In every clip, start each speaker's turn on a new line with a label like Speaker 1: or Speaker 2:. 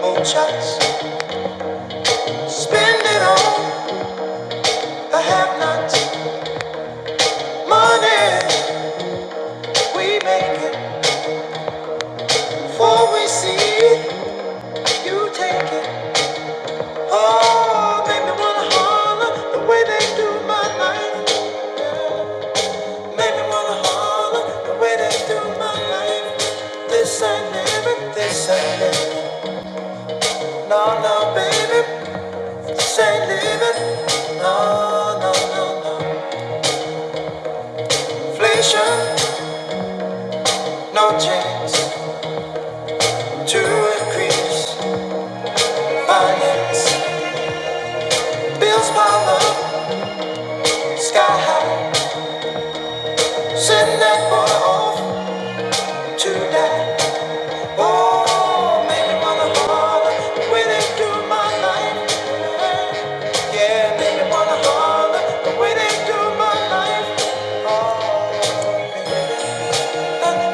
Speaker 1: Muchas, spend it on the have-nots. Money, we make it before we see it. You take it. Oh, make me wanna holler the way they do my life. Make me wanna holler the way they do my life. This ain't living, this ain't living. No, no, baby, just ain't leaving. No, no, no, no. Inflation, no change to increase. Finance, bills pile up, sky high. Send that boy off to die. Oh, make me wanna holler The way they do my life. Yeah, make me wanna holler The way they do my life. Oh. Thank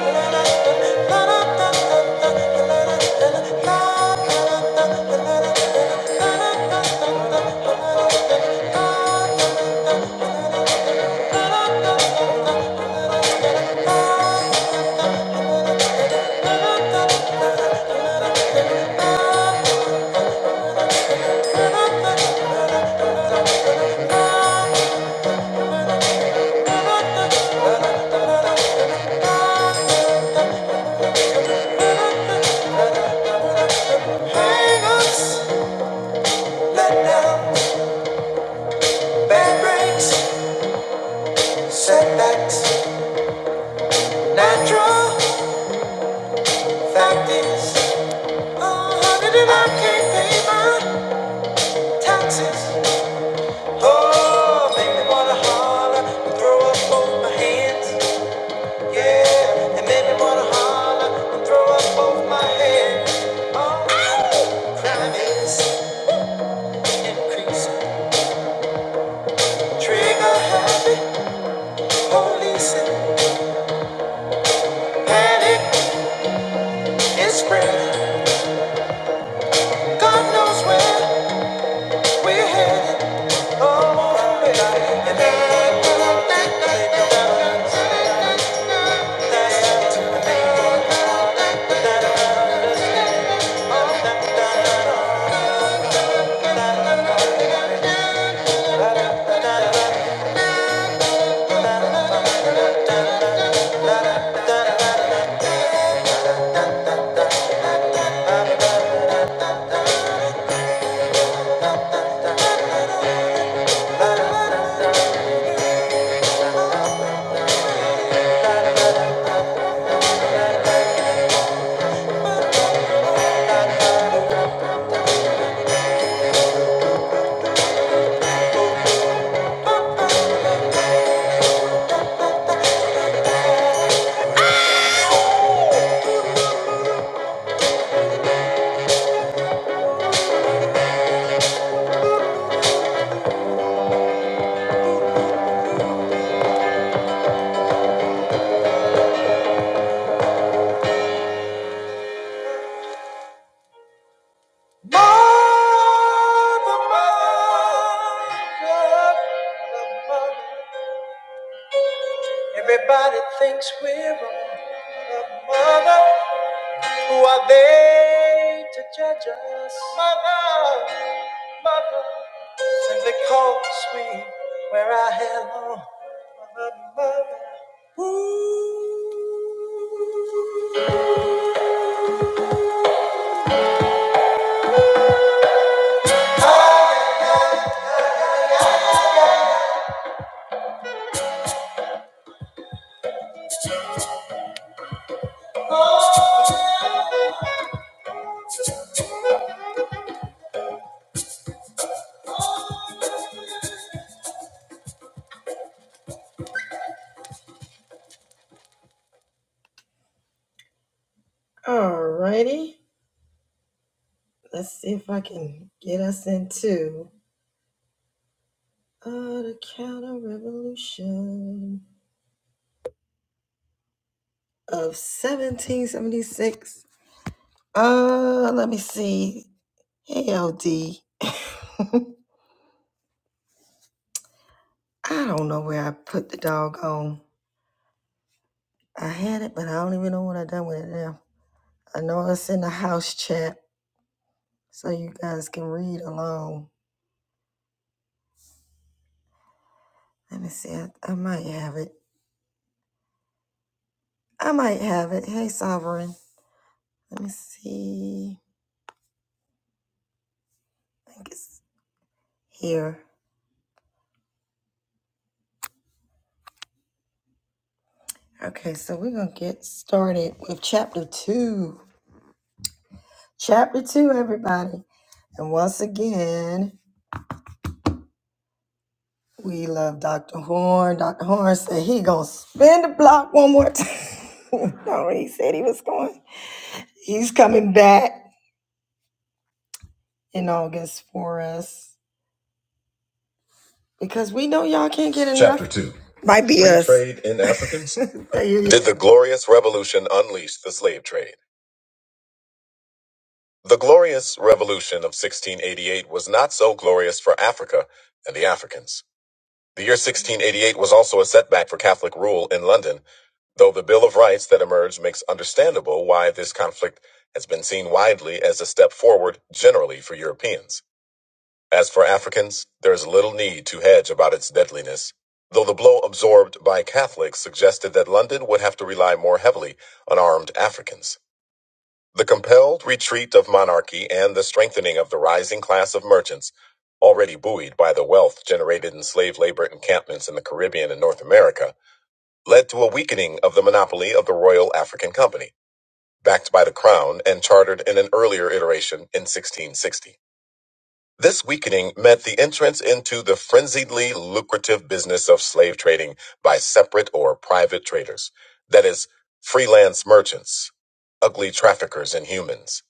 Speaker 1: you. Hang-ups, letdowns, bad breaks, setbacks, natural fact is, Oh, honey, did I can't pay my taxes. Oh, make me wanna holler and throw up both my hands. Yeah, it made me wanna holler and throw up both my hands. Oh, ow! crime is increasing, trigger happy, policing. Panic is spreading. God knows where we're headed. Oh, baby. And Mother, mother, mother. Everybody thinks we're wrong, but mother, who are they to judge us? Mother, mother, simply call we wear our hair long. Mother, mother, woo. Alrighty, let's see if I can get us into uh, the counter revolution of 1776. Uh, let me see. Hey, LD. I don't know where I put the doggone. I had it, but I don't even know what I done with it now. I know it's in the house chat, so you guys can read along. Let me see. I, I might have it. I might have it. Hey, Sovereign. Let me see. I think it's here. Okay, so we're gonna get started with chapter two. Chapter two, everybody. And once again. We love Dr. Horn. Dr. Horn said he gonna spin the block one more time. no, he said he was going. He's coming back in August for us because we know y'all can't get enough. Chapter 2 Might be Free us. Trade in Africans? There you go. Did the Glorious Revolution unleash the slave trade? The Glorious Revolution of 1688 was not so glorious for Africa and the Africans. The year 1688 was also a setback for Catholic rule in London. Though the Bill of Rights that emerged makes understandable why this conflict has been seen widely as a step forward generally for Europeans. As for Africans, there is little need to hedge about its deadliness, though the blow absorbed by Catholics suggested that London would have to rely more heavily on armed Africans. The compelled retreat of monarchy and the strengthening of the rising class of merchants, already buoyed by the wealth generated in slave labor encampments in the Caribbean and North America, led to a weakening of the monopoly of the Royal African Company, backed by the Crown and chartered in an earlier iteration in 1660. This weakening meant the entrance into the frenziedly lucrative business of slave trading by separate or private traders, that is, freelance merchants, ugly traffickers in humans.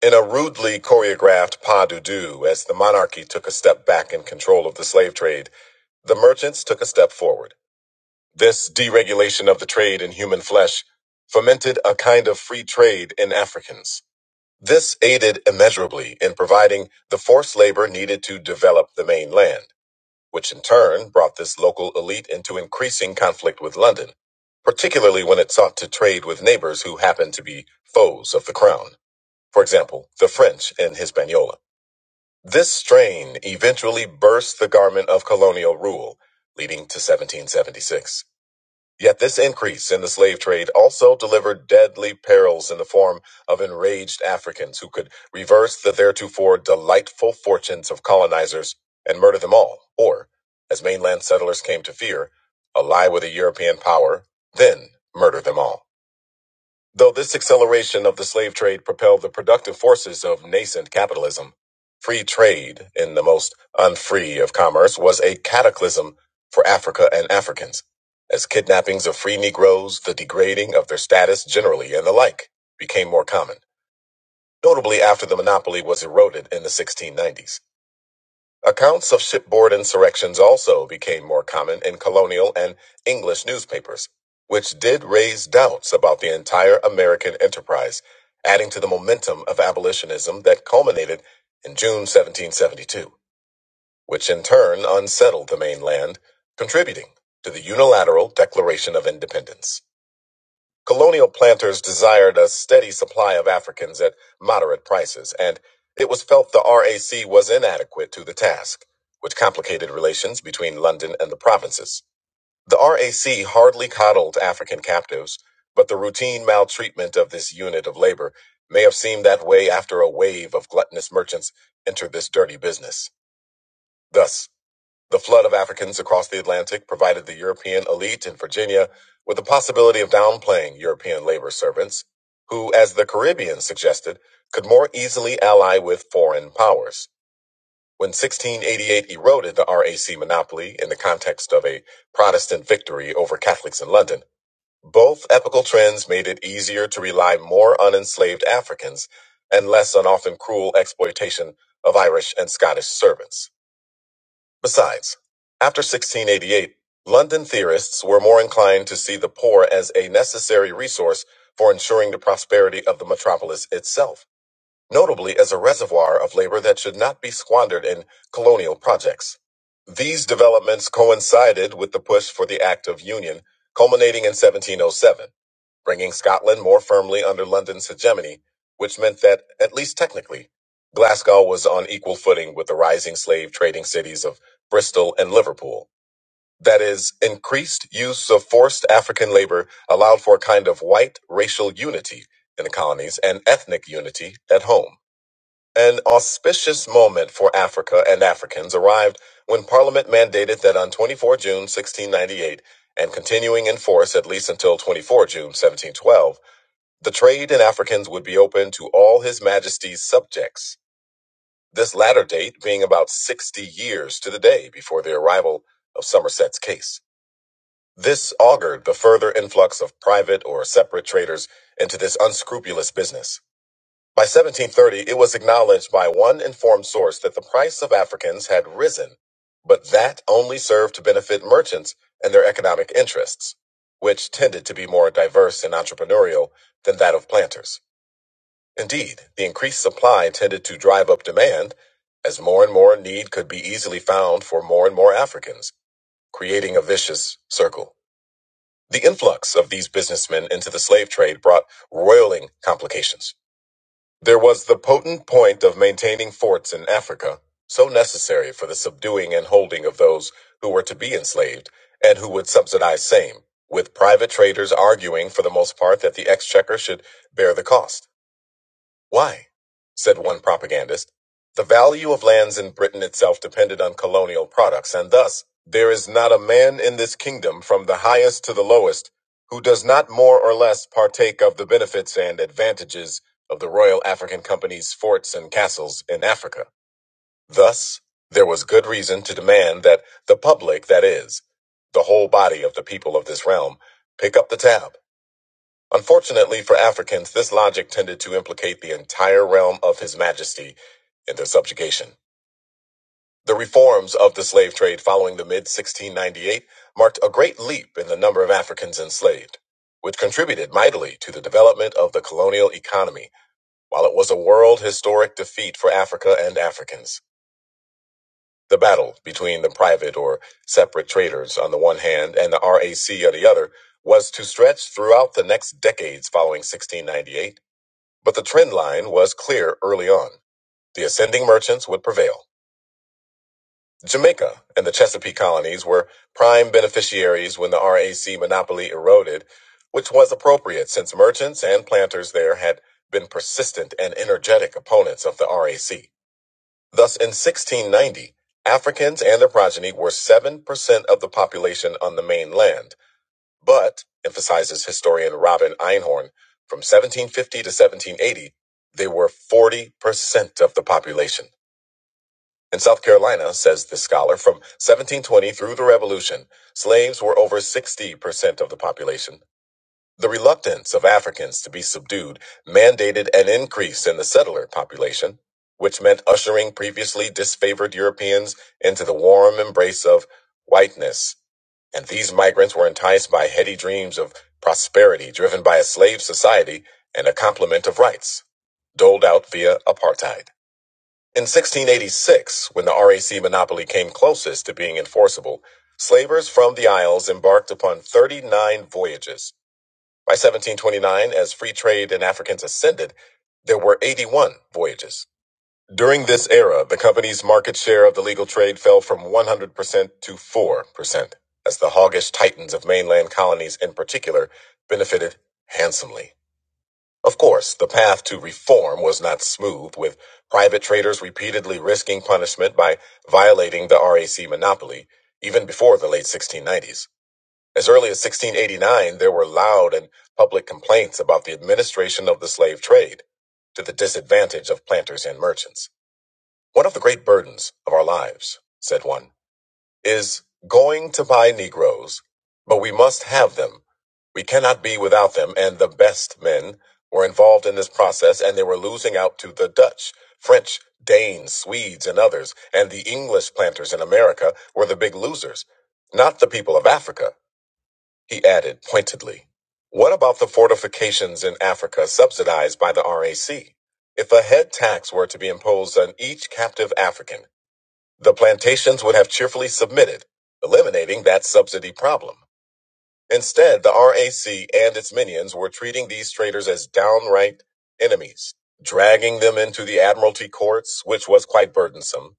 Speaker 1: In a rudely choreographed pas de deux, as the monarchy took a step back in control of the slave trade, the merchants took a step forward. This deregulation of the trade in human flesh fomented a kind of free trade in Africans. This aided immeasurably in providing the forced labor needed to develop the mainland, which in turn brought this local elite into increasing conflict with London, particularly when it sought to trade with neighbors who happened to be foes of the crown, for example, the French in Hispaniola. This strain eventually burst the garment of colonial rule, leading to 1776. Yet this increase in the slave trade also delivered deadly perils in the form of enraged Africans who could reverse the theretofore delightful fortunes of colonizers and murder them all, or, as mainland settlers came to fear, ally with a European power, then murder them all. Though this acceleration of the slave trade propelled the productive forces of nascent capitalism, free trade in the most unfree of commerce was a cataclysm for Africa and Africans, as kidnappings of free Negroes, the degrading of their status generally, and the like became more common, notably after the monopoly was eroded in the 1690s. Accounts of shipboard insurrections also became more common in colonial and English newspapers, which did raise doubts about the entire American enterprise, adding to the momentum of abolitionism that culminated in June 1772, which in turn unsettled the mainland, contributing to the unilateral Declaration of Independence. Colonial planters desired a steady supply of Africans at moderate prices, and it was felt the RAC was inadequate to the task, which complicated relations between London and the provinces. The RAC hardly coddled African captives, but the routine maltreatment of this unit of labor may have seemed that way after a wave of gluttonous merchants entered this dirty business. Thus, the flood of Africans across the Atlantic provided the European elite in Virginia with the possibility of downplaying European labor servants, who, as the Caribbean suggested, could more easily ally with foreign powers. When 1688 eroded the RAC monopoly in the context of a Protestant victory over Catholics in London, both epical trends made it easier to rely more on enslaved Africans and less on often cruel exploitation of Irish and Scottish servants. Besides, after 1688, London theorists were more inclined to see the poor as a necessary resource for ensuring the prosperity of the metropolis itself, notably as a reservoir of labor that should not be squandered in colonial projects. These developments coincided with the push for the Act of Union, culminating in 1707 bringing Scotland more firmly under London's hegemony, which meant that, at least technically, Glasgow was on equal footing with the rising slave trading cities of Bristol and Liverpool. That is, increased use of forced African labor allowed for a kind of white racial unity in the colonies and ethnic unity at home. An auspicious moment for Africa and Africans arrived when Parliament mandated that on 24 June 1698, and continuing in force at least until 24 June 1712, the trade in Africans would be open to all His Majesty's subjects, this latter date being about 60 years to the day before the arrival of Somerset's case. This augured the further influx of private or separate traders into this unscrupulous business. By 1730, it was acknowledged by one informed source that the price of Africans had risen, but that only served to benefit merchants and their economic interests, which tended to be more diverse and entrepreneurial than that of planters. Indeed, the increased supply tended to drive up demand as more and more need could be easily found for more and more Africans, creating a vicious circle. The influx of these businessmen into the slave trade brought roiling complications. There was the potent point of maintaining forts in Africa, so necessary for the subduing and holding of those who were to be enslaved and who would subsidize same, with private traders arguing for the most part that the exchequer should bear the cost. Why? said one propagandist. The value of lands in Britain itself depended on colonial products, and thus there is not a man in this kingdom, from the highest to the lowest, who does not more or less partake of the benefits and advantages of the Royal African Company's forts and castles in Africa. Thus, there was good reason to demand that the public, that is, the whole body of the people of this realm, pick up the tab Unfortunately for Africans, this logic tended to implicate the entire realm of His Majesty in their subjugation. The reforms of the slave trade following the mid 1698 marked a great leap in the number of Africans enslaved, which contributed mightily to the development of the colonial economy, while it was a world historic defeat for Africa and Africans. The battle between the private or separate traders on the one hand and the RAC on the other was to stretch throughout the next decades following 1698 But the trend line was clear early on. The ascending merchants would prevail. Jamaica and the Chesapeake colonies were prime beneficiaries when the RAC monopoly eroded, which was appropriate since merchants and planters there had been persistent and energetic opponents of the RAC. Thus, in 1690, Africans and their progeny were 7% of the population on the mainland but, emphasizes historian Robin Einhorn, from 1750 to 1780, they were 40% of the population. In South Carolina, says this scholar, from 1720 through the Revolution, slaves were over 60% of the population. The reluctance of Africans to be subdued mandated an increase in the settler population, which meant ushering previously disfavored Europeans into the warm embrace of whiteness. And these migrants were enticed by heady dreams of prosperity driven by a slave society and a complement of rights, doled out via apartheid. In 1686, when the RAC monopoly came closest to being enforceable, slavers from the Isles embarked upon 39 voyages by 1729, as free trade and Africans ascended, there were 81 voyages. During this era, the company's market share of the legal trade fell from 100% to 4%, as the hoggish titans of mainland colonies in particular benefited handsomely. Of course, the path to reform was not smooth, with private traders repeatedly risking punishment by violating the RAC monopoly, even before the late 1690s. As early as 1689, there were loud and public complaints about the administration of the slave trade to the disadvantage of planters and merchants. One of the great burdens of our lives, said one, is going to buy Negroes, but we must have them. We cannot be without them, and the best men were involved in this process, and they were losing out to the Dutch, French, Danes, Swedes, and others, and the English planters in America were the big losers, not the people of Africa. He added pointedly, What about the fortifications in Africa subsidized by the RAC? If a head tax were to be imposed on each captive African, the plantations would have cheerfully submitted, eliminating that subsidy problem. Instead, the RAC and its minions were treating these traders as downright enemies, dragging them into the Admiralty courts, which was quite burdensome,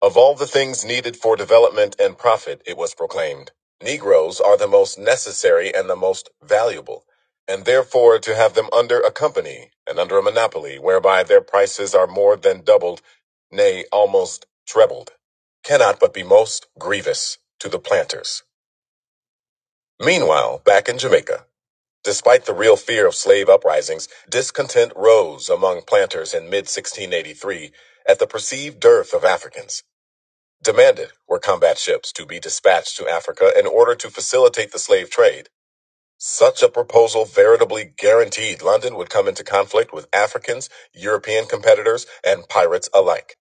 Speaker 1: of all the things needed for development and profit, it was proclaimed, Negroes are the most necessary and the most valuable, and therefore to have them under a company and under a monopoly whereby their prices are more than doubled, nay, almost trebled, cannot but be most grievous to the planters. Meanwhile, back in Jamaica, despite the real fear of slave uprisings, discontent rose among planters in mid 1683 at the perceived dearth of Africans. Demanded were combat ships to be dispatched to Africa in order to facilitate the slave trade. Such a proposal veritably guaranteed London would come into conflict with Africans, European competitors, and pirates alike.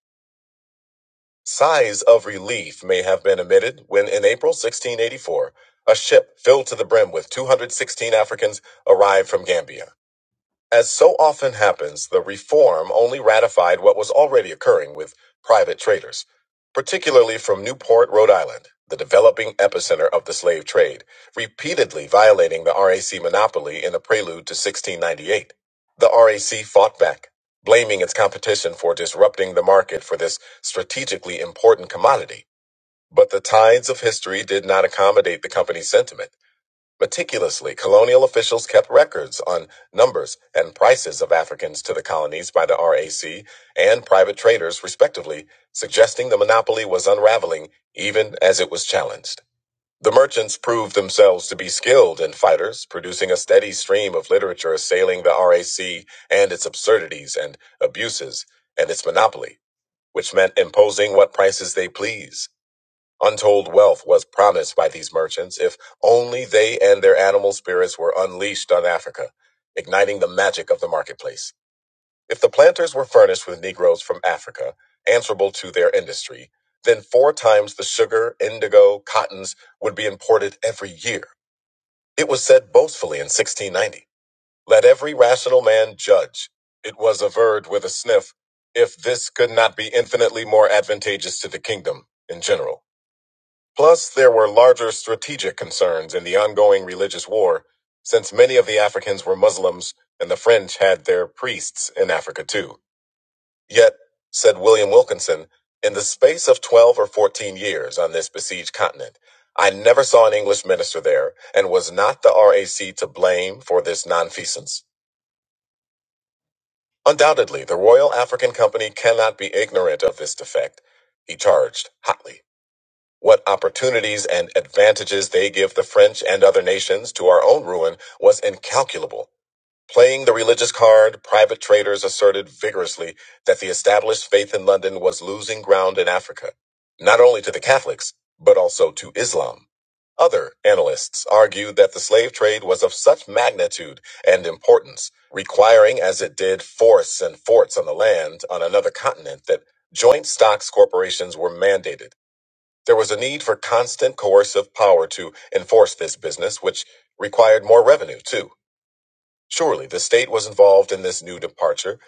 Speaker 1: Sighs of relief may have been emitted when, in April 1684, a ship filled to the brim with 216 Africans arrived from Gambia. As so often happens, the reform only ratified what was already occurring with private traders, particularly from Newport, Rhode Island, the developing epicenter of the slave trade, repeatedly violating the RAC monopoly in a prelude to 1698. The RAC fought back, blaming its competition for disrupting the market for this strategically important commodity. But the tides of history did not accommodate the company's sentiment. Meticulously, colonial officials kept records on numbers and prices of Africans to the colonies by the RAC and private traders, respectively, suggesting the monopoly was unraveling even as it was challenged. The merchants proved themselves to be skilled in fighters, producing a steady stream of literature assailing the RAC and its absurdities and abuses and its monopoly, which meant imposing what prices they please. Untold wealth was promised by these merchants if only they and their animal spirits were unleashed on Africa, igniting the magic of the marketplace. If the planters were furnished with Negroes from Africa, answerable to their industry, then four times the sugar, indigo, cottons would be imported every year. It was said boastfully in 1690. Let every rational man judge. It was averred with a sniff if this could not be infinitely more advantageous to the kingdom in general. Plus, there were larger strategic concerns in the ongoing religious war, since many of the Africans were Muslims and the French had their priests in Africa too. Yet, said William Wilkinson, in the space of 12 or 14 years on this besieged continent, I never saw an English minister there and was not the RAC to blame for this nonfeasance. Undoubtedly, the Royal African Company cannot be ignorant of this defect, he charged hotly. What opportunities and advantages they give the French and other nations to our own ruin was incalculable. Playing the religious card, private traders asserted vigorously that the established faith in London was losing ground in Africa, not only to the Catholics, but also to Islam. Other analysts argued that the slave trade was of such magnitude and importance, requiring as it did forests and forts on the land on another continent, that joint stocks corporations were mandated there was a need for constant coercive power to enforce this business, which required more revenue, too. Surely the state was involved in this new departure,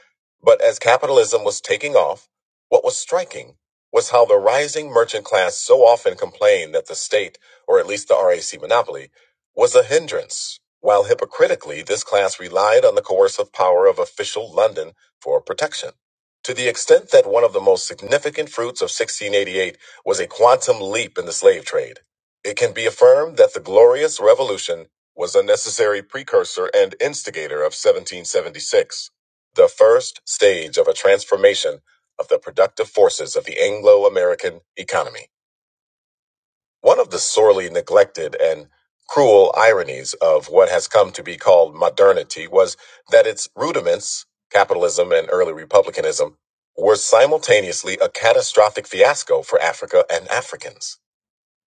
Speaker 1: but as capitalism was taking off, what was striking was how the rising merchant class so often complained that the state, or at least the RAC monopoly, was a hindrance, while hypocritically this class relied on the coercive power of official London for protection. To the extent that one of the most significant fruits of 1688 was a quantum leap in the slave trade, it can be affirmed that the Glorious Revolution was a necessary precursor and instigator of 1776, the first stage of a transformation of the productive forces of the Anglo American economy. One of the sorely neglected and cruel ironies of what has come to be called modernity was that its rudiments, capitalism and early republicanism, were simultaneously a catastrophic fiasco for Africa and Africans.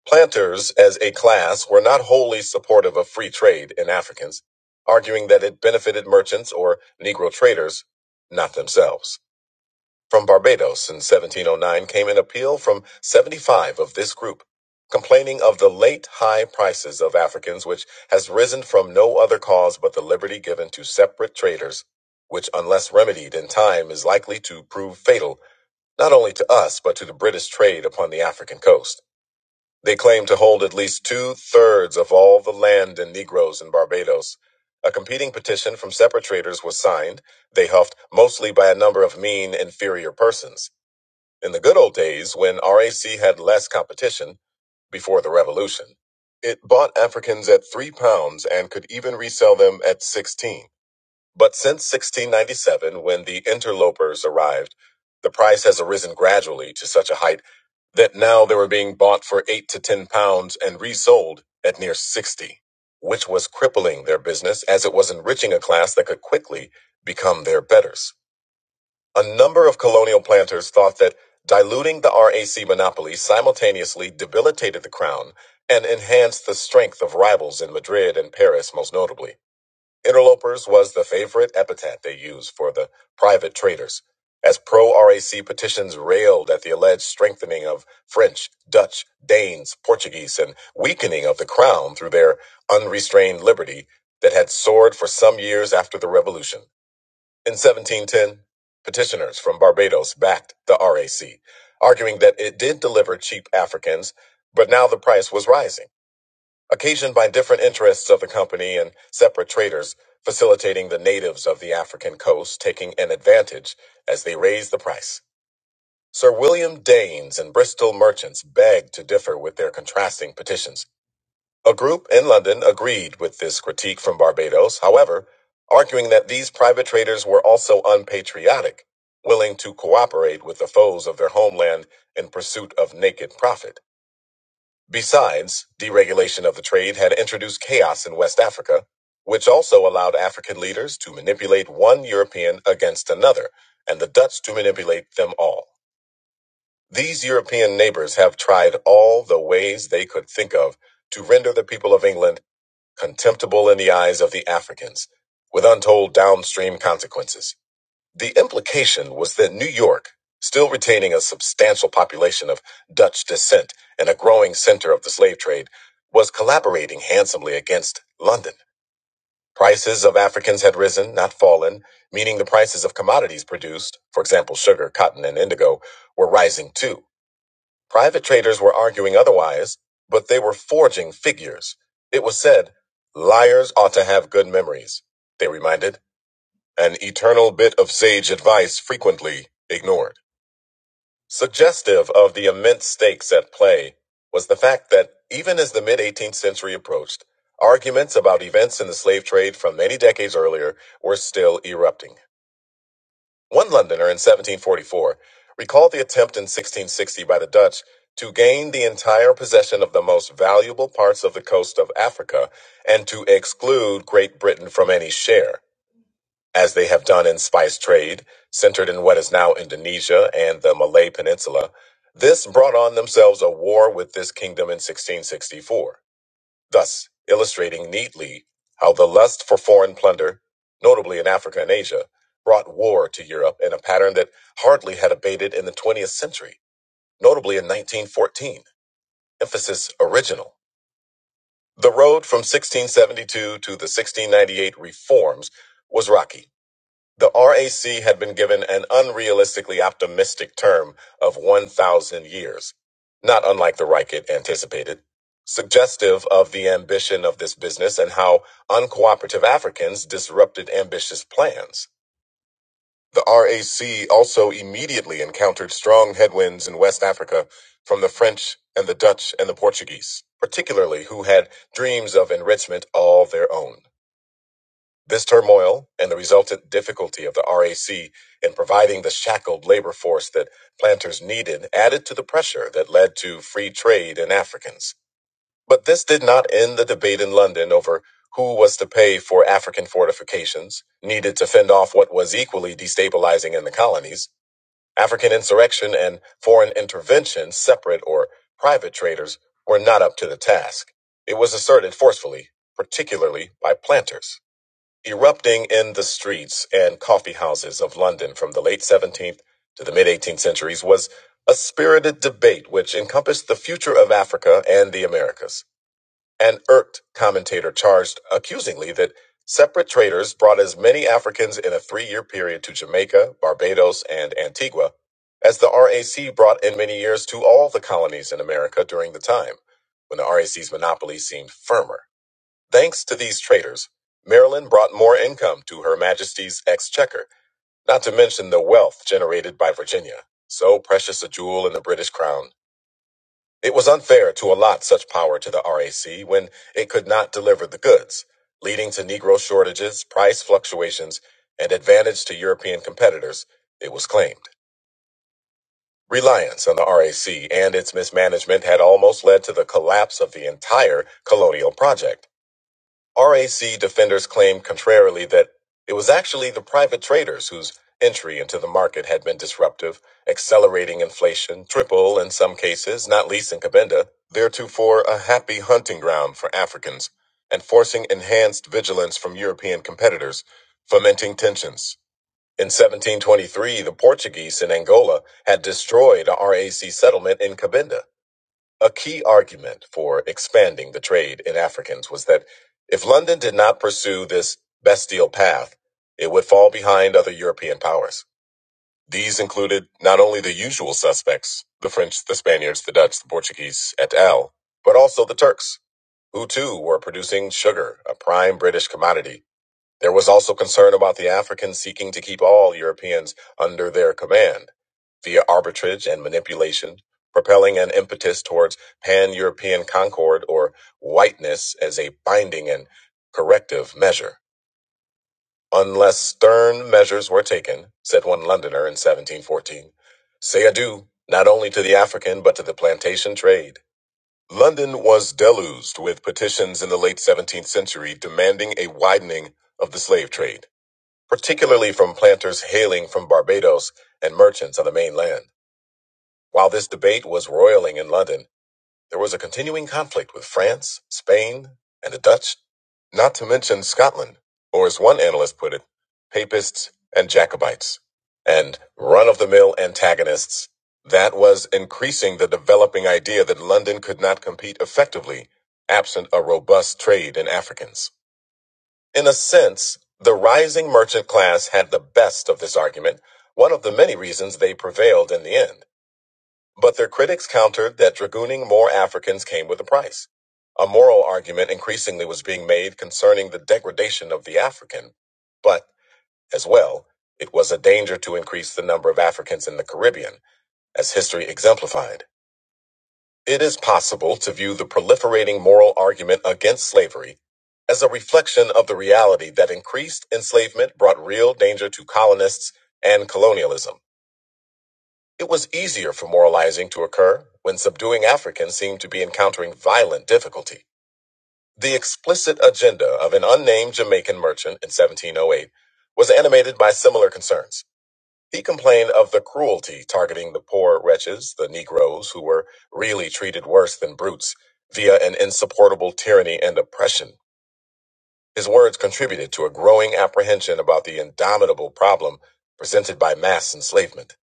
Speaker 1: Planters, as a class, were not wholly supportive of free trade in Africans, arguing that it benefited merchants or Negro traders, not themselves. From Barbados in 1709 came an appeal from 75 of this group, complaining of the late high prices of Africans, which has risen from no other cause but the liberty given to separate traders, which, unless remedied in time, is likely to prove fatal not only to us but to the British trade upon the African coast. They claim to hold at least two thirds of all the land and Negroes in Barbados. A competing petition from separate traders was signed, they huffed, mostly by a number of mean, inferior persons. In the good old days, when RAC had less competition, before the revolution, it bought Africans at three pounds and could even resell them at 16. But since 1697, when the interlopers arrived, the price has arisen gradually to such a height that now they were being bought for eight to ten pounds and resold at near 60, which was crippling their business as it was enriching a class that could quickly become their betters. A number of colonial planters thought that diluting the RAC monopoly simultaneously debilitated the crown and enhanced the strength of rivals in Madrid and Paris, most notably. Interlopers was the favorite epithet they used for the private traders, as pro RAC petitions railed at the alleged strengthening of French, Dutch, Danes, Portuguese, and weakening of the crown through their unrestrained liberty that had soared for some years after the Revolution. In 1710, petitioners from Barbados backed the RAC, arguing that it did deliver cheap Africans, but now the price was rising occasioned by different interests of the company and separate traders facilitating the natives of the African coast taking an advantage as they raised the price. Sir William Daines and Bristol merchants begged to differ with their contrasting petitions. A group in London agreed with this critique from Barbados, however, arguing that these private traders were also unpatriotic, willing to cooperate with the foes of their homeland in pursuit of naked profit. Besides, deregulation of the trade had introduced chaos in West Africa, which also allowed African leaders to manipulate one European against another, and the Dutch to manipulate them all. These European neighbors have tried all the ways they could think of to render the people of England contemptible in the eyes of the Africans, with untold downstream consequences. The implication was that New York, still retaining a substantial population of Dutch descent and a growing center of the slave trade, was collaborating handsomely against London. Prices of Africans had risen, not fallen, meaning the prices of commodities produced, for example, sugar, cotton, and indigo, were rising too. Private traders were arguing otherwise, but they were forging figures. It was said, liars ought to have good memories, they reminded an eternal bit of sage advice frequently ignored. Suggestive of the immense stakes at play was the fact that even as the mid 18th century approached, arguments about events in the slave trade from many decades earlier were still erupting. One Londoner in 1744 recalled the attempt in 1660 by the Dutch to gain the entire possession of the most valuable parts of the coast of Africa and to exclude Great Britain from any share as they have done in spice trade, centered in what is now Indonesia and the Malay Peninsula. This brought on themselves a war with this kingdom in 1664, thus illustrating neatly how the lust for foreign plunder, notably in Africa and Asia, brought war to Europe in a pattern that hardly had abated in the 20th century, notably in 1914. Emphasis original. The road from 1672 to the 1698 reforms was rocky the RAC had been given an unrealistically optimistic term of 1,000 years, not unlike the Reichert anticipated, suggestive of the ambition of this business and how uncooperative Africans disrupted ambitious plans. The RAC also immediately encountered strong headwinds in West Africa from the French and the Dutch and the Portuguese, particularly who had dreams of enrichment all their own. This turmoil and the resultant difficulty of the RAC in providing the shackled labor force that planters needed added to the pressure that led to free trade in Africans. But this did not end the debate in London over who was to pay for African fortifications needed to fend off what was equally destabilizing in the colonies. African insurrection and foreign intervention, separate or private traders, were not up to the task. It was asserted forcefully, particularly by planters erupting in the streets and coffee houses of London from the late 17th to the mid 18th centuries was a spirited debate which encompassed the future of Africa and the Americas. An irked commentator charged accusingly that separate traders brought as many Africans in a three year period to Jamaica, Barbados, and Antigua as the RAC brought in many years to all the colonies in America during the time when the RAC's monopoly seemed firmer. Thanks to these traders, Maryland brought more income to Her Majesty's Exchequer, not to mention the wealth generated by Virginia, so precious a jewel in the British crown. It was unfair to allot such power to the RAC when it could not deliver the goods, leading to Negro shortages, price fluctuations, and advantage to European competitors, it was claimed. Reliance on the RAC and its mismanagement had almost led to the collapse of the entire colonial project. RAC defenders claim contrarily that it was actually the private traders whose entry into the market had been disruptive, accelerating inflation, triple in some cases, not least in Cabinda, theretofore a happy hunting ground for Africans, and forcing enhanced vigilance from European competitors, fomenting tensions. In 1723, the Portuguese in Angola had destroyed a RAC settlement in Cabinda. A key argument for expanding the trade in Africans was that if London did not pursue this bestial path, it would fall behind other European powers. These included not only the usual suspects, the French, the Spaniards, the Dutch, the Portuguese, et al., but also the Turks, who too were producing sugar, a prime British commodity there was also concern about the Africans seeking to keep all Europeans under their command via arbitrage and manipulation, propelling an impetus towards pan European concord or whiteness as a binding and corrective measure. Unless stern measures were taken, said one Londoner in 1714, say adieu not only to the African but to the plantation trade. London was deluged with petitions in the late 17th century demanding a widening of the slave trade particularly from planters hailing from Barbados and merchants on the mainland. While this debate was roiling in London, there was a continuing conflict with France, Spain, and the Dutch, not to mention Scotland, or as one analyst put it, Papists and Jacobites, and run of the mill antagonists. That was increasing the developing idea that London could not compete effectively absent a robust trade in Africans. In a sense, the rising merchant class had the best of this argument, one of the many reasons they prevailed in the end. But their critics countered that dragooning more Africans came with a price. A moral argument increasingly was being made concerning the degradation of the African, but, as well, it was a danger to increase the number of Africans in the Caribbean, as history exemplified. It is possible to view the proliferating moral argument against slavery as a reflection of the reality that increased enslavement brought real danger to colonists and colonialism. It was easier for moralizing to occur when subduing Africans seemed to be encountering violent difficulty. The explicit agenda of an unnamed Jamaican merchant in 1708 was animated by similar concerns. He complained of the cruelty targeting the poor wretches, the Negroes, who were really treated worse than brutes via an insupportable tyranny and oppression. His words contributed to a growing apprehension about the indomitable problem presented by mass enslavement.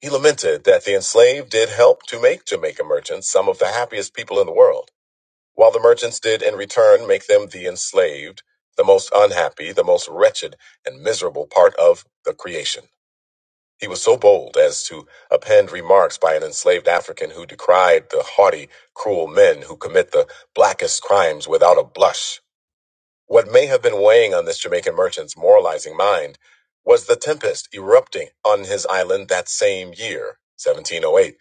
Speaker 1: He lamented that the enslaved did help to make Jamaica merchants some of the happiest people in the world, while the merchants did in return make them the enslaved, the most unhappy, the most wretched, and miserable part of the creation. He was so bold as to append remarks by an enslaved African who decried the haughty, cruel men who commit the blackest crimes without a blush. What may have been weighing on this Jamaican merchant's moralizing mind was the tempest erupting on his island that same year, 1708,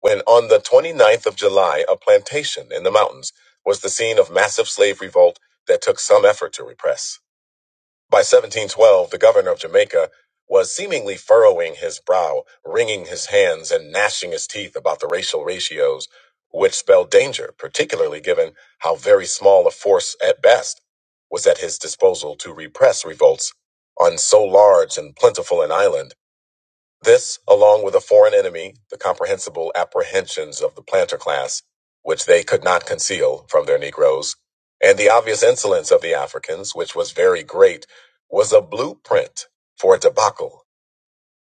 Speaker 1: when on the 29th of July, a plantation in the mountains was the scene of massive slave revolt that took some effort to repress. By 1712, the governor of Jamaica was seemingly furrowing his brow, wringing his hands, and gnashing his teeth about the racial ratios, which spelled danger, particularly given how very small a force at best was at his disposal to repress revolts on so large and plentiful an island. This, along with a foreign enemy, the comprehensible apprehensions of the planter class, which they could not conceal from their Negroes, and the obvious insolence of the Africans, which was very great, was a blueprint for a debacle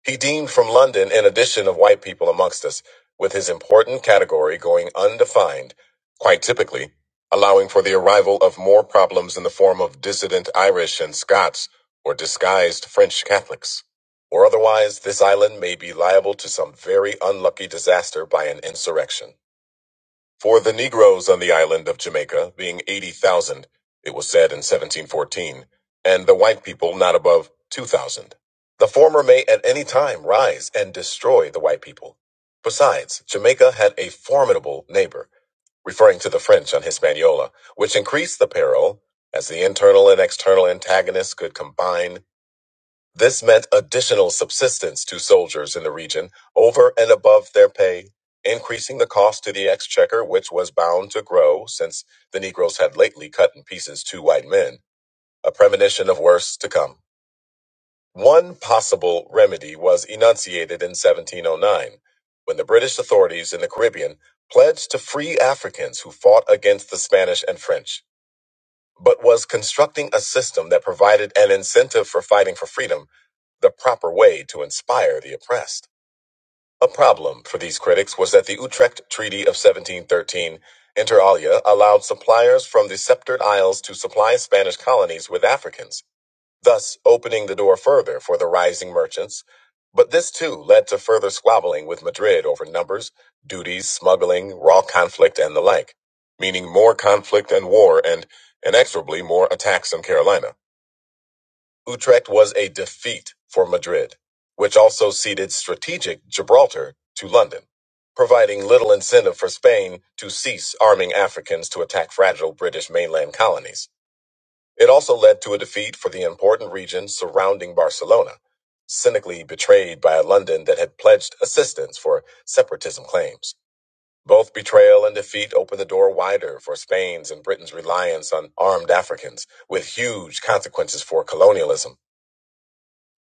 Speaker 1: he deemed from London an addition of white people amongst us, with his important category going undefined, quite typically, allowing for the arrival of more problems in the form of dissident Irish and Scots or disguised French Catholics. Or otherwise, this island may be liable to some very unlucky disaster by an insurrection. For the Negroes on the island of Jamaica, being 80,000, it was said in 1714, and the white people not above 2,000. The former may at any time rise and destroy the white people. Besides, Jamaica had a formidable neighbor, referring to the French on Hispaniola, which increased the peril as the internal and external antagonists could combine this meant additional subsistence to soldiers in the region over and above their pay, increasing the cost to the exchequer, which was bound to grow since the Negroes had lately cut in pieces two white men, a premonition of worse to come. One possible remedy was enunciated in 1709 when the British authorities in the Caribbean pledged to free Africans who fought against the Spanish and French but was constructing a system that provided an incentive for fighting for freedom, the proper way to inspire the oppressed. A problem for these critics was that the Utrecht Treaty of 1713, inter alia, allowed suppliers from the Sceptred Isles to supply Spanish colonies with Africans thus opening the door further for the rising merchants. But this too led to further squabbling with Madrid over numbers, duties, smuggling, raw conflict, and the like, meaning more conflict and war and inexorably more attacks on Carolina. Utrecht was a defeat for Madrid, which also ceded strategic Gibraltar to London, providing little incentive for Spain to cease arming Africans to attack fragile British mainland colonies. It also led to a defeat for the important region surrounding Barcelona, cynically betrayed by a London that had pledged assistance for separatism claims. Both betrayal and defeat opened the door wider for Spain's and Britain's reliance on armed Africans, with huge consequences for colonialism.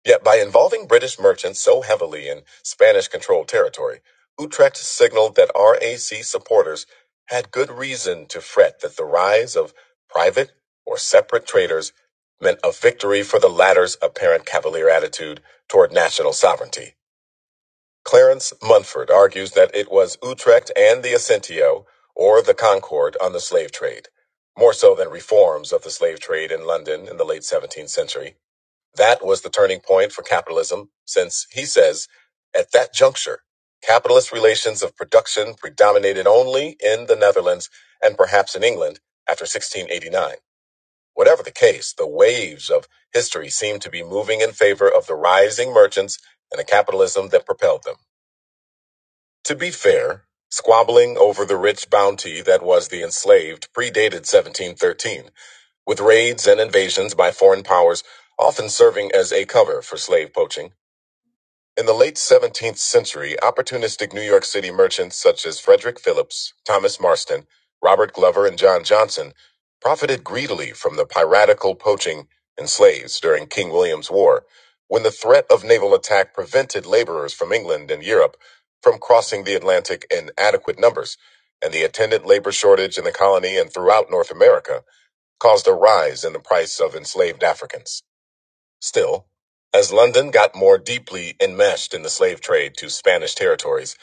Speaker 1: Yet by involving British merchants so heavily in Spanish controlled territory, Utrecht signaled that RAC supporters had good reason to fret that the rise of private or separate traders meant a victory for the latter's apparent cavalier attitude toward national sovereignty. Clarence Munford argues that it was Utrecht and the Assentio, or the Concord, on the slave trade, more so than reforms of the slave trade in London in the late 17th century that was the turning point for capitalism, since he says, at that juncture, capitalist relations of production predominated only in the Netherlands and perhaps in England after 1689. Whatever the case, the waves of history seem to be moving in favor of the rising merchants and the capitalism that propelled them. To be fair, squabbling over the rich bounty that was the enslaved predated 1713, with raids and invasions by foreign powers often serving as a cover for slave poaching in the late 17th century, opportunistic New York City merchants such as Frederick Phillips, Thomas Marston, Robert Glover, and John Johnson profited greedily from the piratical poaching and slaves during King William's War, when the threat of naval attack prevented laborers from England and Europe from crossing the Atlantic in adequate numbers, and the attendant labor shortage in the colony and throughout North America caused a rise in the price of enslaved Africans. Still, as London got more deeply enmeshed in the slave trade to Spanish territories,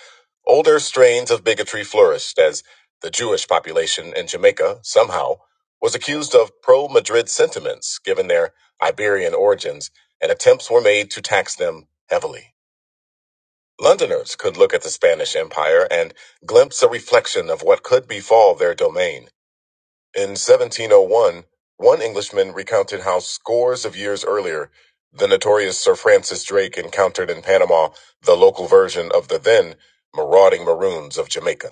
Speaker 1: older strains of bigotry flourished as the Jewish population in Jamaica somehow was accused of pro Madrid sentiments given their Iberian origins, and attempts were made to tax them heavily. Londoners could look at the Spanish Empire and glimpse a reflection of what could befall their domain. In 1701, one one Englishman recounted how scores of years earlier, the notorious Sir Francis Drake encountered in Panama the local version of the then marauding Maroons of Jamaica.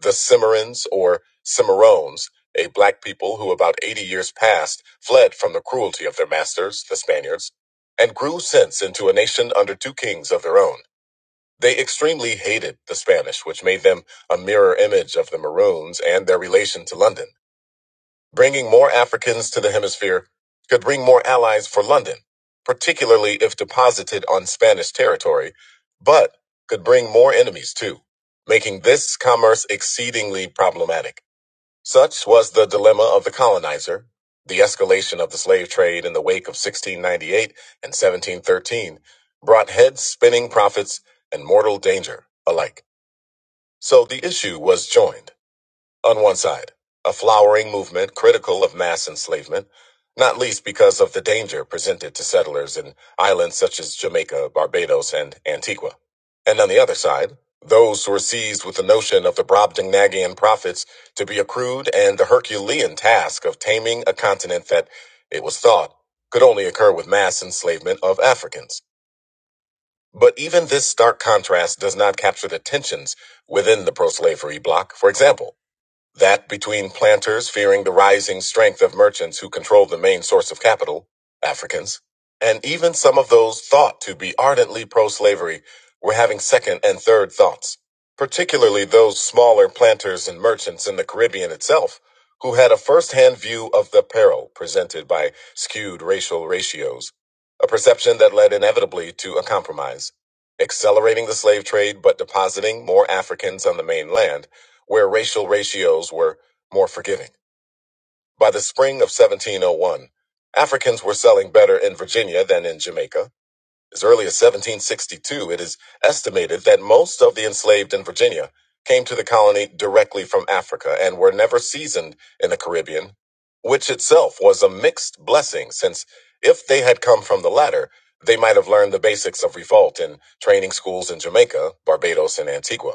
Speaker 1: The Cimarrons, or Cimarrones, a black people who about 80 years past fled from the cruelty of their masters, the Spaniards, and grew since into a nation under two kings of their own. They extremely hated the Spanish, which made them a mirror image of the Maroons and their relation to London. Bringing more Africans to the hemisphere could bring more allies for London, particularly if deposited on Spanish territory, but could bring more enemies too, making this commerce exceedingly problematic. Such was the dilemma of the colonizer. The escalation of the slave trade in the wake of 1698 and 1713 brought heads spinning profits and mortal danger alike. So the issue was joined on one side, a flowering movement critical of mass enslavement, not least because of the danger presented to settlers in islands such as Jamaica, Barbados, and Antigua. And on the other side, those who were seized with the notion of the Brobdingnagian prophets to be accrued and the Herculean task of taming a continent that, it was thought, could only occur with mass enslavement of Africans. But even this stark contrast does not capture the tensions within the pro slavery bloc. For example, that between planters fearing the rising strength of merchants who control the main source of capital, Africans, and even some of those thought to be ardently pro slavery were having second and third thoughts, particularly those smaller planters and merchants in the Caribbean itself who had a first hand view of the peril presented by skewed racial ratios, a perception that led inevitably to a compromise. Accelerating the slave trade but depositing more Africans on the mainland where racial ratios were more forgiving. By the spring of 1701, Africans were selling better in Virginia than in Jamaica. As early as 1762, it is estimated that most of the enslaved in Virginia came to the colony directly from Africa and were never seasoned in the Caribbean, which itself was a mixed blessing, since if they had come from the latter, they might have learned the basics of revolt in training schools in Jamaica, Barbados, and Antigua.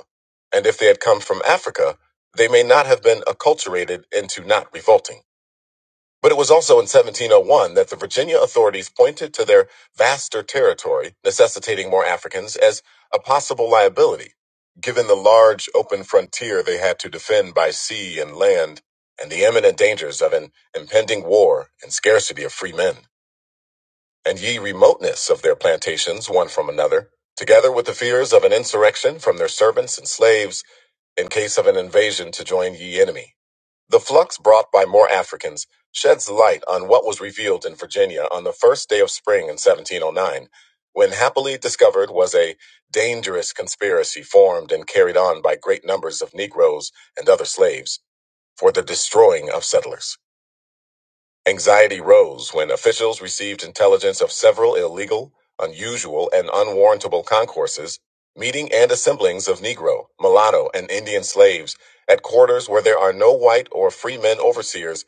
Speaker 1: And if they had come from Africa, they may not have been acculturated into not revolting. But it was also in 1701 that the Virginia authorities pointed to their vaster territory, necessitating more Africans, as a possible liability, given the large open frontier they had to defend by sea and land, and the imminent dangers of an impending war and scarcity of free men, and ye remoteness of their plantations one from another, together with the fears of an insurrection from their servants and slaves in case of an invasion to join ye enemy the flux brought by more Africans sheds light on what was revealed in Virginia on the first day of spring in 1709, when happily discovered was a dangerous conspiracy formed and carried on by great numbers of Negroes and other slaves for the destroying of settlers. Anxiety rose when officials received intelligence of several illegal, unusual, and unwarrantable concourses, meeting and assemblings of Negro, mulatto, and Indian slaves at quarters where there are no white or free men overseers,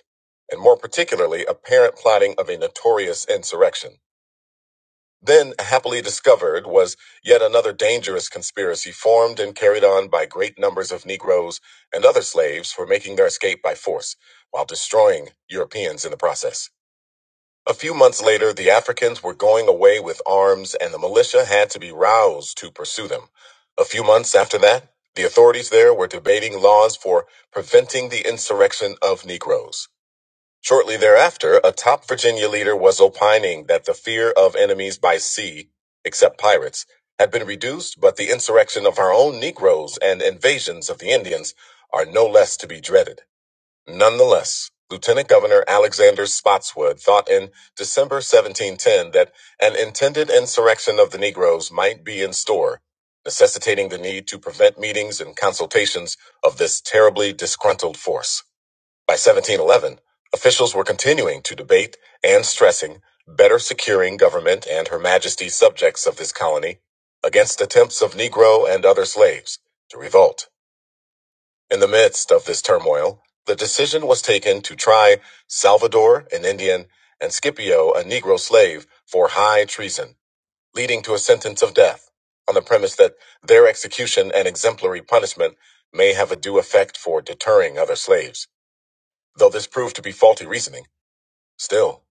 Speaker 1: and more particularly apparent plotting of a notorious insurrection. Then, happily discovered, was yet another dangerous conspiracy formed and carried on by great numbers of Negroes and other slaves for making their escape by force, while destroying Europeans in the process. A few months later, the Africans were going away with arms, and the militia had to be roused to pursue them. A few months after that, the authorities there were debating laws for preventing the insurrection of Negroes. Shortly thereafter, a top Virginia leader was opining that the fear of enemies by sea, except pirates, had been reduced, but the insurrection of our own Negroes and invasions of the Indians are no less to be dreaded. Nonetheless, Lieutenant Governor Alexander Spotswood thought in December 1710 that an intended insurrection of the Negroes might be in store, necessitating the need to prevent meetings and consultations of this terribly disgruntled force. By 1711, officials were continuing to debate and stressing better securing government and Her Majesty's subjects of this colony against attempts of Negro and other slaves to revolt. In the midst of this turmoil, the decision was taken to try Salvador, an Indian, and Scipio, a Negro slave, for high treason, leading to a sentence of death, on the premise that their execution and exemplary punishment may have a due effect for deterring other slaves. Though this proved to be faulty reasoning, still,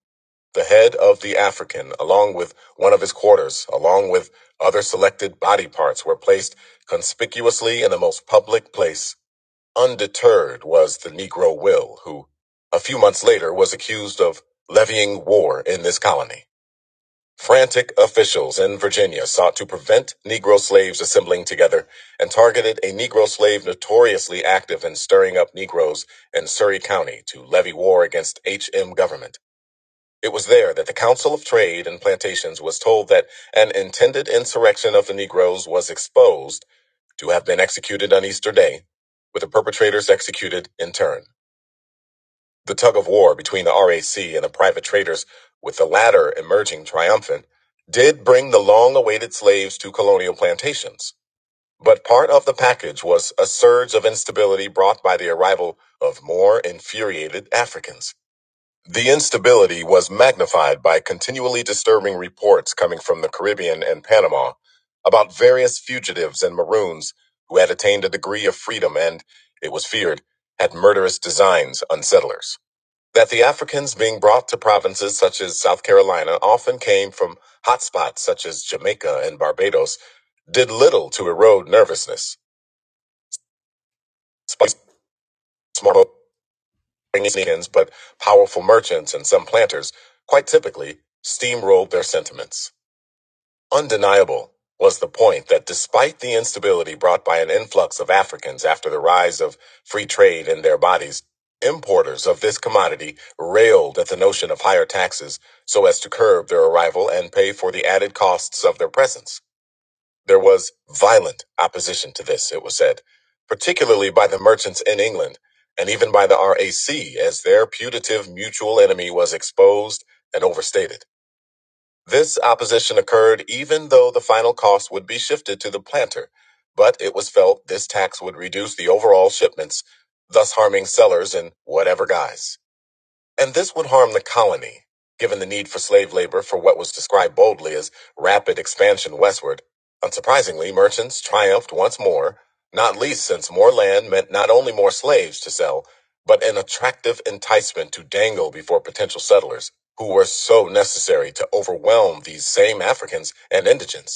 Speaker 1: the head of the African, along with one of his quarters, along with other selected body parts, were placed conspicuously in the most public place Undeterred was the Negro Will, who, a few months later, was accused of levying war in this colony. Frantic officials in Virginia sought to prevent Negro slaves assembling together and targeted a Negro slave notoriously active in stirring up Negroes in Surry County to levy war against HM government. It was there that the Council of Trade and Plantations was told that an intended insurrection of the Negroes was exposed to have been executed on Easter Day, with the perpetrators executed in turn. The tug of war between the RAC and the private traders, with the latter emerging triumphant, did bring the long awaited slaves to colonial plantations. But part of the package was a surge of instability brought by the arrival of more infuriated Africans. The instability was magnified by continually disturbing reports coming from the Caribbean and Panama about various fugitives and maroons who had attained a degree of freedom and, it was feared, had murderous designs on settlers. That the Africans being brought to provinces such as South Carolina often came from hotspots such as Jamaica and Barbados did little to erode nervousness. Spice- small Indians, but powerful merchants and some planters, quite typically, steamrolled their sentiments. Undeniable was the point that despite the instability brought by an influx of Africans after the rise of free trade in their bodies, importers of this commodity railed at the notion of higher taxes so as to curb their arrival and pay for the added costs of their presence. There was violent opposition to this, it was said, particularly by the merchants in England and even by the RAC, as their putative mutual enemy was exposed and overstated. This opposition occurred even though the final cost would be shifted to the planter, but it was felt this tax would reduce the overall shipments, thus harming sellers in whatever guise. And this would harm the colony, given the need for slave labor for what was described boldly as rapid expansion westward. Unsurprisingly, merchants triumphed once more, not least since more land meant not only more slaves to sell, but an attractive enticement to dangle before potential settlers, who were so necessary to overwhelm these same Africans and indigents.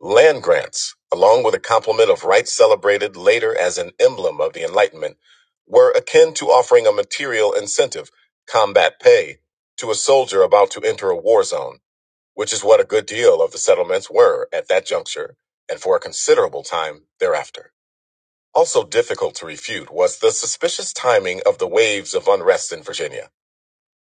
Speaker 1: Land grants, along with a complement of rights celebrated later as an emblem of the Enlightenment, were akin to offering a material incentive, combat pay, to a soldier about to enter a war zone, which is what a good deal of the settlements were at that juncture and for a considerable time thereafter. Also difficult to refute was the suspicious timing of the waves of unrest in Virginia.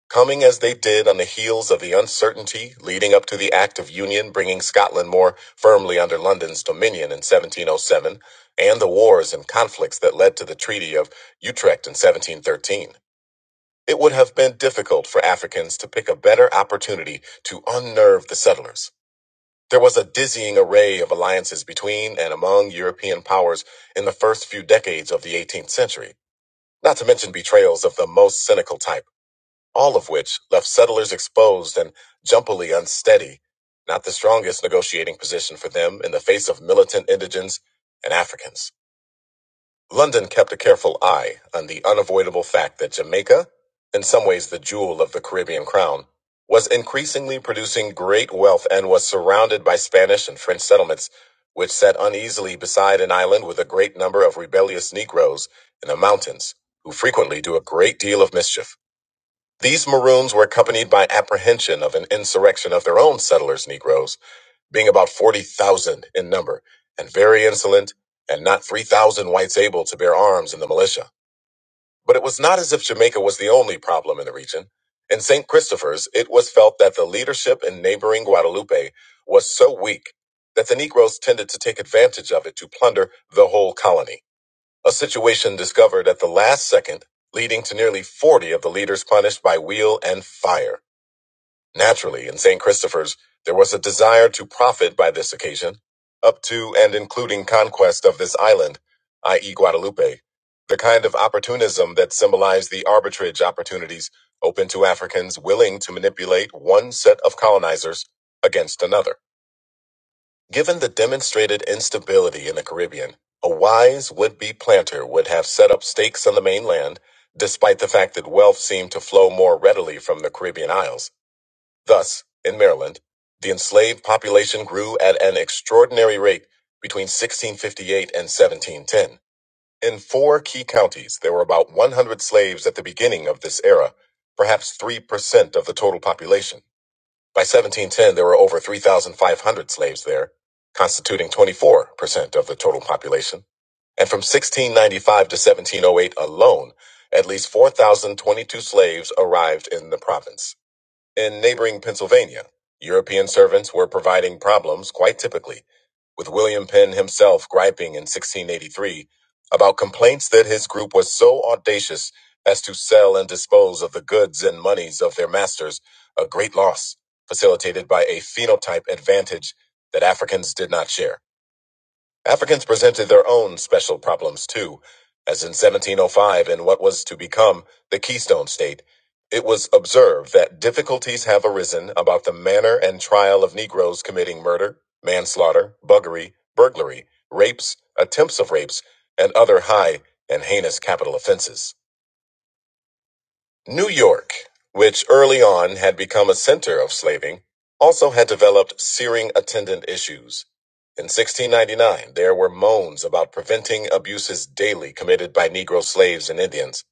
Speaker 1: Coming as they did on the heels of the uncertainty leading up to the Act of Union bringing Scotland more firmly under London's dominion in 1707, and the wars and conflicts that led to the Treaty of Utrecht in 1713, it would have been difficult for Africans to pick a better opportunity to unnerve the settlers. There was a dizzying array of alliances between and among European powers in the first few decades of the 18th century, not to mention betrayals of the most cynical type all of which left settlers exposed and jumpily unsteady, not the strongest negotiating position for them in the face of militant indigents and Africans. London kept a careful eye on the unavoidable fact that Jamaica, in some ways the jewel of the Caribbean crown, was increasingly producing great wealth and was surrounded by Spanish and French settlements, which sat uneasily beside an island with a great number of rebellious Negroes in the mountains, who frequently do a great deal of mischief. These Maroons were accompanied by apprehension of an insurrection of their own settlers, Negroes, being about 40,000 in number, and very insolent, and not 3,000 whites able to bear arms in the militia. But it was not as if Jamaica was the only problem in the region. In St. Christopher's, it was felt that the leadership in neighboring Guadalupe was so weak that the Negroes tended to take advantage of it to plunder the whole colony a situation discovered at the last second, leading to nearly 40 of the leaders punished by wheel and fire. Naturally, in St. Christopher's, there was a desire to profit by this occasion, up to and including conquest of this island, i.e., Guadeloupe. the kind of opportunism that symbolized the arbitrage opportunities open to Africans willing to manipulate one set of colonizers against another. Given the demonstrated instability in the Caribbean, a wise would be planter would have set up stakes on the mainland, despite the fact that wealth seemed to flow more readily from the Caribbean Isles. Thus, in Maryland, the enslaved population grew at an extraordinary rate between 1658 and 1710. In four key counties, there were about 100 slaves at the beginning of this era, perhaps 3% of the total population. By 1710, there were over 3,500 slaves there, constituting 24% of the total population. And from 1695 to 1708 alone, at least 4,022 slaves arrived in the province. In neighboring Pennsylvania, European servants were providing problems quite typically, with William Penn himself griping in 1683 about complaints that his group was so audacious as to sell and dispose of the goods and monies of their masters, a great loss facilitated by a phenotype advantage that Africans did not share. Africans presented their own special problems too, as in 1705 in what was to become the Keystone State. It was observed that difficulties have arisen about the manner and trial of Negroes committing murder, manslaughter, buggery, burglary, rapes, attempts of rapes, and other high and heinous capital offenses. New York, which early on had become a center of slaving, also had developed searing attendant issues. In 1699, there were moans about preventing abuses daily committed by Negro slaves and Indians.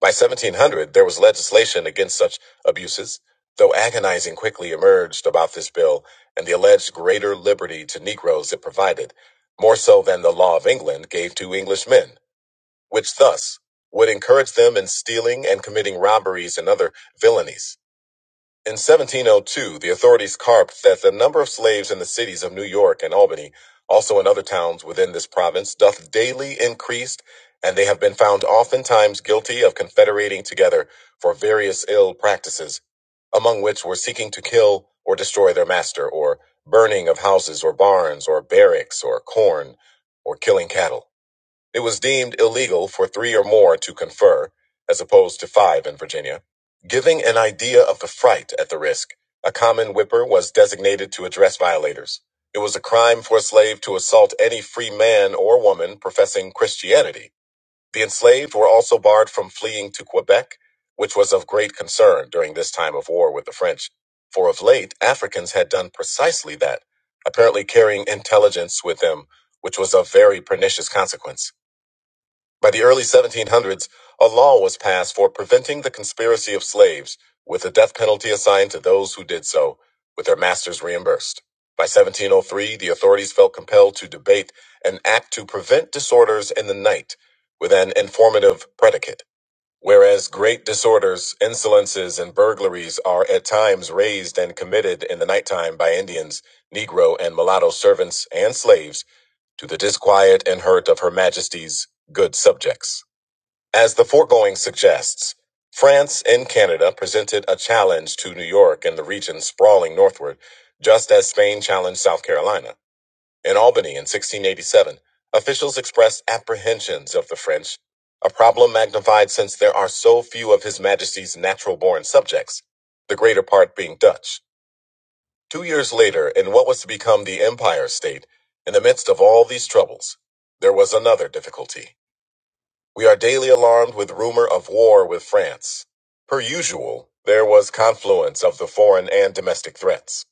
Speaker 1: By 1700, there was legislation against such abuses, though agonizing quickly emerged about this bill and the alleged greater liberty to Negroes it provided, more so than the law of England gave to Englishmen which thus would encourage them in stealing and committing robberies and other villainies. In 1702, the authorities carped that the number of slaves in the cities of New York and Albany, also in other towns within this province, doth daily increase, and they have been found oftentimes guilty of confederating together for various ill practices, among which were seeking to kill or destroy their master, or burning of houses or barns, or barracks, or corn, or killing cattle. It was deemed illegal for three or more to confer, as opposed to five in Virginia. Giving an idea of the fright at the risk, a common whipper was designated to address violators. It was a crime for a slave to assault any free man or woman professing Christianity. The enslaved were also barred from fleeing to Quebec, which was of great concern during this time of war with the French, for of late Africans had done precisely that, apparently carrying intelligence with them, which was of very pernicious consequence. By the early 1700s, a law was passed for preventing the conspiracy of slaves, with the death penalty assigned to those who did so, with their masters reimbursed. By 1703, the authorities felt compelled to debate an act to prevent disorders in the night with an informative predicate. Whereas great disorders, insolences, and burglaries are at times raised and committed in the nighttime by Indians, Negro, and mulatto servants and slaves to the disquiet and hurt of Her Majesty's good subjects. As the foregoing suggests, France and Canada presented a challenge to New York and the region sprawling northward, just as Spain challenged South Carolina. In Albany in 1687, officials expressed apprehensions of the French, a problem magnified since there are so few of His Majesty's natural born subjects, the greater part being Dutch. Two years later, in what was to become the Empire State, in the midst of all these troubles, there was another difficulty. We are daily alarmed with rumor of war with France. Per usual, there was confluence of the foreign and domestic threats.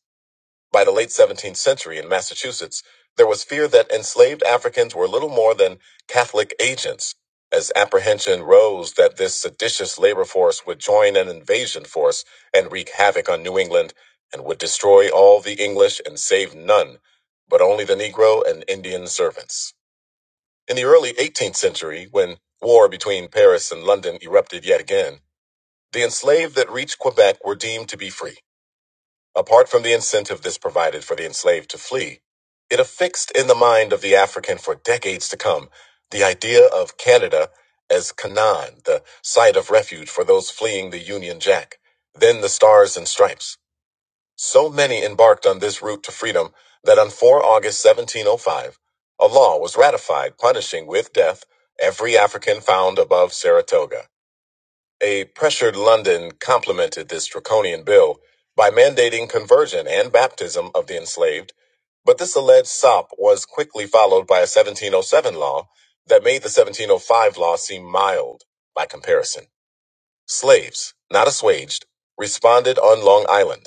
Speaker 1: By the late 17th century in Massachusetts, there was fear that enslaved Africans were little more than Catholic agents, as apprehension rose that this seditious labor force would join an invasion force and wreak havoc on New England and would destroy all the English and save none, but only the Negro and Indian servants. In the early 18th century, when war between Paris and London erupted yet again, the enslaved that reached Quebec were deemed to be free. Apart from the incentive this provided for the enslaved to flee, it affixed in the mind of the African for decades to come the idea of Canada as Canaan, the site of refuge for those fleeing the Union Jack, then the Stars and Stripes. So many embarked on this route to freedom that on 4 August 1705, a law was ratified punishing with death every African found above Saratoga. A pressured London complemented this draconian bill by mandating conversion and baptism of the enslaved, but this alleged sop was quickly followed by a 1707 law that made the 1705 law seem mild by comparison. Slaves, not assuaged, responded on Long Island.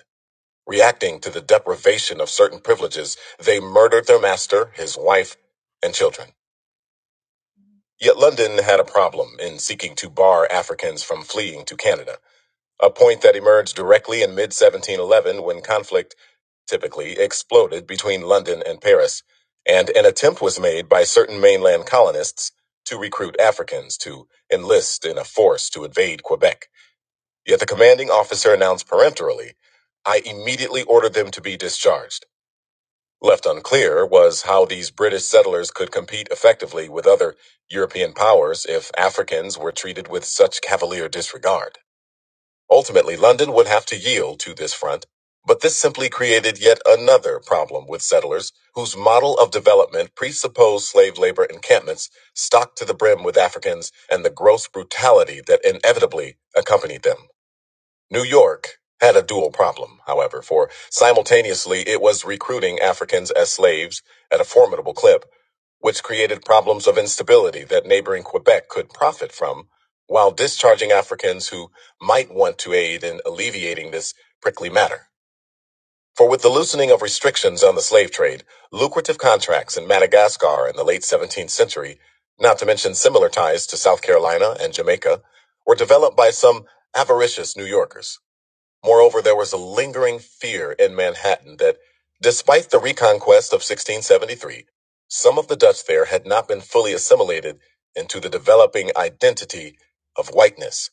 Speaker 1: Reacting to the deprivation of certain privileges, they murdered their master, his wife, and children. Yet London had a problem in seeking to bar Africans from fleeing to Canada, a point that emerged directly in mid 1711 when conflict typically exploded between London and Paris, and an attempt was made by certain mainland colonists to recruit Africans to enlist in a force to invade Quebec. Yet the commanding officer announced peremptorily, I immediately ordered them to be discharged. Left unclear was how these British settlers could compete effectively with other European powers if Africans were treated with such cavalier disregard. Ultimately, London would have to yield to this front, but this simply created yet another problem with settlers whose model of development presupposed slave labor encampments stocked to the brim with Africans and the gross brutality that inevitably accompanied them. New York had a dual problem, however, for simultaneously it was recruiting Africans as slaves at a formidable clip, which created problems of instability that neighboring Quebec could profit from, while discharging Africans who might want to aid in alleviating this prickly matter. For with the loosening of restrictions on the slave trade, lucrative contracts in Madagascar in the late 17th century, not to mention similar ties to South Carolina and Jamaica, were developed by some avaricious New Yorkers. Moreover, there was a lingering fear in Manhattan that, despite the reconquest of 1673, some of the Dutch there had not been fully assimilated into the developing identity of whiteness,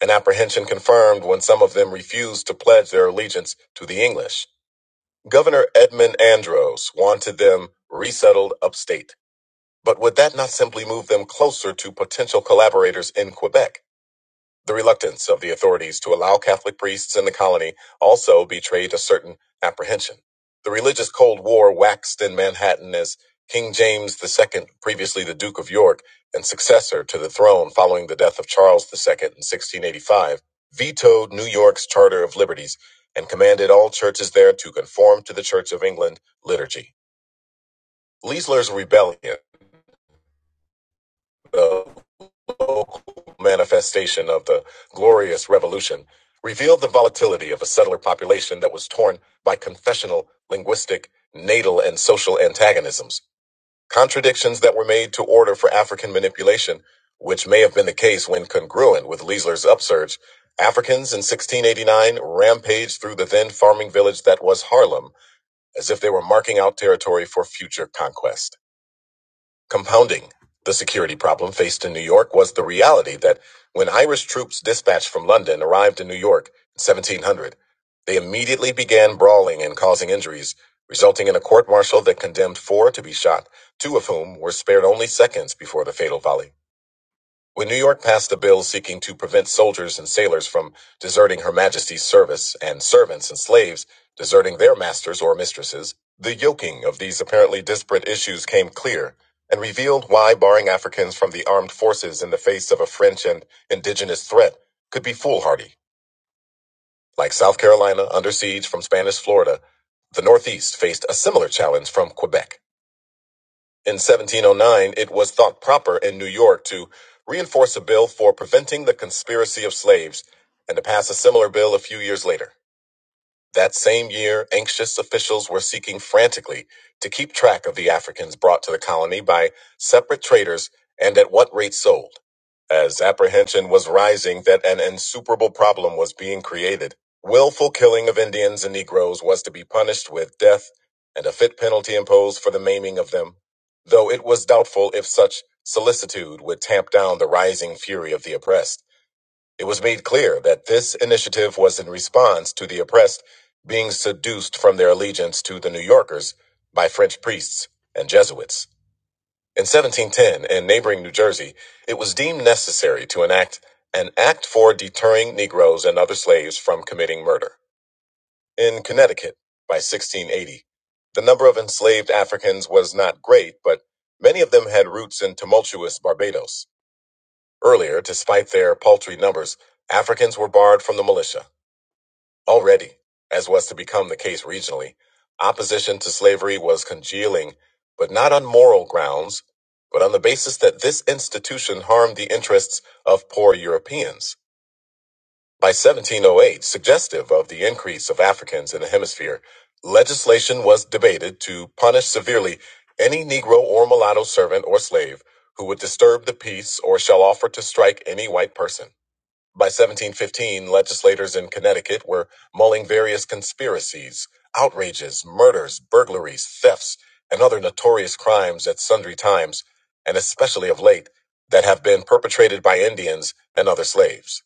Speaker 1: an apprehension confirmed when some of them refused to pledge their allegiance to the English. Governor Edmund Andros wanted them resettled upstate, but would that not simply move them closer to potential collaborators in Quebec? The reluctance of the authorities to allow Catholic priests in the colony also betrayed a certain apprehension. The religious Cold War waxed in Manhattan as King James II, previously the Duke of York and successor to the throne following the death of Charles II in 1685, vetoed New York's Charter of Liberties and commanded all churches there to conform to the Church of England liturgy. Leisler's rebellion, though. local manifestation of the glorious revolution revealed the volatility of a settler population that was torn by confessional, linguistic, natal, and social antagonisms, contradictions that were made to order for African manipulation, which may have been the case when congruent with Leisler's upsurge. Africans in 1689 rampaged through the then farming village that was Harlem, as if they were marking out territory for future conquest. Compounding the security problem faced in New York was the reality that when Irish troops dispatched from London arrived in New York in 1700, they immediately began brawling and causing injuries, resulting in a court martial that condemned four to be shot, two of whom were spared only seconds before the fatal volley. When New York passed a bill seeking to prevent soldiers and sailors from deserting Her Majesty's service and servants and slaves deserting their masters or mistresses, the yoking of these apparently disparate issues came clear and revealed why barring Africans from the armed forces in the face of a French and indigenous threat could be foolhardy. Like South Carolina under siege from Spanish Florida, the Northeast faced a similar challenge from Quebec. In 1709, it was thought proper in New York to reinforce a bill for preventing the conspiracy of slaves and to pass a similar bill a few years later. That same year, anxious officials were seeking frantically to keep track of the Africans brought to the colony by separate traders and at what rate sold, as apprehension was rising that an insuperable problem was being created. Willful killing of Indians and Negroes was to be punished with death and a fit penalty imposed for the maiming of them, though it was doubtful if such solicitude would tamp down the rising fury of the oppressed. It was made clear that this initiative was in response to the oppressed being seduced from their allegiance to the New Yorkers by French priests and Jesuits. In 1710, in neighboring New Jersey, it was deemed necessary to enact an act for deterring Negroes and other slaves from committing murder. In Connecticut, by 1680, the number of enslaved Africans was not great, but many of them had roots in tumultuous Barbados. Earlier, despite their paltry numbers, Africans were barred from the militia. Already, as was to become the case regionally, opposition to slavery was congealing, but not on moral grounds, but on the basis that this institution harmed the interests of poor Europeans. By 1708, suggestive of the increase of Africans in the hemisphere, legislation was debated to punish severely any Negro or mulatto servant or slave who would disturb the peace or shall offer to strike any white person. By 1715, legislators in Connecticut were mulling various conspiracies, outrages, murders, burglaries, thefts, and other notorious crimes at sundry times, and especially of late, that have been perpetrated by Indians and other slaves.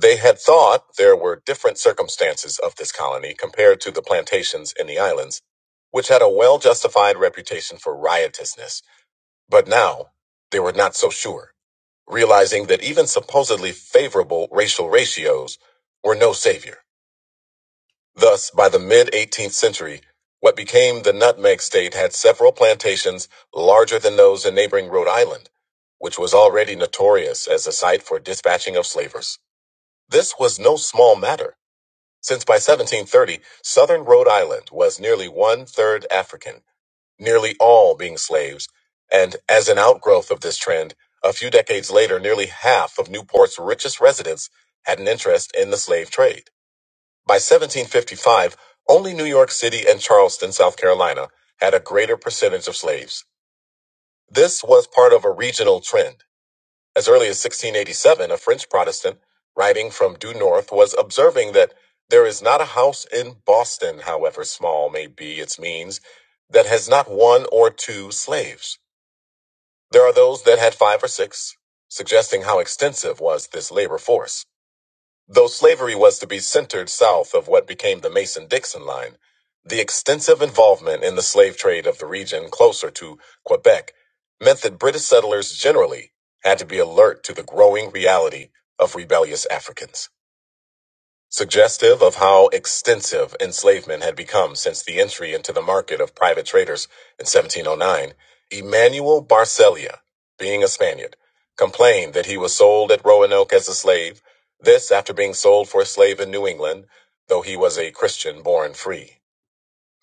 Speaker 1: They had thought there were different circumstances of this colony compared to the plantations in the islands, which had a well justified reputation for riotousness, but now they were not so sure realizing that even supposedly favorable racial ratios were no savior. Thus, by the mid 18th century, what became the nutmeg state had several plantations larger than those in neighboring Rhode Island, which was already notorious as a site for dispatching of slavers. This was no small matter, since by 1730, southern Rhode Island was nearly one third African nearly all being slaves. And as an outgrowth of this trend, a few decades later, nearly half of Newport's richest residents had an interest in the slave trade. By 1755, only New York City and Charleston, South Carolina, had a greater percentage of slaves. This was part of a regional trend. As early as 1687, a French Protestant writing from due north was observing that there is not a house in Boston, however small may be its means, that has not one or two slaves. There are those that had five or six, suggesting how extensive was this labor force. Though slavery was to be centered south of what became the Mason Dixon line, the extensive involvement in the slave trade of the region closer to Quebec meant that British settlers generally had to be alert to the growing reality of rebellious Africans suggestive of how extensive enslavement had become since the entry into the market of private traders in 1709, Emmanuel Barcelia, being a Spaniard, complained that he was sold at Roanoke as a slave, this after being sold for a slave in New England, though he was a Christian born free.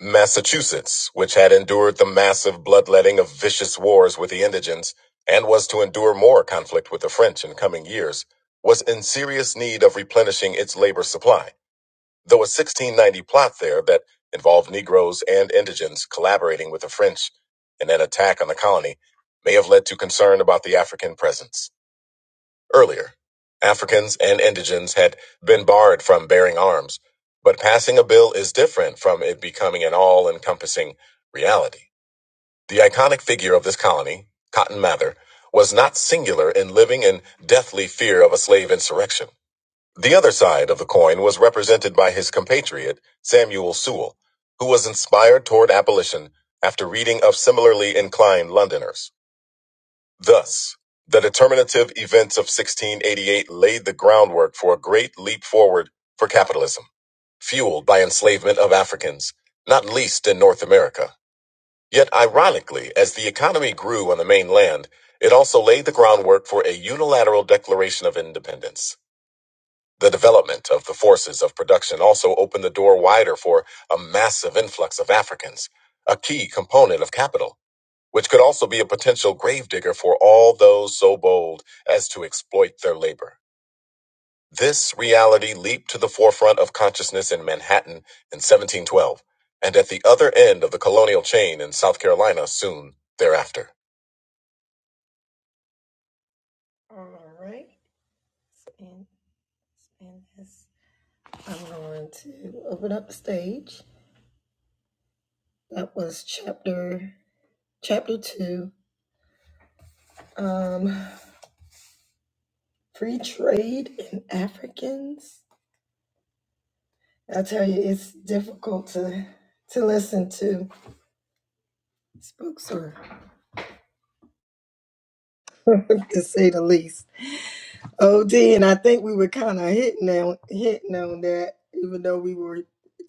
Speaker 1: Massachusetts, which had endured the massive bloodletting of vicious wars with the indigents and was to endure more conflict with the French in coming years, was in serious need of replenishing its labor supply Though a 1690 plot there that involved Negroes and indigents collaborating with the French in an attack on the colony may have led to concern about the African presence. Earlier, Africans and indigents had been barred from bearing arms, but passing a bill is different from it becoming an all encompassing reality. The iconic figure of this colony, Cotton Mather, was not singular in living in deathly fear of a slave insurrection. The other side of the coin was represented by his compatriot, Samuel Sewall, who was inspired toward abolition after reading of similarly inclined Londoners. Thus, the determinative events of 1688 laid the groundwork for a great leap forward for capitalism, fueled by enslavement of Africans, not least in North America. Yet, ironically, as the economy grew on the mainland, it also laid the groundwork for a unilateral declaration of independence. The development of the forces of production also opened the door wider for a massive influx of Africans, a key component of capital, which could also be a potential gravedigger for all those so bold as to exploit their labor. This reality leaped to the forefront of consciousness in Manhattan in 1712, and at the other end of the colonial chain in South Carolina soon thereafter. All right. And, and this, I'm going to open up the stage. That was chapter chapter two. Um, free trade and Africans. I tell you, it's difficult to to listen to spooks or to say the least. Od, and I think we were kind of hitting on hitting on that, even though we were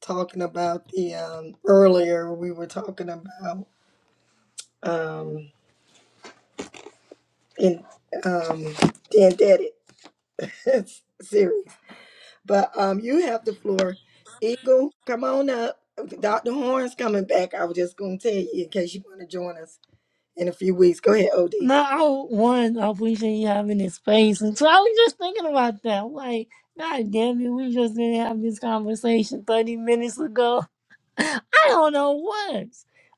Speaker 1: talking about the um earlier we were talking about um in um Dan series. But um, you have the floor. Eagle, come on up. Dr. Horn's coming back. I was just going to tell you in case you want to join us in a few weeks. Go ahead, OD.
Speaker 2: Now, one, I appreciate you having this space. And so I was just thinking about that. I'm Like, God damn it, we just didn't have this conversation 30 minutes ago. I don't know what.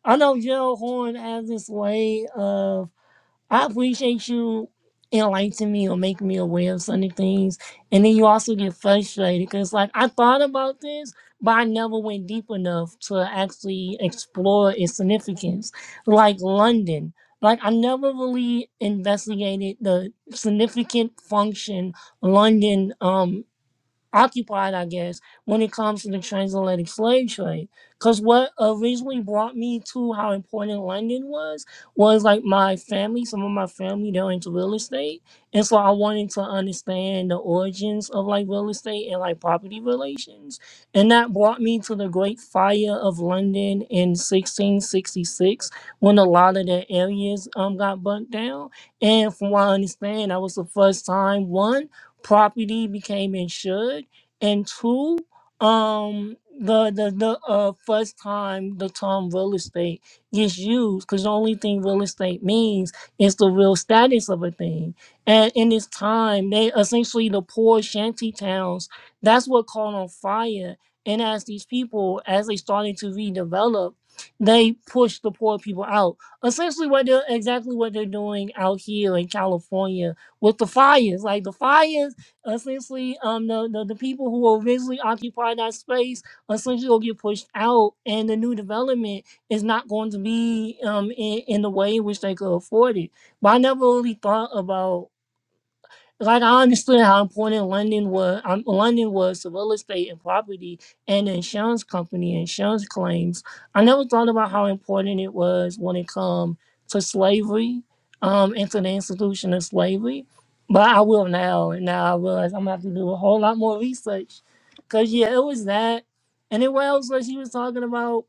Speaker 2: I know Gerald Horn has this way of I appreciate you enlightening me or making me aware of certain things. And then you also get frustrated because, like, I thought about this, but I never went deep enough to actually explore its significance. Like London, like, I never really investigated the significant function London um occupied, I guess, when it comes to the transatlantic slave trade. Because what originally brought me to how important London was, was like my family, some of my family, they're into real estate. And so I wanted to understand the origins of like real estate and like property relations. And that brought me to the Great Fire of London in 1666 when a lot of the areas um, got burnt down. And from what I understand, that was the first time, one, property became insured, and two, um, the the the uh, first time the term real estate gets used, because the only thing real estate means is the real status of a thing. And in this time, they essentially the poor shanty towns. That's what caught on fire. And as these people, as they started to redevelop, they pushed the poor people out. Essentially, what they're exactly what they're doing out here in California with the fires. Like the fires essentially um the, the, the people who will eventually occupy that space essentially will get pushed out and the new development is not going to be um in, in the way in which they could afford it. But I never really thought about like I understood how important London was. Um, London was to real estate and property and the insurance company, insurance claims. I never thought about how important it was when it come to slavery, um, and to the institution of slavery. But I will now, and now I realize I'm gonna have to do a whole lot more research. Cause yeah, it was that, and it was what else that he was talking about,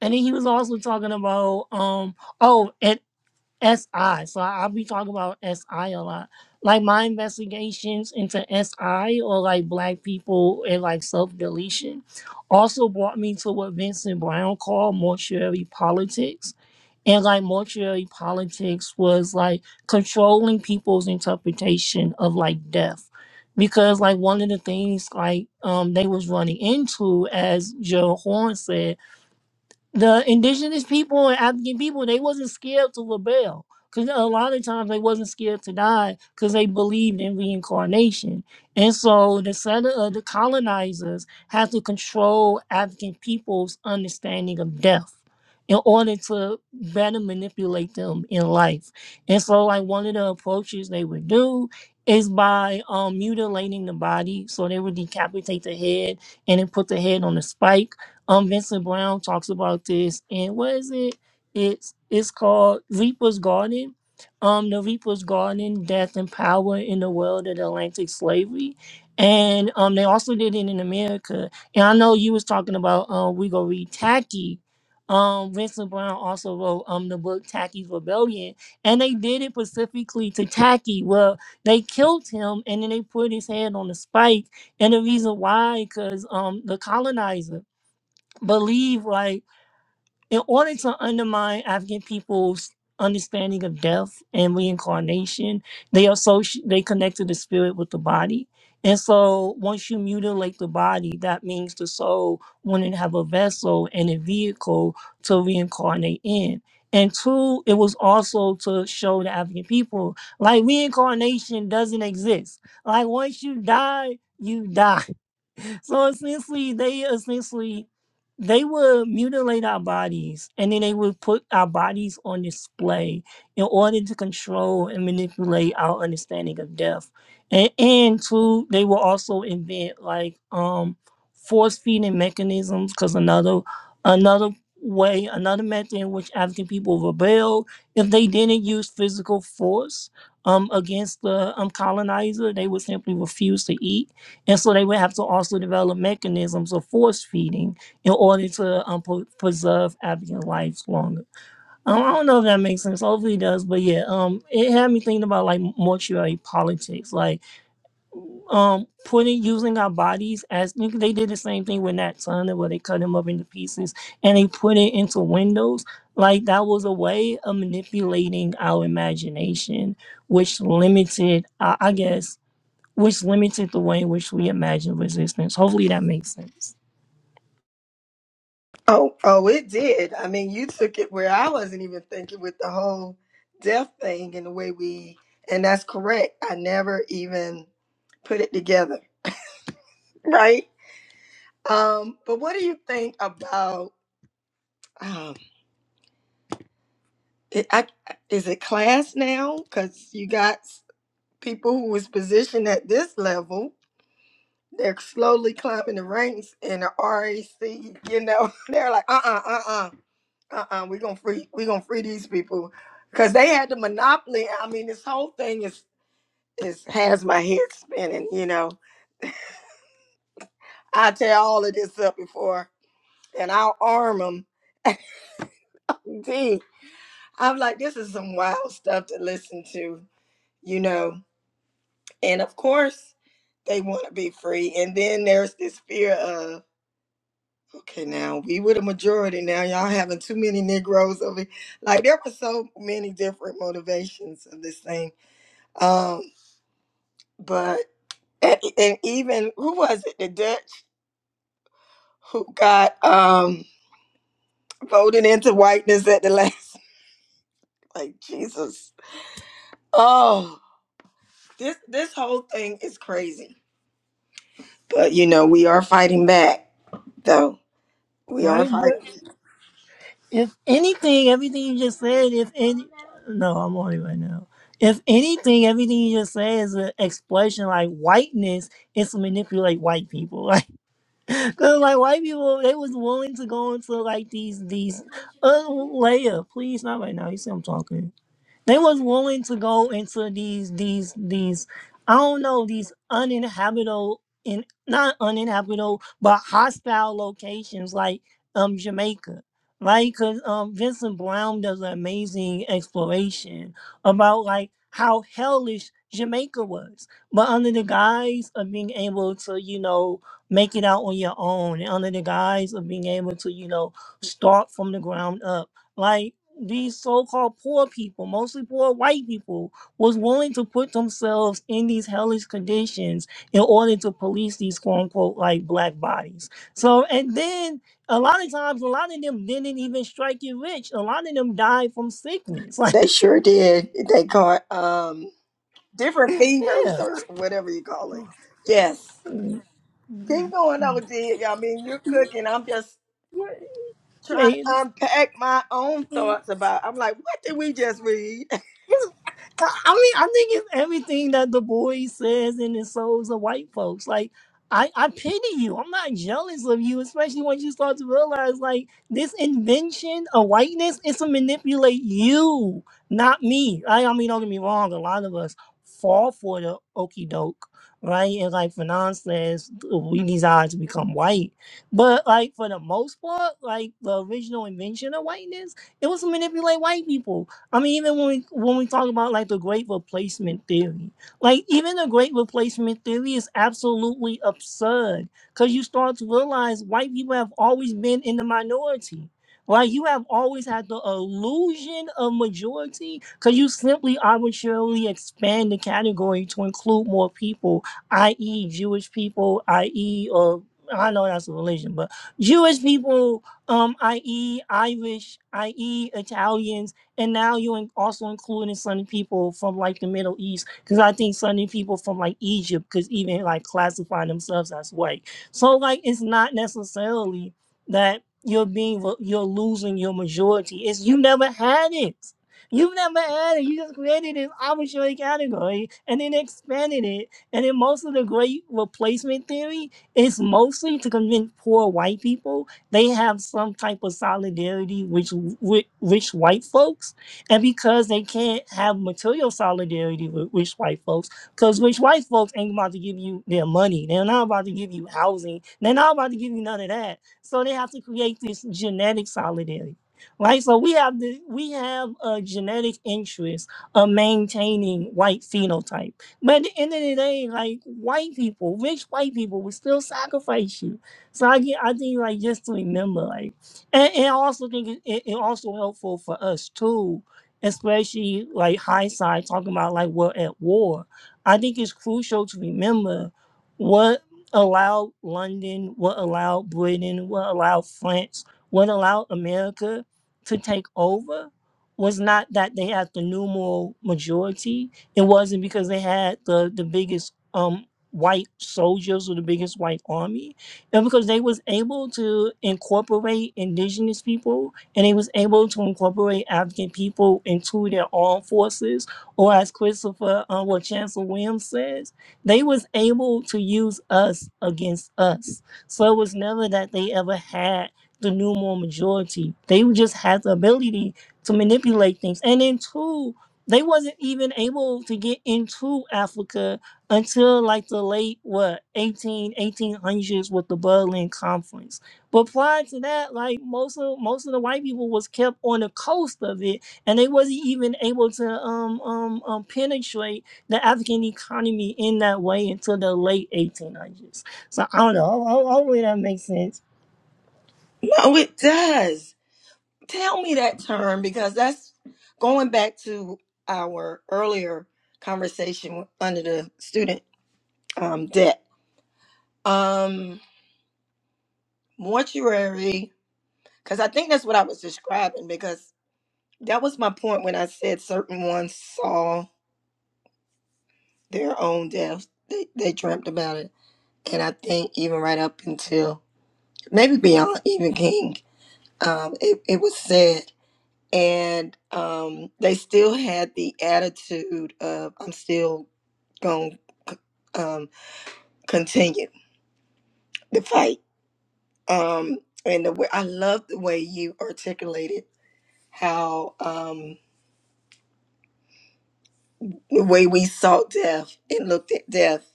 Speaker 2: and then he was also talking about um oh, and SI. So I- I'll be talking about SI a lot. Like my investigations into SI or like black people and like self deletion also brought me to what Vincent Brown called mortuary politics. And like mortuary politics was like controlling people's interpretation of like death. Because like one of the things like um they was running into, as Gerald Horn said, the indigenous people and African people, they wasn't scared to rebel. Because a lot of times they wasn't scared to die because they believed in reincarnation. And so the set of the colonizers had to control African people's understanding of death in order to better manipulate them in life. And so like one of the approaches they would do is by um, mutilating the body. So they would decapitate the head and then put the head on a spike um, Vincent Brown talks about this, and what is it? It's it's called Reaper's Garden. Um, the Reaper's Garden: Death and Power in the World of Atlantic Slavery, and um, they also did it in America. And I know you was talking about um, we gonna read Tacky. Um, Vincent Brown also wrote um the book Tacky's Rebellion, and they did it specifically to Tacky. Well, they killed him, and then they put his head on a spike, and the reason why, because um the colonizer believe like in order to undermine African people's understanding of death and reincarnation, they associate they connected the spirit with the body. And so once you mutilate the body, that means the soul wouldn't have a vessel and a vehicle to reincarnate in. And two, it was also to show the African people like reincarnation doesn't exist. Like once you die, you die so essentially they essentially they would mutilate our bodies and then they would put our bodies on display in order to control and manipulate our understanding of death and, and two they will also invent like um force feeding mechanisms because another another way another method in which african people rebelled if they didn't use physical force um against the um colonizer they would simply refuse to eat and so they would have to also develop mechanisms of force feeding in order to um, po- preserve African lives longer. Um, I don't know if that makes sense. Hopefully it does. But yeah, um, it had me thinking about like mortuary politics, like um, putting using our bodies as they did the same thing with Nat Turner, where they cut him up into pieces and they put it into windows. Like that was a way of manipulating our imagination, which limited, I, I guess which limited the way in which we imagine resistance. Hopefully that makes sense.
Speaker 1: Oh, oh, it did. I mean, you took it where I wasn't even thinking with the whole death thing and the way we, and that's correct. I never even put it together, right? Um, but what do you think about um, it, I, is it class now? Because you got s- people who was positioned at this level They're slowly climbing the ranks in the RAC. You know, they're like, uh, uh, uh, uh, uh, uh, we're gonna free, we're gonna free these people, because they had the monopoly. I mean, this whole thing is is has my head spinning. You know, I tear all of this up before, and I'll arm them. Gee, I'm like, this is some wild stuff to listen to. You know, and of course, they want to be free, and then there's this fear of. Okay, now we were the majority. Now y'all having too many Negroes over. here. Like there were so many different motivations of this thing. Um, but and, and even who was it? The Dutch who got um voted into whiteness at the last. Like Jesus. Oh, this this whole thing is crazy. But you know we are fighting back though. We are
Speaker 2: Right? But
Speaker 1: fighting.
Speaker 2: if anything, everything you just said, if any, no, I'm on it right now. If anything, everything you just said is an explanation like whiteness is to manipulate white people. Like, cause like white people, they was willing to go into like these, these, uh, Leia, please, not right now. You see I'm talking. They was willing to go into these these these I don't know these uninhabitable in not uninhabitable but hostile locations like um Jamaica, right? Because um Vincent Brown does an amazing exploration about like how hellish Jamaica was, but under the guise of being able to you know make it out on your own, and under the guise of being able to you know start from the ground up, like these so-called poor people, mostly poor white people, was willing to put themselves in these hellish conditions in order to police these quote unquote like black bodies. So and then a lot of times a lot of them didn't even strike it rich. A lot of them died from sickness. Like,
Speaker 1: They sure did. They caught um different fevers or whatever you call it. Yes. Keep going, OG. I mean, you're cooking. I'm just trying to
Speaker 2: yeah.
Speaker 1: unpack my own thoughts about. I'm like, what did we just read?
Speaker 2: It's- I mean, I think it's everything that the boy says in his souls of white folks. Like, I, I pity you. I'm not jealous of you, especially once you start to realize, like, this invention of whiteness is to manipulate you, not me. I, I mean, don't get me wrong. A lot of us fall for the okey doke, right? And like Fanon says, we desire to become white. But like for the most part, like the original invention of whiteness, it was to manipulate white people I mean, even when we when we talk about like the great replacement theory, like even the great replacement theory is absolutely absurd because you start to realize white people have always been in the minority. Like you have always had the illusion of majority because you simply arbitrarily expand the category to include more people, i.e., Jewish people, i.e., or I know that's a religion, but Jewish people, um, i.e., Irish, i.e., Italians and now you in- also including Sunni people from like the Middle East, because I think Sunni people from like Egypt could even like classify themselves as white. So like it's not necessarily that you're being vo- you're losing your majority. It's you never had it. You've never had it. You just created this arbitrary category and then expanded it. And then most of the great replacement theory is mostly to convince poor white people they have some type of solidarity which with rich white folks and because they can't have material solidarity with rich white folks because rich white folks ain't about to give you their money they're not about to give you housing they're not about to give you none of that so they have to create this genetic solidarity right so we have the we have a genetic interest of maintaining white phenotype but at the end of the day like white people rich white people will still sacrifice you so I get, I think like just to remember, like, and, and I also think it, it, it also helpful for us too, especially like hindsight talking about like we're at war. I think it's crucial to remember what allowed London, what allowed Britain, what allowed France, what allowed America to take over was not that they had the numeral majority. It wasn't because they had the the biggest um white soldiers or the biggest white army and because they was able to incorporate indigenous people and they was able to incorporate African people into their armed forces, or as Christopher uh, what Chancellor Williams says, they was able to use us against us. So it was never that they ever had the numeral majority. They just had the ability to manipulate things. And then two, they wasn't even able to get into Africa until like the late what eighteen eighteen hundreds with the Berlin Conference. But prior to that, like most of most of the white people was kept on the coast of it, and they wasn't even able to um um, um penetrate the African economy in that way until the late 1800s. So I don't know. ho- ho- Hopefully that makes sense.
Speaker 1: No, it does. Tell me that term because that's going back to our earlier conversation under the student um, debt. Um, mortuary, because I think that's what I was describing. Because that was my point when I said certain ones saw their own death. They, they dreamt about it and I think even right up until maybe beyond even King, um, it, it was said. And um, they still had the attitude of, I'm still going to um, continue the fight. Um, and the way, I love the way you articulated how um, the way we sought death and looked at death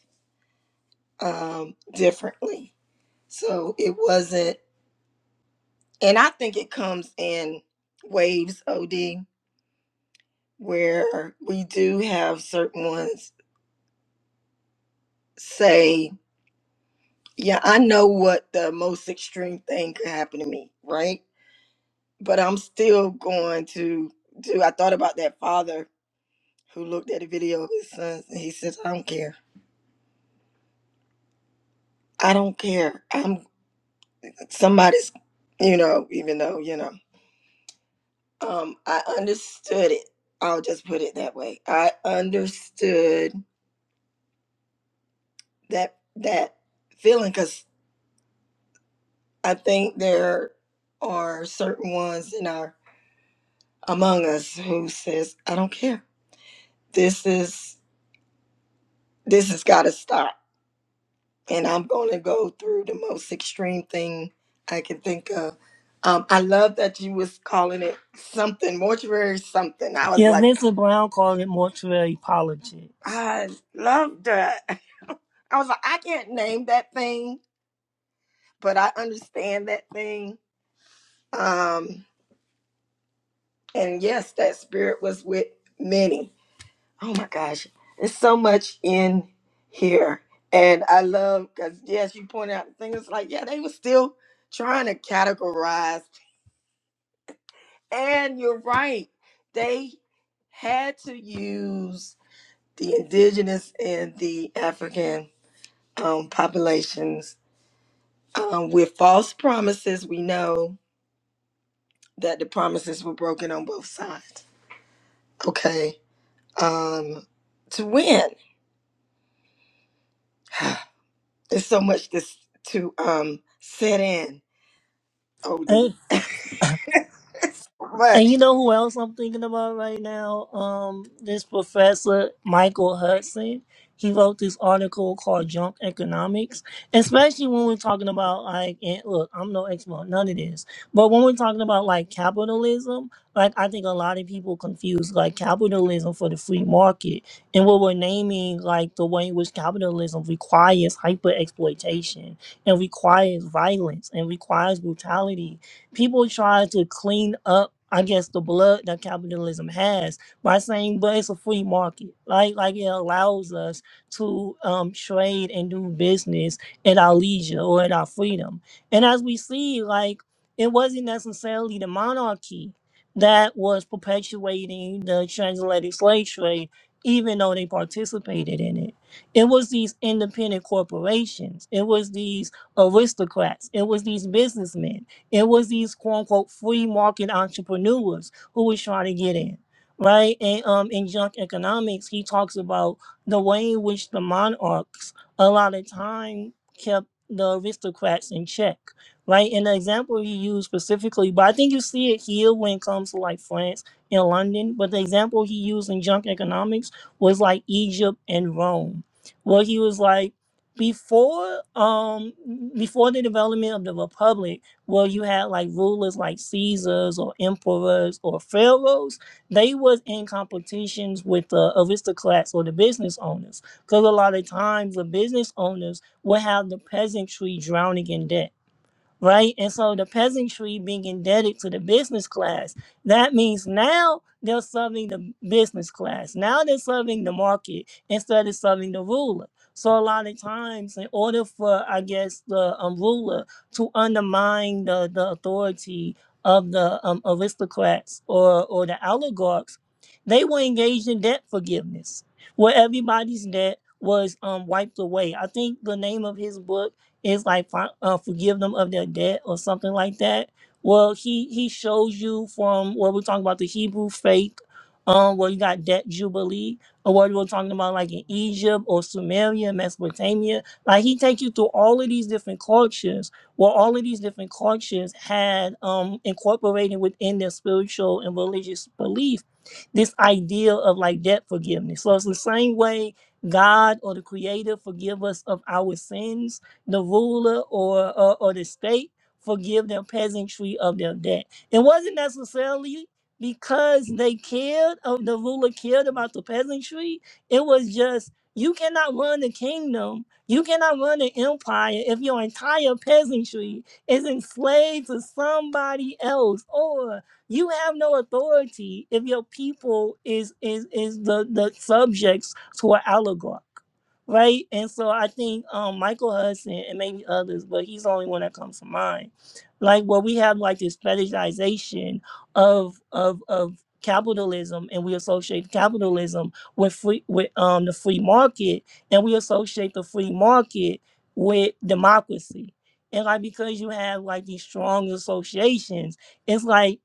Speaker 1: um, differently. So it wasn't, and I think it comes in waves, OD where we do have certain ones say, Yeah, I know what the most extreme thing could happen to me, right? But I'm still going to do. I thought about that father who looked at a video of his sons and he says, I don't care. I don't care. I'm somebody's, you know, even though, you know, um, I understood it. I'll just put it that way. I understood that that feeling 'cause I think there are certain ones in our among us who says, I don't care. This is this has gotta stop. And I'm gonna go through the most extreme thing I can think of. Um, I love that you was calling it something, mortuary something. I was
Speaker 2: Yeah,
Speaker 1: like,
Speaker 2: Vincent Brown called it mortuary politics.
Speaker 1: I love that. I was like, I can't name that thing, but I understand that thing. Um, and yes, that spirit was with many Oh my gosh, there's so much in here, and I love because yes, you pointed out the thing. It's like yeah, they were still trying to categorize, and you're right. They had to use the indigenous and the African um, populations um, with false promises. We know that the promises were broken on both sides. Okay, um, to win. There's so much this to um set in. OD.
Speaker 2: And
Speaker 1: But
Speaker 2: you know who else I'm thinking about right now? Um, this professor Michael Hudson. He wrote this article called "Junk Economics," especially when we're talking about like, and look, I'm no expert, on none of this, but when we're talking about like capitalism, like I think a lot of people confuse like capitalism for the free market, and what we're naming like the way in which capitalism requires hyper exploitation and requires violence and requires brutality People try to clean up, I guess, the blood that capitalism has by saying, but it's a free market. Like, like it allows us to um, trade and do business at our leisure or at our freedom. And as we see, like, it wasn't necessarily the monarchy that was perpetuating the transatlantic slave trade, even though they participated in it. It was these independent corporations, it was these aristocrats, it was these businessmen it was these quote unquote free market entrepreneurs who was trying to get in. Right. And um in junk economics, he talks about the way in which the monarchs a lot of time kept the aristocrats in check. Right. And the example he used specifically, but I think you see it here when it comes to like France and London. But the example he used in junk economics was like Egypt and Rome. Where he was like before um before the development of the Republic where you had like rulers like Caesars or emperors or pharaohs, they was in competitions with the aristocrats or the business owners. Because a lot of times the business owners would have the peasantry drowning in debt right? And so the peasantry being indebted to the business class, that means now they're serving the business class. Now they're serving the market instead of serving the ruler. So a lot of times, in order for I guess the um, ruler to undermine the, the authority of the um, aristocrats or or the oligarchs, they were engaged in debt forgiveness, where everybody's debt was um wiped away. I think the name of his book it's like fi- uh, forgive them of their debt or something like that. Well, he he shows you from where we're talking about the Hebrew faith, um, where you got debt jubilee, or what we're talking about like in Egypt or Sumeria, Mesopotamia. Like he takes you through all of these different cultures, where all of these different cultures had um incorporated within their spiritual and religious belief this idea of like debt forgiveness. So it's the same way God or the Creator forgive us of our sins the ruler or, or, or the state forgive their peasantry of their debt. It wasn't necessarily because they cared of the ruler cared about the peasantry. It was just you cannot run the kingdom, you cannot run an empire if your entire peasantry is enslaved to somebody else, or you have no authority if your people is is is the, the subjects to an oligarch right? And so I think um, Michael Hudson and maybe others, but he's the only one that comes to mind. Like where we have like this fetishization of of of capitalism, and we associate capitalism with free with um the free market, and we associate the free market with democracy. And like because you have like these strong associations, it's like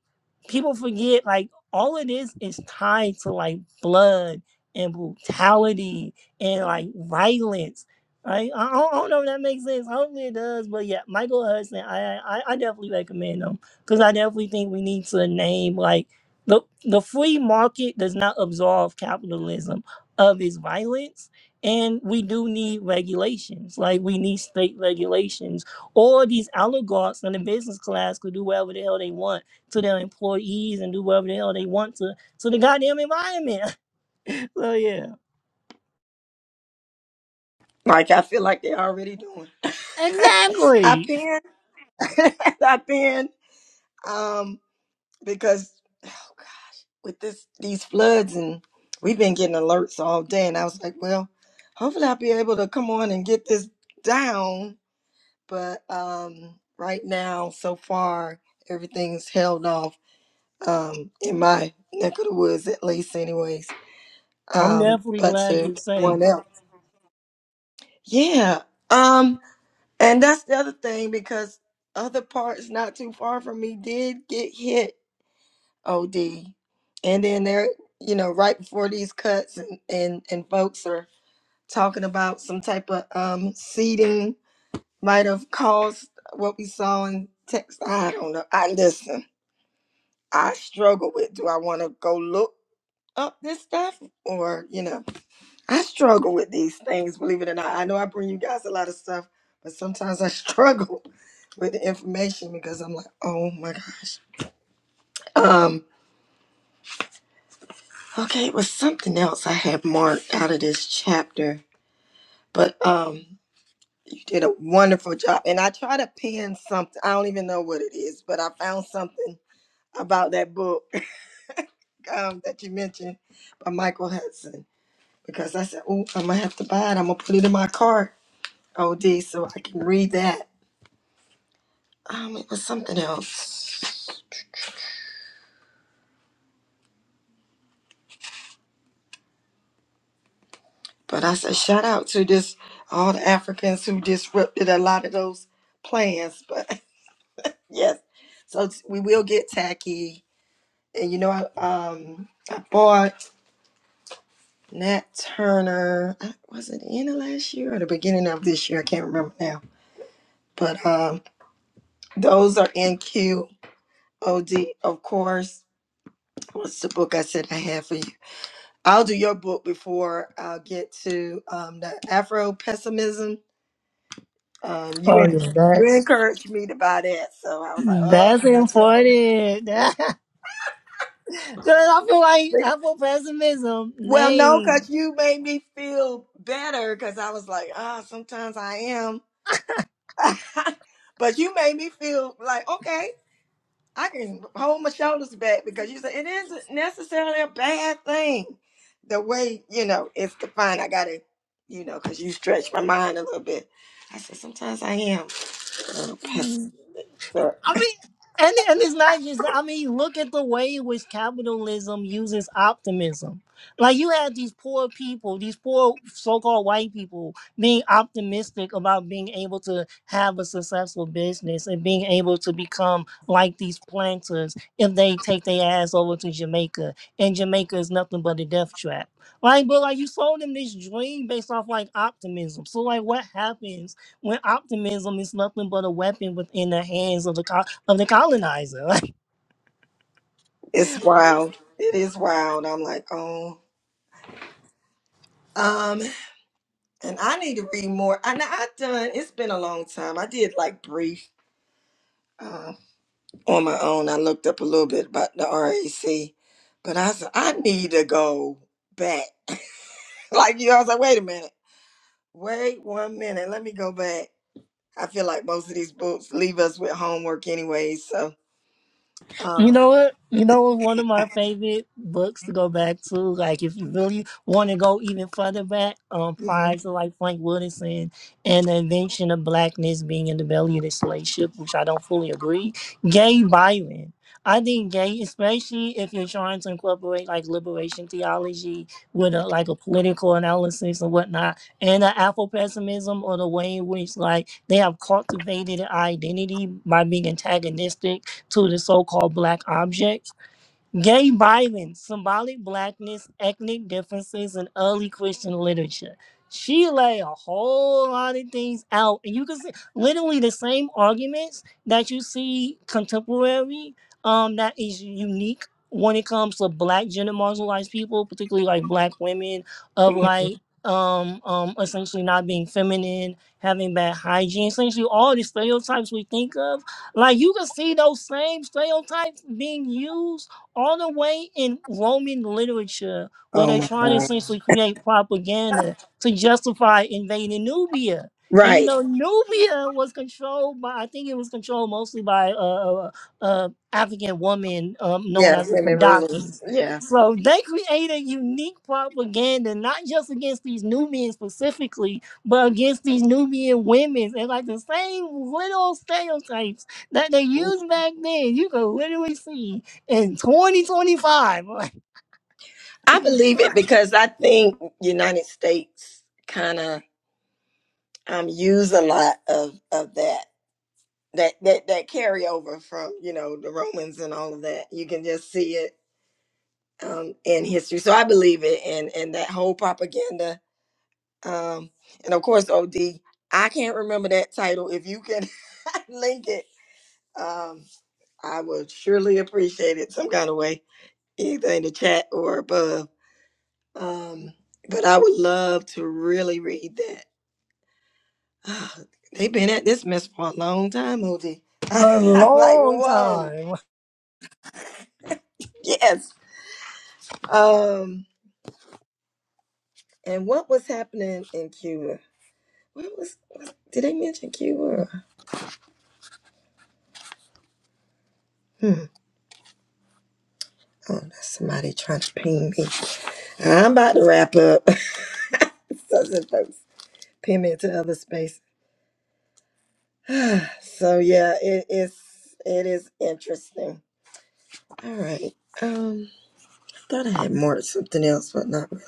Speaker 2: people forget like all of this is tied to like blood and brutality and like violence. Right? I, I don't I don't know if that makes sense. Hopefully it does. But yeah, Michael Hudson, I I, I definitely recommend him because I definitely think we need to name like the the free market does not absolve capitalism of its violence. And we do need regulations, like we need state regulations, or these oligarchs in the business class could do whatever the hell they want to their employees and do whatever the hell they want to to the goddamn environment. so yeah.
Speaker 1: like I feel like they're already doing. I
Speaker 2: Exactly.
Speaker 1: pin, I pin, um, because oh gosh, with this these floods and we've been getting alerts all day, and I was like, well, hopefully I'll be able to come on and get this down. But um, right now, so far, everything's held off um, in my neck of the woods, at least, anyways.
Speaker 2: I'm
Speaker 1: Um,
Speaker 2: definitely
Speaker 1: but
Speaker 2: glad
Speaker 1: to
Speaker 2: you're
Speaker 1: everyone
Speaker 2: safe.
Speaker 1: else, yeah. Um, And that's the other thing because other parts not too far from me did get hit OD. And then they're, you know, right before these cuts and, and, and folks are talking about some type of um seeding might have caused what we saw in Texas. I don't know. I listen, I struggle with do I want to go look up this stuff or, you know. I struggle with these things, believe it or not. I know I bring you guys a lot of stuff, but sometimes I struggle with the information because I'm like, oh my gosh. Um, okay, it was something else I had marked out of this chapter, but um, you did a wonderful job. And I try to pin something. I don't even know what it is, but I found something about that book um, that you mentioned by Michael Hudson because I said, oh, I'm gonna have to buy it. I'm gonna put it in my cart, OD, so I can read that Um, it was something else. But I said shout out to this all the Africans who disrupted a lot of those plans. But yes, so t- we will get tacky. And you know, I um I bought Nat Turner. uh, Was it the end of last year or the beginning of this year? I can't remember now. But um, those are in QOD, of course. What's the book I said I had for you? I'll do your book before I'll get to um, the Afro pessimism Um, you
Speaker 2: Oh
Speaker 1: en-
Speaker 2: yeah,
Speaker 1: you
Speaker 2: that's
Speaker 1: encouraged me to buy that, so I was like, oh,
Speaker 2: that's
Speaker 1: I got you. on
Speaker 2: important. Cause I feel like
Speaker 1: flick.
Speaker 2: I feel pessimism.
Speaker 1: Well, no,
Speaker 2: Nay.
Speaker 1: cause you made me feel better, cause I was like, ah, sometimes I am, but you made me feel like, okay, I can hold my shoulders back because you said it isn't necessarily a bad thing, the way you know it's defined. I gotta, you know, cause you stretched my mind a little bit. I said sometimes I am, a little pessimistic.
Speaker 2: I mean, and and it's not just. I mean, look at the way in which capitalism uses optimism. Like you had these poor people, these poor so-called white people, being optimistic about being able to have a successful business and being able to become like these planters if they take their ass over to Jamaica. And Jamaica is nothing but a death trap. Like, but like you sold them this dream based off like optimism. So like, what happens? when optimism is nothing but a weapon within the hands of the co- of the colonizer.
Speaker 1: it's wild. It is wild. I'm like, oh. Um, and I need to read more. I know I've done. It's been a long time. I did like brief uh, on my own. I looked up a little bit about the RAC, but I said I need to go back. like you, know, I was like, wait a minute, wait one minute. Let me go back. I feel like most of these books leave us with homework anyway. So,
Speaker 2: You
Speaker 1: uh,
Speaker 2: know what? You know what? One of my favorite books to go back to, like if you really want to go even further back, um,
Speaker 1: mhm.
Speaker 2: prior to like Frank Wilderson and the invention of blackness being in the belly of the slave ship, which I don't fully agree. Gay Byron. I think gay, especially if you're trying to incorporate like liberation theology with a, like a political analysis and whatnot, and the Afro pessimism or the way in which like they have cultivated an identity by being antagonistic to the so-called black object Gay violence, symbolic blackness, ethnic differences in early Christian literature. She lay a whole lot of things out, and you can see literally the same arguments that you see contemporary, um, that is unique when it comes to black gender marginalized people, particularly like black women, of like um um essentially not being feminine, having bad hygiene, essentially all the stereotypes we think of. Like you can see those same stereotypes being used all the way in Roman literature, where
Speaker 1: Oh
Speaker 2: they're
Speaker 1: my
Speaker 2: trying to
Speaker 1: God.
Speaker 2: essentially create propaganda to justify invading Nubia. And you
Speaker 1: Right.
Speaker 2: know, Nubia was controlled by, I think it was controlled mostly by uh, uh, uh, African woman um, known
Speaker 1: Yeah,
Speaker 2: as the
Speaker 1: women rulers.
Speaker 2: Kadakis.
Speaker 1: Yeah.
Speaker 2: So they created unique propaganda, not just against these Nubians specifically, but against these Nubian women. And like the same little stereotypes that they used back then, you can literally see in 2025.
Speaker 1: I believe it because I think United States kind of um use a lot of of that. That that that carryover from, you know, the Romans and all of that. You can just see it um in history. So I believe it and and that whole propaganda um and of course OD I can't remember that title. If you can link it, um I would surely appreciate it some kind of way, either in the chat or above Um, but I would love to really read that. Ah, They've been at this mess for a long time, Ovi.
Speaker 2: a
Speaker 1: I'm like,
Speaker 2: long
Speaker 1: whoa,
Speaker 2: time.
Speaker 1: yes. Um, and what was happening in Cuba? What was? was did they mention Cuba? or- Hmm. Oh, that's somebody trying to ping me. I'm about to wrap up. Southern folks pin me into other space. so yeah, it is. It is interesting. All right. Um, thought I had more something else, but not. really.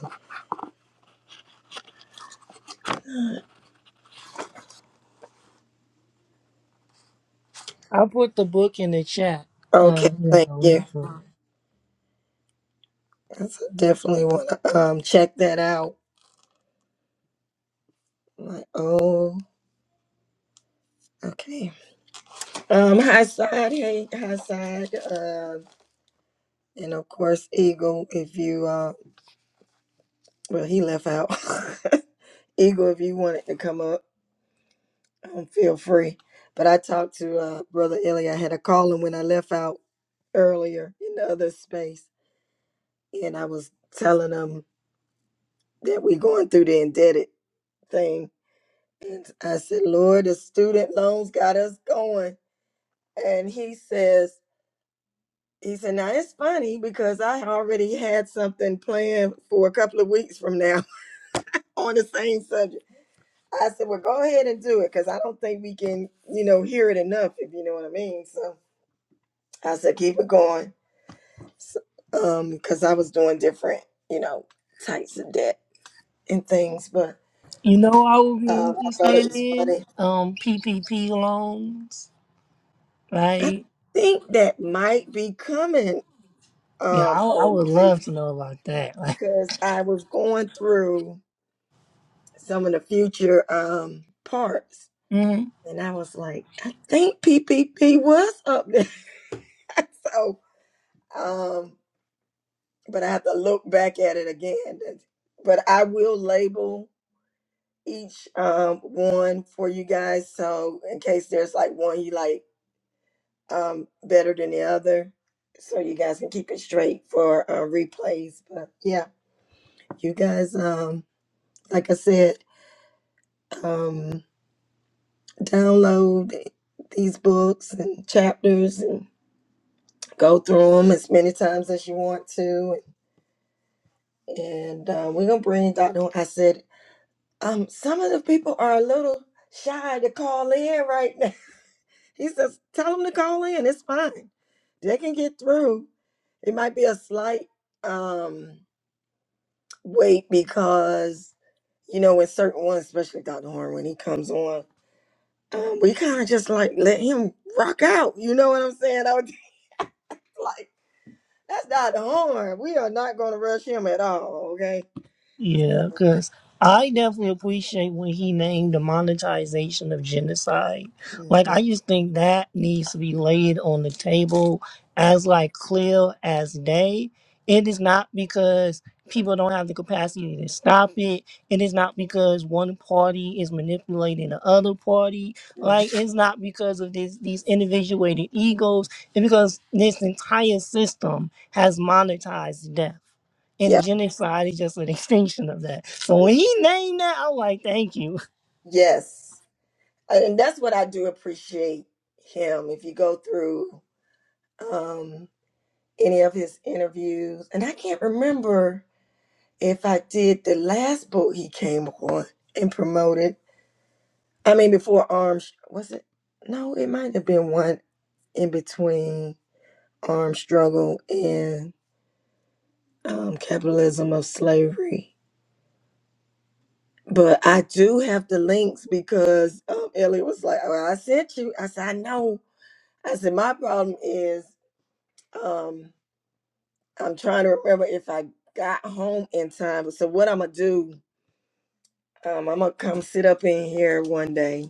Speaker 2: I put the book in the chat. Uh,
Speaker 1: Okay,
Speaker 2: you
Speaker 1: thank you.
Speaker 2: know,
Speaker 1: I definitely want to um check that out. I'm Like, oh, okay. Um, hi side, hey, hi side. Uh, and of course, Eagle. If you uh, well, he left out. Eagle, if you wanted to come up, um, feel free. But I talked to uh brother Ilya. I had to call him when I left out earlier in the other space, and I was telling him that we're going through the indebted thing I said, Lord, the student loans got us going. And he says, he said, now it's funny because I already had something planned for a couple of weeks from now on the same subject. I said, well, go ahead and do it because I don't think we can, you know, hear it enough, if you know what I mean. So I said, keep it going. So, um, because I was doing different, you know, types of debt and things, but
Speaker 2: you know I would be
Speaker 1: um, I thought it
Speaker 2: interested
Speaker 1: was
Speaker 2: in
Speaker 1: funny.
Speaker 2: um PPP loans,
Speaker 1: I
Speaker 2: right?
Speaker 1: think that might be coming,
Speaker 2: Yeah,
Speaker 1: um,
Speaker 2: I, I would
Speaker 1: OG.
Speaker 2: love to know about that. Like,
Speaker 1: because I was going through some of the future um parts,
Speaker 2: mm-hmm.
Speaker 1: and I was like, I think PPP was up there. so, um, but I have to look back at it again. But I will label each um one for you guys, so in case there's like one you like um better than the other. So you guys can keep it straight for uh, replays, but yeah, you guys. Um, like I said, um. download these books and chapters and go through them as many times as you want to. And uh, we're going to bring Dr. Ho- I said, um, some of the people are a little shy to call in right now. He says, tell them to call in. It's fine. They can get through. It might be a slight um, wait because, you know, when certain ones, especially Dr. Horn, when he comes on, um, we kind of just like let him rock out. You know what I'm saying? I would like, That's Dr. Horn. We are not going to rush him at all, okay? So,
Speaker 2: Yeah, because I definitely appreciate when he named the monetization of genocide. Like, I
Speaker 1: mhm.
Speaker 2: just think that needs to be laid on the table as like clear as day. It is not because people don't have the capacity to stop it. It is not because one party is manipulating the other party.
Speaker 1: Mhm.
Speaker 2: Like, it's not because of this, these individuated egos. It's because this entire system has monetized death. And
Speaker 1: Yeah,
Speaker 2: genocide is just an extinction of that. So when he named that, I'm like, thank you.
Speaker 1: yes. And that's what I do appreciate him. If you go through um, any of his interviews, and I can't remember if I did the last book he came on and promoted. I mean, before Arms, was it? No, it might have been one in between. armed struggle and um, capitalism of slavery. But I do have the links because um, Elliot was like, well, I sent you. I said, I know. I said, my problem is um, I'm trying to remember if I got home in time. So what I'm going to do, um, I'm going to come sit up in here one day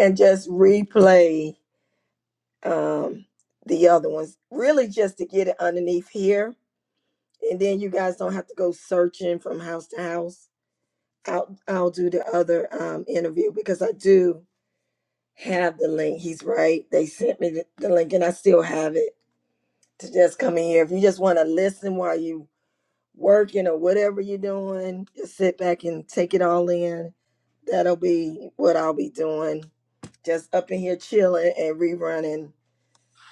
Speaker 1: and just replay um, the other ones, really just to get it underneath here. And then you guys don't have to go searching from house to house I'll I'll do the other um, interview because I do have the link. He's right. They sent me the, the link, and I still have it to just come in here. If you just want to listen while you working or whatever you're doing, just sit back and take it all in. That'll be what I'll be doing. Just up in here chilling and rerunning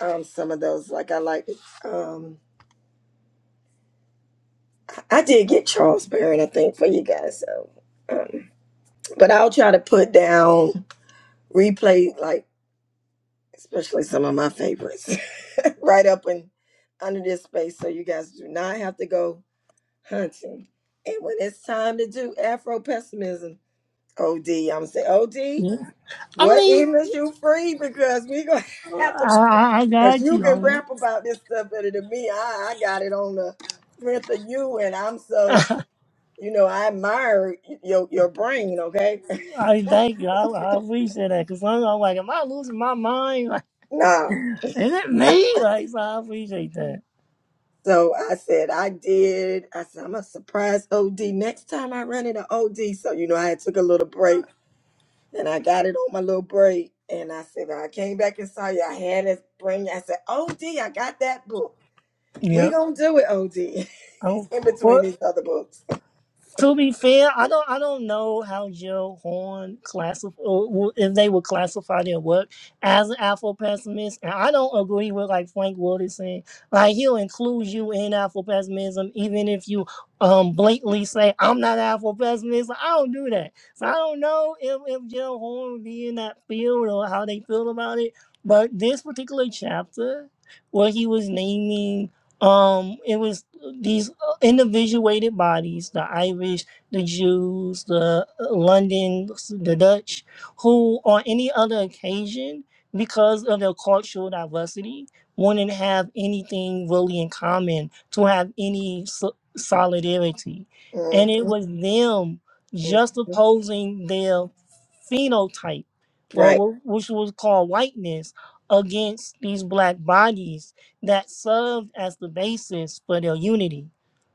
Speaker 1: um, some of those. Like I like. Um, I did get Charles Barron, I think, for you guys. So, um, but I'll try to put down replay like especially some of my favorites, right up and under this space. So you guys do not have to go hunting. And when it's time to do Afro pessimism, OD, I'm gonna say, OD,
Speaker 2: Yeah. I
Speaker 1: what
Speaker 2: mean,
Speaker 1: evenings you free? Because we gonna have to,
Speaker 2: I, I
Speaker 1: because
Speaker 2: got
Speaker 1: you
Speaker 2: you.
Speaker 1: can
Speaker 2: on it.
Speaker 1: rap about this stuff better than me. I, I got it on the strength of you, and I'm so, you know, I admire your your brain. Okay,
Speaker 2: I thank you. I, I appreciate that. Because I'm like, am I losing my mind?
Speaker 1: nah.
Speaker 2: Like, is it me? Like, so I appreciate that.
Speaker 1: So I said, I did. I said, I'm a surprise OD next time I run into OD. So, you know, I had took a little break and I got it on my little break. And I said, I came back and saw you. I had to bring, you. I said, OD, I got that book. We
Speaker 2: Yep.
Speaker 1: going to do it, OD,
Speaker 2: Oh,
Speaker 1: in
Speaker 2: well,
Speaker 1: between these other books.
Speaker 2: To be fair, I don't I don't know how Joe Horn classify if they would classify their work as an Afro pessimist, and I don't agree with like Frank Wood saying like he'll include you in Afro pessimism even if you um blatantly say I'm not Afro pessimist. I don't do that, so I don't know if if Joe Horn would be in that field or how they feel about it. But this particular chapter, where he was naming um, it was these individuated bodies, the Irish, the Jews, the uh, London, the Dutch, who on any other occasion, because of their cultural diversity, wouldn't have anything really in common to have any so- solidarity. And it
Speaker 1: Mhm,
Speaker 2: was them just
Speaker 1: mhm.
Speaker 2: opposing their phenotype, or
Speaker 1: Right.
Speaker 2: wh- which was called whiteness, against these black bodies that served as the basis for their unity.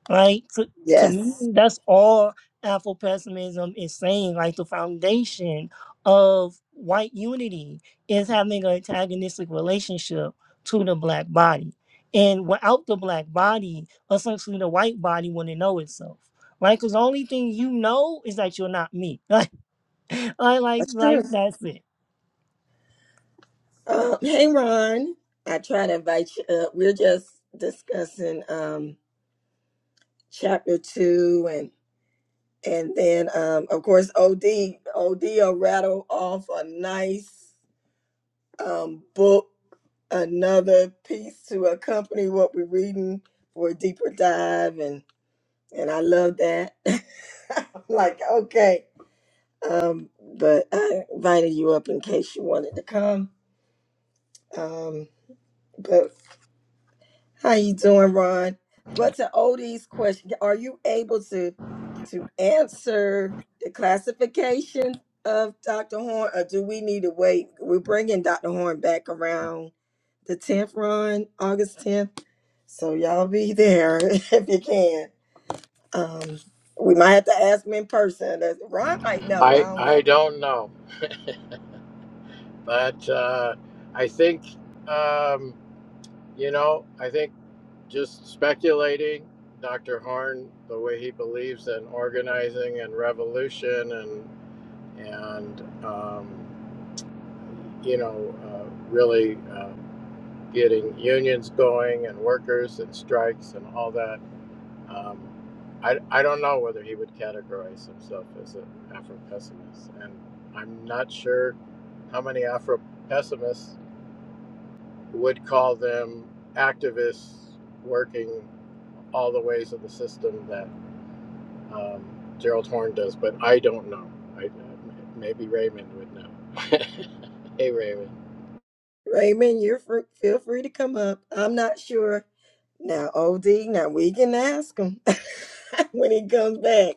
Speaker 2: Like to, to me,
Speaker 1: Yes.
Speaker 2: that's all Afro pessimism is saying. Like the foundation of white unity is having an antagonistic relationship to the black body. And without the black body, essentially the white body wouldn't know itself. Right? Because the only thing you know is that you're not me. Like I like
Speaker 1: That's
Speaker 2: like
Speaker 1: true.
Speaker 2: that's it.
Speaker 1: Um, hey, Ron. I try to invite you up. We're just discussing um, chapter two And then, um, of course, OD, OD will rattle off a nice um, book, another piece to accompany what we're reading for a deeper dive. And, and I love that. I'm like, okay. Um, but I invited you up in case you wanted to come. Um, but How you doing, Ron? But to Odie's question, are you able to to answer the classification of Dr. Horn, or do we need to wait? We're bringing Dr. Horn back around the 10th, Ron, August 10th. So y'all be there if you can. Um, we might have to ask him in person. That's- Ron might know. I
Speaker 3: I
Speaker 1: don't know.
Speaker 3: I don't know, but uh, I think um, you know. I think just speculating, Dr. Horn, the way he believes in organizing and revolution, and and um, you know, uh, really uh, getting unions going and workers and strikes and all that. Um, I, I don't know whether he would categorize himself as an Afro pessimist. And I'm not sure how many Afro pessimists would call them activists working all the ways of the system that um, Gerald Horn does, but I don't know. I, uh, maybe Raymond would know. hey, Raymond.
Speaker 1: Raymond, you're fr- feel free to come up. I'm not sure. Now, OD, now we can ask him when he comes back.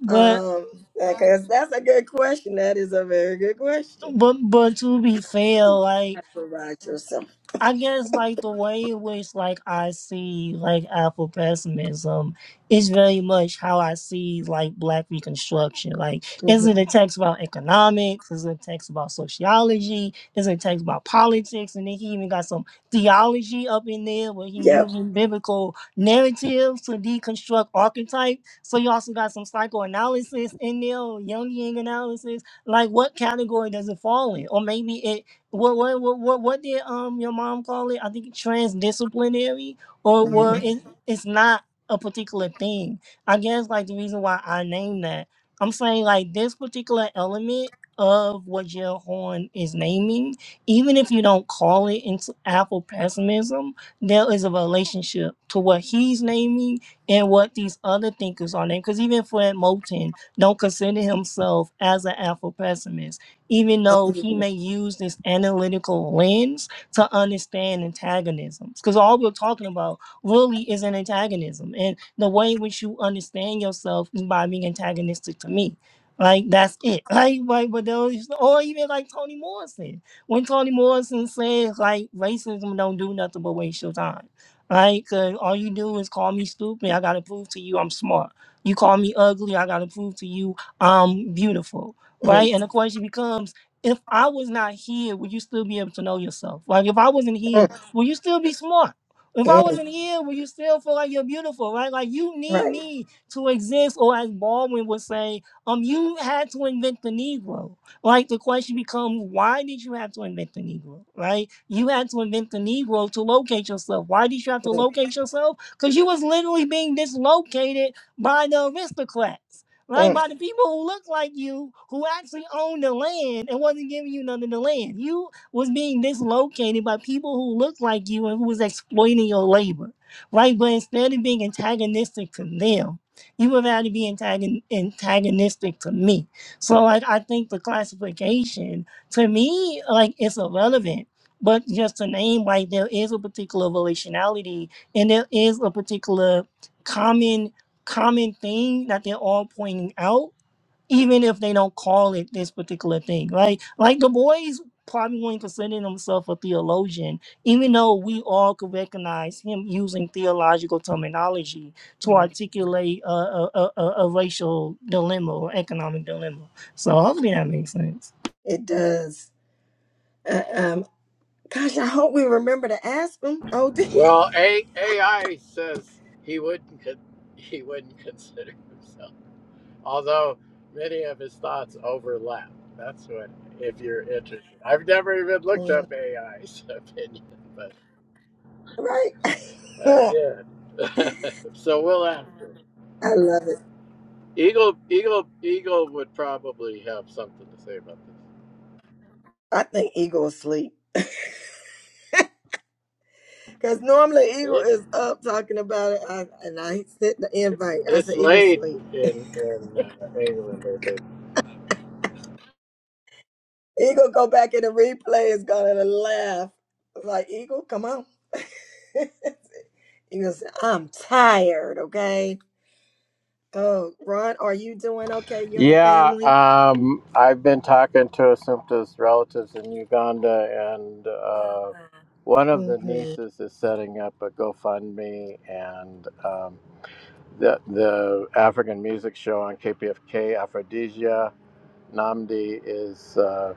Speaker 2: But
Speaker 1: Um, because that's a good question. That is a very good question.
Speaker 2: but but to be fair, like
Speaker 1: Provide yourself.
Speaker 2: I guess like the way in which like I see like Afro pessimism is very much how I see like black reconstruction. Like
Speaker 1: hmm
Speaker 2: is it a text about economics? Is it a text about sociology? Is it a text about politics? And then he even got some theology up in there where he
Speaker 1: Yep.
Speaker 2: using biblical narratives to deconstruct archetype. So you also got some psychoanalysis in there, or Jungian analysis. Like what category does it fall in? Or maybe what what what what, what did um your mom call it? I think transdisciplinary or well
Speaker 1: Mhm.
Speaker 2: it, it's not a particular thing. I guess like the reason why I named that. I'm saying like this particular element of what Jill Horn is naming, even if you don't call it into Afro pessimism, there is a relationship to what he's naming and what these other thinkers are naming. Because even Fred Moulton don't consider himself as an Afro pessimist even
Speaker 1: Mm,
Speaker 2: though he may use this analytical lens to understand antagonisms. Because all we're talking about really is an antagonism. And the way in which you understand yourself is by being antagonistic to me. Like that's it. Like, like but those or even like Toni Morrison. When Toni Morrison says like racism don't do nothing but waste your time. Right? Cause all you do is call me stupid. I gotta prove to you I'm smart. You call me ugly, I gotta prove to you I'm beautiful right? And the question becomes, if I was not here, would you still be able to know yourself? Like if I wasn't here,
Speaker 1: mm,
Speaker 2: will you still be smart? If I
Speaker 1: mm.
Speaker 2: wasn't here, will you still feel like you're beautiful, right? Like you need
Speaker 1: Right.
Speaker 2: me to exist, or as Baldwin would say, um, you had to invent the Negro. Like the question becomes, why did you have to invent the Negro, right? You had to invent the Negro to locate yourself. Why did you have to
Speaker 1: Mm,
Speaker 2: locate yourself? Because you was literally being dislocated by the aristocrats right?
Speaker 1: mm,
Speaker 2: By the people who looked like you, who actually owned the land and wasn't giving you none of the land. You was being dislocated by people who looked like you and who was exploiting your labor, right? But instead of being antagonistic to them, you would rather be antagon- antagonistic to me. So, like, I think the classification to me, like, it's irrelevant. But just to name, like, there is a particular relationality and there is a particular common common thing that they're all pointing out, even if they don't call it this particular thing. Like like the boys probably wouldn't consider himself a theologian, even though we all could recognize him using theological terminology to
Speaker 1: mm.
Speaker 2: articulate a, a, a, a a racial dilemma or economic dilemma. So hopefully that makes sense.
Speaker 1: It does. Uh, um, gosh, I hope we remember to ask him. OD.
Speaker 3: Well, A- AI says he wouldn't. Con- he wouldn't consider himself. Although many of his thoughts overlap. That's what, if you're interested. I've never even looked
Speaker 1: Mm,
Speaker 3: up AI's opinion, but,
Speaker 1: Right.
Speaker 3: but I
Speaker 1: I
Speaker 3: did. so we'll have to.
Speaker 1: love it.
Speaker 3: Eagle, Eagle, Eagle would probably have something to say about this.
Speaker 1: I think Eagle asleep. Because normally Eagle
Speaker 3: It,
Speaker 1: is up talking about it, I, and I sent the
Speaker 3: it's
Speaker 1: invite. I
Speaker 3: it's
Speaker 1: said, Eagle
Speaker 3: late
Speaker 1: sleep.
Speaker 3: in in uh, England, I think.
Speaker 1: Eagle go back in the replay is gonna laugh. I was like, Eagle, come on. Eagle said, I'm tired, okay? Oh, Ron, are you doing okay? You and the
Speaker 3: Yeah,
Speaker 1: family?
Speaker 3: um, I've been talking to Assumpta's relatives in Uganda, and uh, one of the
Speaker 1: Mm-hmm.
Speaker 3: nieces is setting up a GoFundMe, and um, the the African music show on KPFK, Aphrodisia Namdi is uh,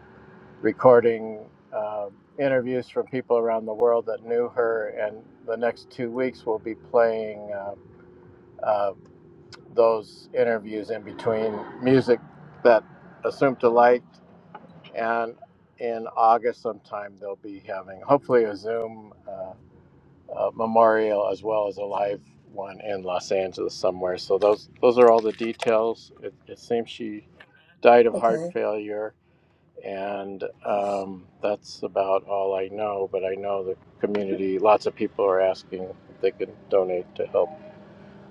Speaker 3: recording uh, interviews from people around the world that knew her, and the next two weeks we'll be playing. Uh, uh, those interviews in between music that Assumpta liked, and in August sometime they'll be having hopefully a Zoom uh, uh, memorial as well as a live one in Los Angeles somewhere. So those those are all the details. It, it seems she died of heart
Speaker 1: Okay.
Speaker 3: failure, and um, that's about all I know. But I know the community, lots of people are asking if they can donate to help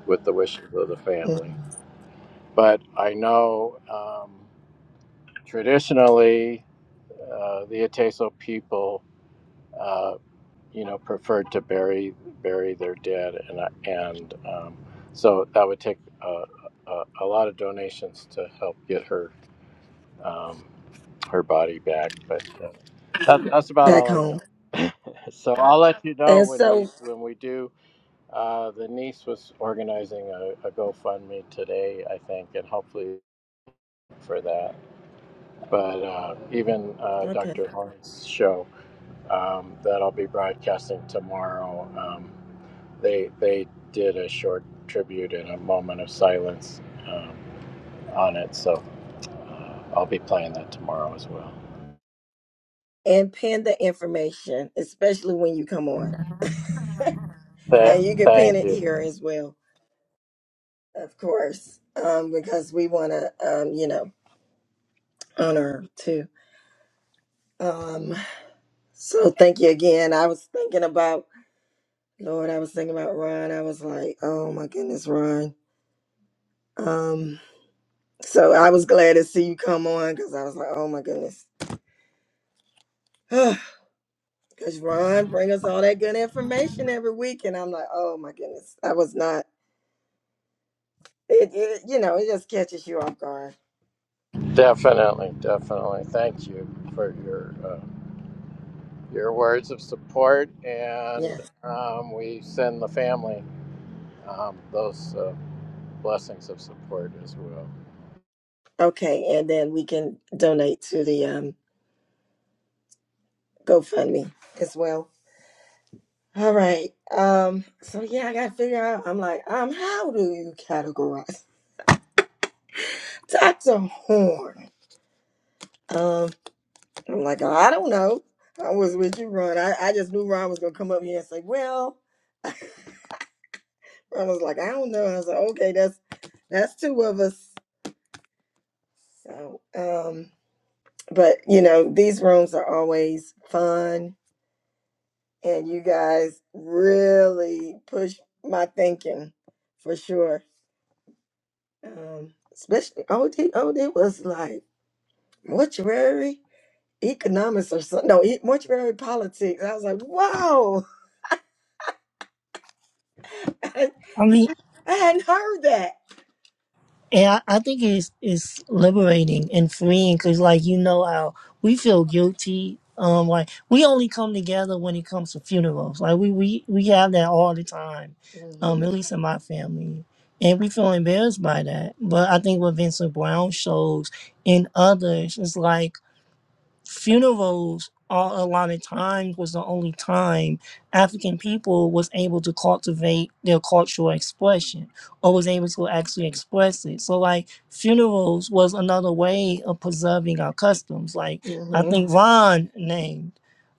Speaker 3: with the wishes of the
Speaker 1: hmm
Speaker 3: family but I know um, traditionally uh, the Ateso people, uh, you know, preferred to bury bury their dead, and and um, so that would take a, a, a lot of donations to help get her um, her body back. But uh, that, that's about
Speaker 1: Back
Speaker 3: all I
Speaker 1: home.
Speaker 3: know. so I'll let you know
Speaker 1: And
Speaker 3: when we
Speaker 1: so,
Speaker 3: when we do. Uh, the niece was organizing a, a GoFundMe today, I think, and hopefully for that. but uh, even uh,
Speaker 1: okay.
Speaker 3: Dr. Horn's show um, that I'll be broadcasting tomorrow, um, they they did a short tribute and a moment of silence um, on it. So I'll be playing that tomorrow as well.
Speaker 1: And pin the information, especially when you come on.
Speaker 3: Th-
Speaker 1: And you can pin
Speaker 3: thank
Speaker 1: it
Speaker 3: you,
Speaker 1: here as well. Of course, um, because we want to, um, you know, honor her too. Um, so thank you again. I was thinking about, Lord, I was thinking about Ron. I was like, oh my goodness, Ron. Um, so I was glad to see you come on because I was like, oh my goodness. Because Ron bring us all that good information every week. And I'm like, oh my goodness, I was not, it, it you know, it just catches you off guard.
Speaker 3: definitely, definitely. Thank you for your uh, your words of support, and
Speaker 1: Yes.
Speaker 3: um, we send the family um, those uh, blessings of support as well.
Speaker 1: Okay. And then we can donate to the um, GoFundMe as well. All right. Um, so yeah, I gotta figure out. I'm like, um, how do you categorize Dr. Horn? Um, I'm like, "Oh, I don't know. I was with you, Ron. I, I just knew Ron was gonna come up here and say, Well, Ron was like, I don't know. I was like, Okay, that's that's two of us. So, um, but you know, these rooms are always fun and you guys really push my thinking for sure. Um, especially OD. OD was like mortuary economics or something. No, e- mortuary politics. I was like, whoa, I,
Speaker 2: I mean,
Speaker 1: I hadn't heard that.
Speaker 2: And I, I think it's it's liberating and freeing because, like, you know how we feel guilty. Um, like we only come together when it comes to funerals. Like we we we have that all the time. Um,
Speaker 1: hmm
Speaker 2: at least in my family, and we feel embarrassed by that. But I think what Vincent Brown shows in others is like funerals all a lot of times was the only time African people was able to cultivate their cultural expression or was able to actually express it. So like funerals was another way of preserving our customs. Like I
Speaker 1: hmm
Speaker 2: think Ron named.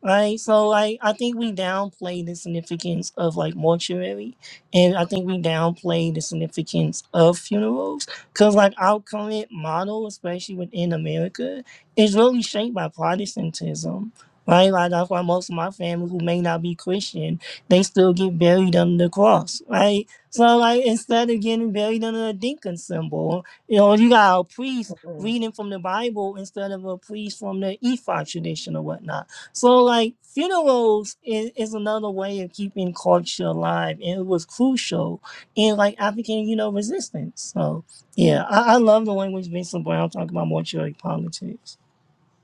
Speaker 2: Right. So like I think we downplay the significance of like mortuary and I think we downplay the significance of funerals. Cause like our current model, especially within America, it's really shaped by Protestantism, right? Like that's why most of my family who may not be Christian, they still get buried under the cross, right? So like instead of getting buried under a deacon symbol, you know, you got a priest
Speaker 1: hmm
Speaker 2: reading from the Bible instead of a priest from the Ephod tradition or whatnot. So like funerals is, is another way of keeping culture alive and it was crucial in like African, you know, resistance. So yeah, I, I love the language Vincent Brown talking about mortuary politics.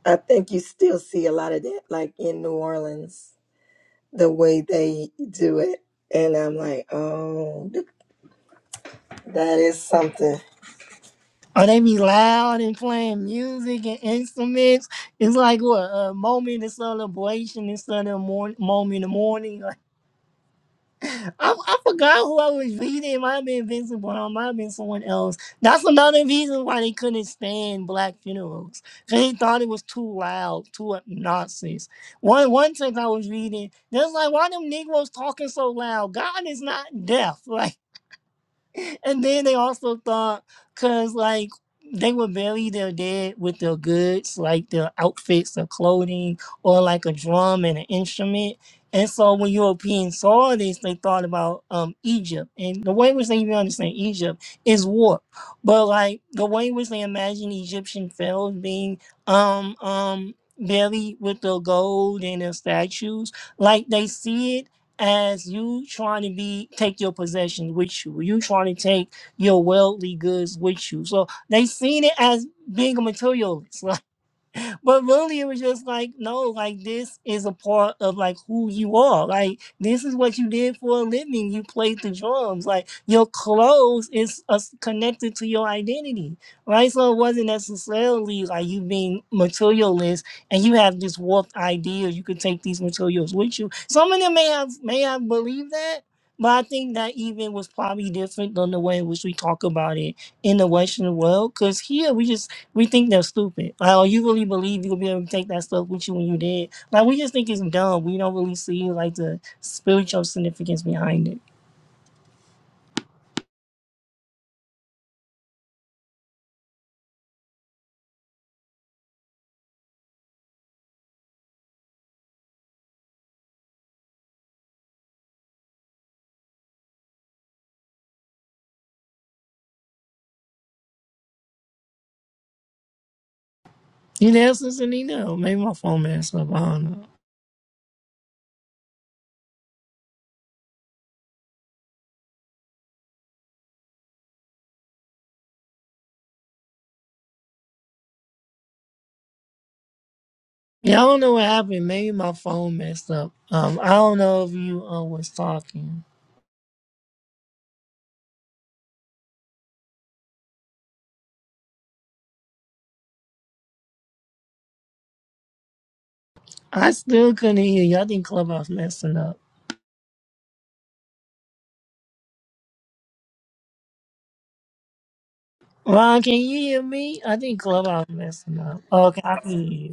Speaker 1: I think you still see a lot of that, like in New Orleans, the way they do it. And I'm like, oh, th- that is something.
Speaker 2: Oh, they be loud and playing music and instruments. It's like what a moment of celebration instead of morning, moment of mourning. Like, I, I forgot who I was reading. It might have been Vincent Brown, might have been someone else. That's another reason why they couldn't stand black funerals. 'Cause They thought it was too loud, too obnoxious. One one text I was reading, they was like, why them Negroes talking so loud? God is not deaf. like and then they also thought, cause like they would bury their dead with their goods, like their outfits or clothing, or like a drum and an instrument. And so when Europeans saw this, they thought about um Egypt. And the way which they even understand Egypt is warped. But like the way which they imagine Egyptian pharaohs being um um buried with their gold and their statues, like they see it as you trying to be take your possessions with you, you trying to take your worldly goods with you. So they seen it as being a materialist. but really it was just like no like this is a part of like who you are like this is what you did for a living you played the drums like your clothes is uh, connected to your identity right so it wasn't necessarily like you being materialist and you have this warped idea you could take these materials with you some of them may have may have believed that but I think that even was probably different than the way in which we talk about it in the Western world. Because here we just we think they're stupid. Like, oh, you really believe you'll be able to take that stuff with you when you did? Like, we just think it's dumb. We don't really see like the spiritual significance behind it. You there, Sister Nina? Maybe my phone messed up. I don't know. Yeah, I don't know what happened. Maybe my phone messed up. Um, I don't know if you uh, was talking. I still couldn't hear you. I think Clubhouse messing up. Ron, can you hear me? I think Clubhouse messing up. Okay, I can hear you.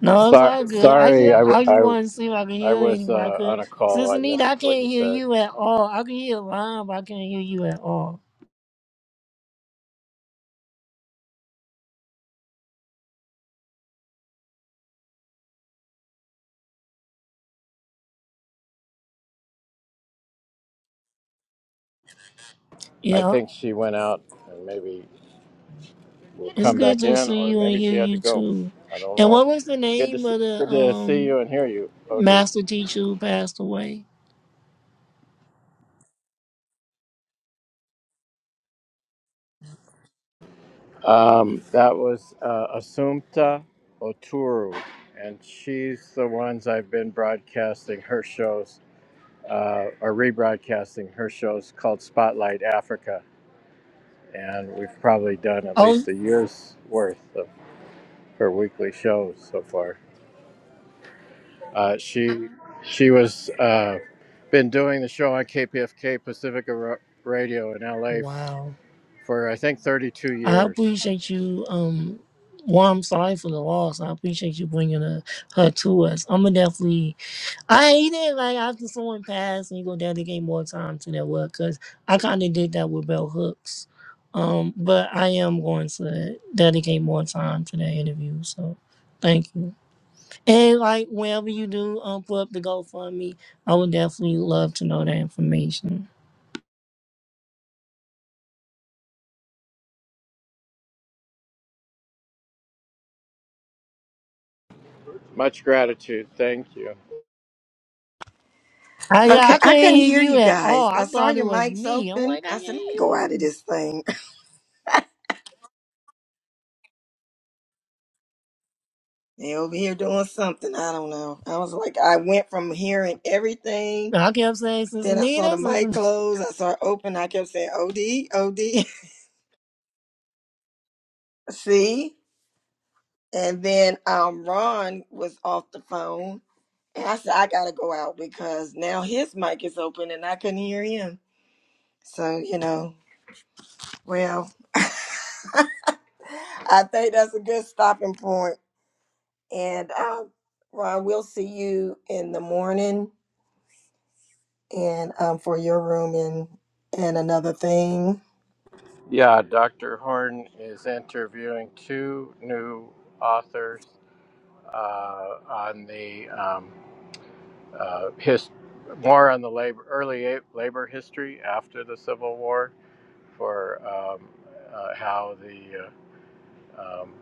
Speaker 2: No, it's
Speaker 3: Sorry,
Speaker 2: all good. I
Speaker 3: sorry, I,
Speaker 2: just
Speaker 3: w-
Speaker 2: I just
Speaker 3: I
Speaker 2: wanted to see if I could
Speaker 3: I
Speaker 2: hear
Speaker 3: was
Speaker 2: anybody.
Speaker 3: uh,
Speaker 2: Cause
Speaker 3: on a call.
Speaker 2: Sister
Speaker 3: I
Speaker 2: Nita,
Speaker 3: missed
Speaker 2: I
Speaker 3: what
Speaker 2: can't
Speaker 3: you
Speaker 2: hear
Speaker 3: said.
Speaker 2: you at all. I can hear Ron, but I can't hear you at all.
Speaker 3: I
Speaker 2: Yeah,
Speaker 3: think she went out and maybe will
Speaker 2: it's
Speaker 3: come
Speaker 2: good
Speaker 3: back
Speaker 2: to
Speaker 3: in,
Speaker 2: see
Speaker 3: or
Speaker 2: you and
Speaker 3: maybe
Speaker 2: hear
Speaker 3: she had to
Speaker 2: you
Speaker 3: go.
Speaker 2: too.
Speaker 3: I don't
Speaker 2: And
Speaker 3: know.
Speaker 2: what was the
Speaker 3: Good to
Speaker 2: name
Speaker 3: see,
Speaker 2: of the
Speaker 3: good to see
Speaker 2: um
Speaker 3: you and hear you, Od.
Speaker 2: master teacher who passed away?
Speaker 3: Um, that was uh, Assumpta Oturu, and she's the ones I've been broadcasting her shows uh, or rebroadcasting her shows called Spotlight Africa, and we've probably done at
Speaker 2: Oh,
Speaker 3: least a year's worth of her weekly shows so far. Uh, she she was uh, been doing the show on KPFK Pacifica Ra- Radio in LA
Speaker 2: wow.
Speaker 3: for I think 32
Speaker 2: I
Speaker 3: years.
Speaker 2: appreciate you. Um, well, I'm sorry for the loss. I appreciate you bringing her, her to us. I'm gonna definitely I ain't it. Like after someone passed and you go down, they gave more time to that work because I kind of did that with Bell Hooks. Um, but I am going to dedicate more time to that interview. So thank you. And like whenever you do um put up the GoFundMe, I would definitely love to know that information.
Speaker 3: Much gratitude. Thank you.
Speaker 2: I yeah,
Speaker 1: Okay,
Speaker 2: I
Speaker 1: I
Speaker 2: couldn't
Speaker 1: couldn't
Speaker 2: hear
Speaker 1: hear you
Speaker 2: you at all.
Speaker 1: guys. I
Speaker 2: I
Speaker 1: saw
Speaker 2: thought it
Speaker 1: your
Speaker 2: was
Speaker 1: mics
Speaker 2: me. I'm
Speaker 1: open.
Speaker 2: like, I
Speaker 1: I
Speaker 2: can't hear
Speaker 1: said, let me go out of
Speaker 2: you.
Speaker 1: this thing. They over here doing something. I don't know. I was like, I went from hearing everything.
Speaker 2: And I kept saying, Sister
Speaker 1: Then I saw
Speaker 2: Nita,
Speaker 1: the
Speaker 2: Sister
Speaker 1: mic close. I saw it open. I kept saying, OD, OD. See? And then um, Ron was off the phone. And I said, I got to go out because now his mic is open and I couldn't hear him. So, you know, well, I think that's a good stopping point. And um, Ron, we'll see you in the morning and um, for your room and and another thing.
Speaker 3: Yeah, Dr. Horn is interviewing two new authors uh, on the um, uh, his, more on the labor early a- labor history after the Civil War for um, uh, how the uh, um,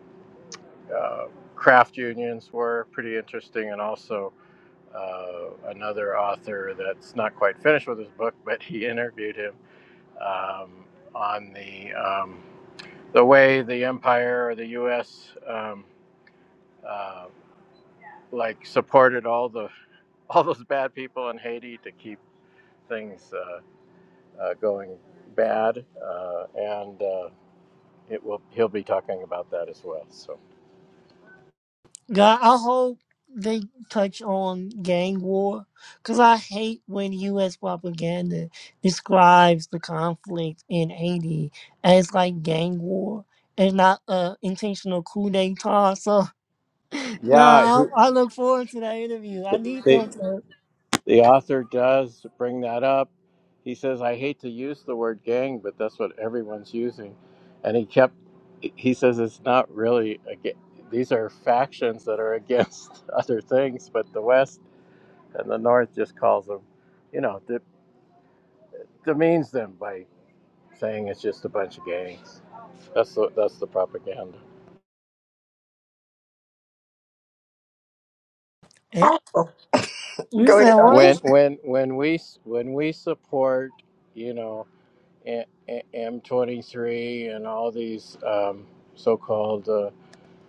Speaker 3: uh, craft unions were pretty interesting, and also uh, another author that's not quite finished with his book, but he interviewed him um, on the um, the way the empire or the U.S. Um, uh, like supported all the all those bad people in Haiti to keep things uh, uh, going bad, uh, and uh, it will he'll be talking about that as well. So
Speaker 2: God, I hope they touch on gang war because I hate when U.S. propaganda describes the conflict in Haiti as like gang war and not a intentional coup d'etat. So,
Speaker 3: yeah,
Speaker 2: God, I, I look forward to that interview. I need
Speaker 3: he,
Speaker 2: them to.
Speaker 3: The author does bring that up. He says, I hate to use the word gang, but that's what everyone's using. And he kept, he says, it's not really, a, ga- these are factions that are against other things, but the West and the North just calls them, you know, de- demeans them by saying it's just a bunch of gangs. That's the, that's the propaganda.
Speaker 2: Eh,
Speaker 1: Oh,
Speaker 2: You
Speaker 1: go ahead.
Speaker 2: said what?
Speaker 1: Audrey.
Speaker 3: When, when, when we, s- when we support, you know, M A- M23 and all these um, so called uh,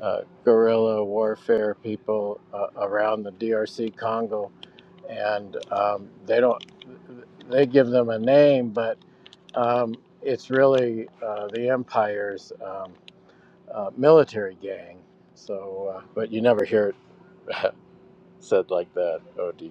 Speaker 3: uh, guerrilla warfare people uh, around the DRC Congo. And um, they don't, they give them a name, but um, it's really uh, the empire's um, uh, military gang. So, uh, but you never hear it said like that, OD.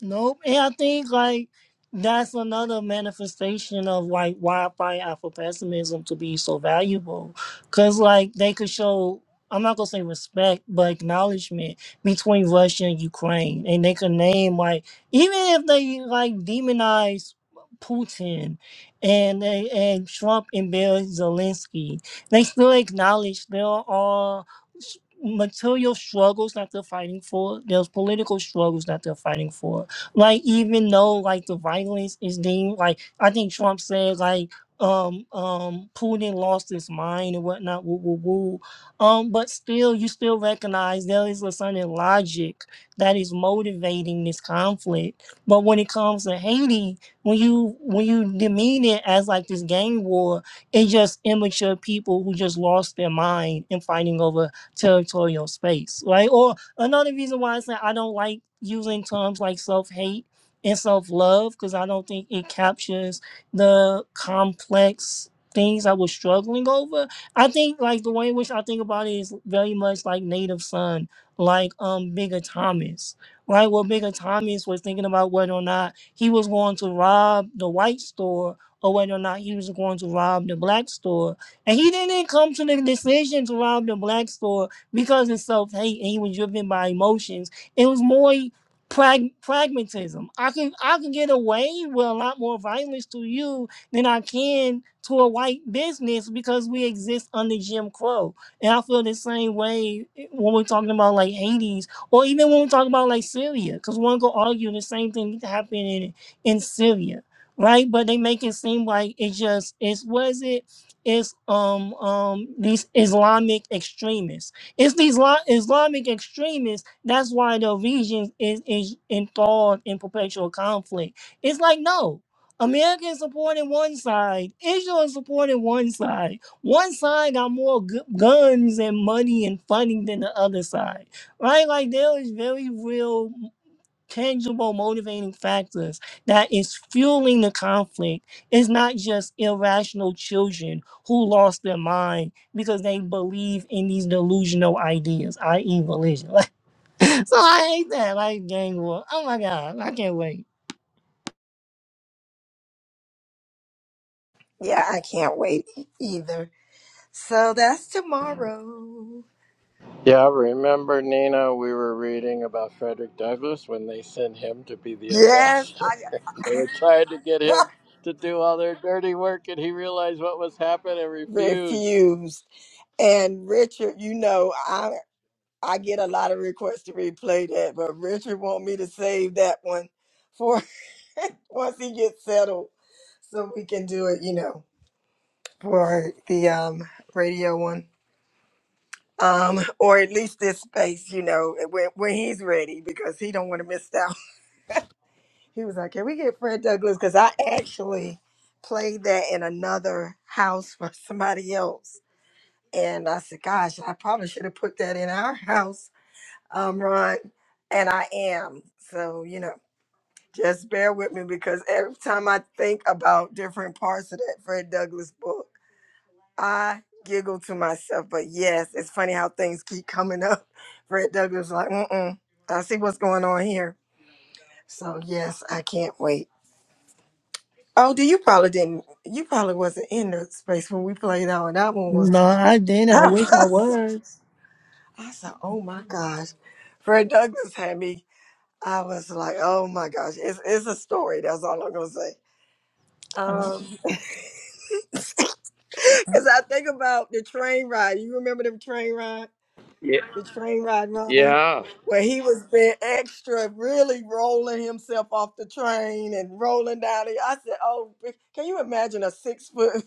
Speaker 2: Nope. And I think like that's another manifestation of like why I find Afro pessimism to be so valuable. Cause like they could show I'm not gonna say respect, but acknowledgement between Russia and Ukraine. And they could name like even if they like demonize Putin and they, and Trump and Bill Zelensky, they still acknowledge there are s- material struggles that they're fighting for. There's political struggles that they're fighting for like even though like the violence is deemed like I think Trump said like um um Putin lost his mind and whatnot, woo woo woo. Um, but still you still recognize there is a certain logic that is motivating this conflict. But when it comes to Haiti, when you when you demean it as like this gang war, it's just immature people who just lost their mind in fighting over territorial space, right? Or Another reason why I say I don't like using terms like self hate and self love because I don't think it captures the complex things I was struggling over. I think like the way in which I think about it is very much like Native Son, like um Bigger Thomas. Right? Well Bigger Thomas was thinking about whether or not he was going to rob the white store or whether or not he was going to rob the black store. And he didn't come to the decision to rob the black store because of self hate and he was driven by emotions. It was more prag- pragmatism. I can I can get away with a lot more violence to you than I can to a white business because we exist under Jim Crow. And I feel the same way when we're talking about like Hades or even when we're talking about like Syria, because one could argue the same thing happened in in Syria. Right, but they make it seem like it's just it's was it it's um um these Islamic extremists it's these Isla- Islamic extremists. That's why the region is, is enthralled in perpetual conflict. It's like, no, America is supporting one side, Israel is supporting one side. One side got more gu- guns and money and funding than the other side, right? Like, there is very real tangible motivating factors that is fueling the conflict It's not just irrational children who lost their mind because they believe in these delusional ideas, i.e. religion. Like, so I hate that. Like gang war. Oh my god, I can't wait.
Speaker 1: Yeah, I can't wait e-, either. So that's tomorrow.
Speaker 3: Yeah, remember Nina? We were reading about Frederick Douglass when they sent him to be the
Speaker 1: Yes,
Speaker 3: ambassador. They
Speaker 1: I
Speaker 3: were trying to get him to do all their dirty work, and he realized what was happening and refused.
Speaker 1: refused. And Richard, you know, I I get a lot of requests to replay that, but Richard want me to save that one for once he gets settled, so we can do it. You know. for the um radio one um or at least this space you know when, when he's ready because he don't want to miss out he was like can we get fred douglas because i actually played that in another house for somebody else and i said gosh i probably should have put that in our house um ron and i am so you know just bear with me because every time i think about different parts of that fred douglas book I giggle to myself, but yes, it's funny how things keep coming up. Fred Douglas like, mm-mm, I see what's going on here. So yes, I can't wait. Oh, do you probably didn't you probably wasn't in the space when we played out and that one was
Speaker 2: No, I didn't. I
Speaker 1: I
Speaker 2: wish I
Speaker 1: said, Oh my gosh. Fred Douglas had me. I was like, Oh my gosh, it's it's a story, that's all I'm gonna say.
Speaker 2: was.
Speaker 1: Um Because I think about the train ride. You remember the train ride?
Speaker 3: Yeah.
Speaker 1: the train ride Ron,
Speaker 3: Yeah.
Speaker 1: where he was being extra, really rolling himself off the train and rolling down. The, I said, "Oh, b- can you imagine a six foot,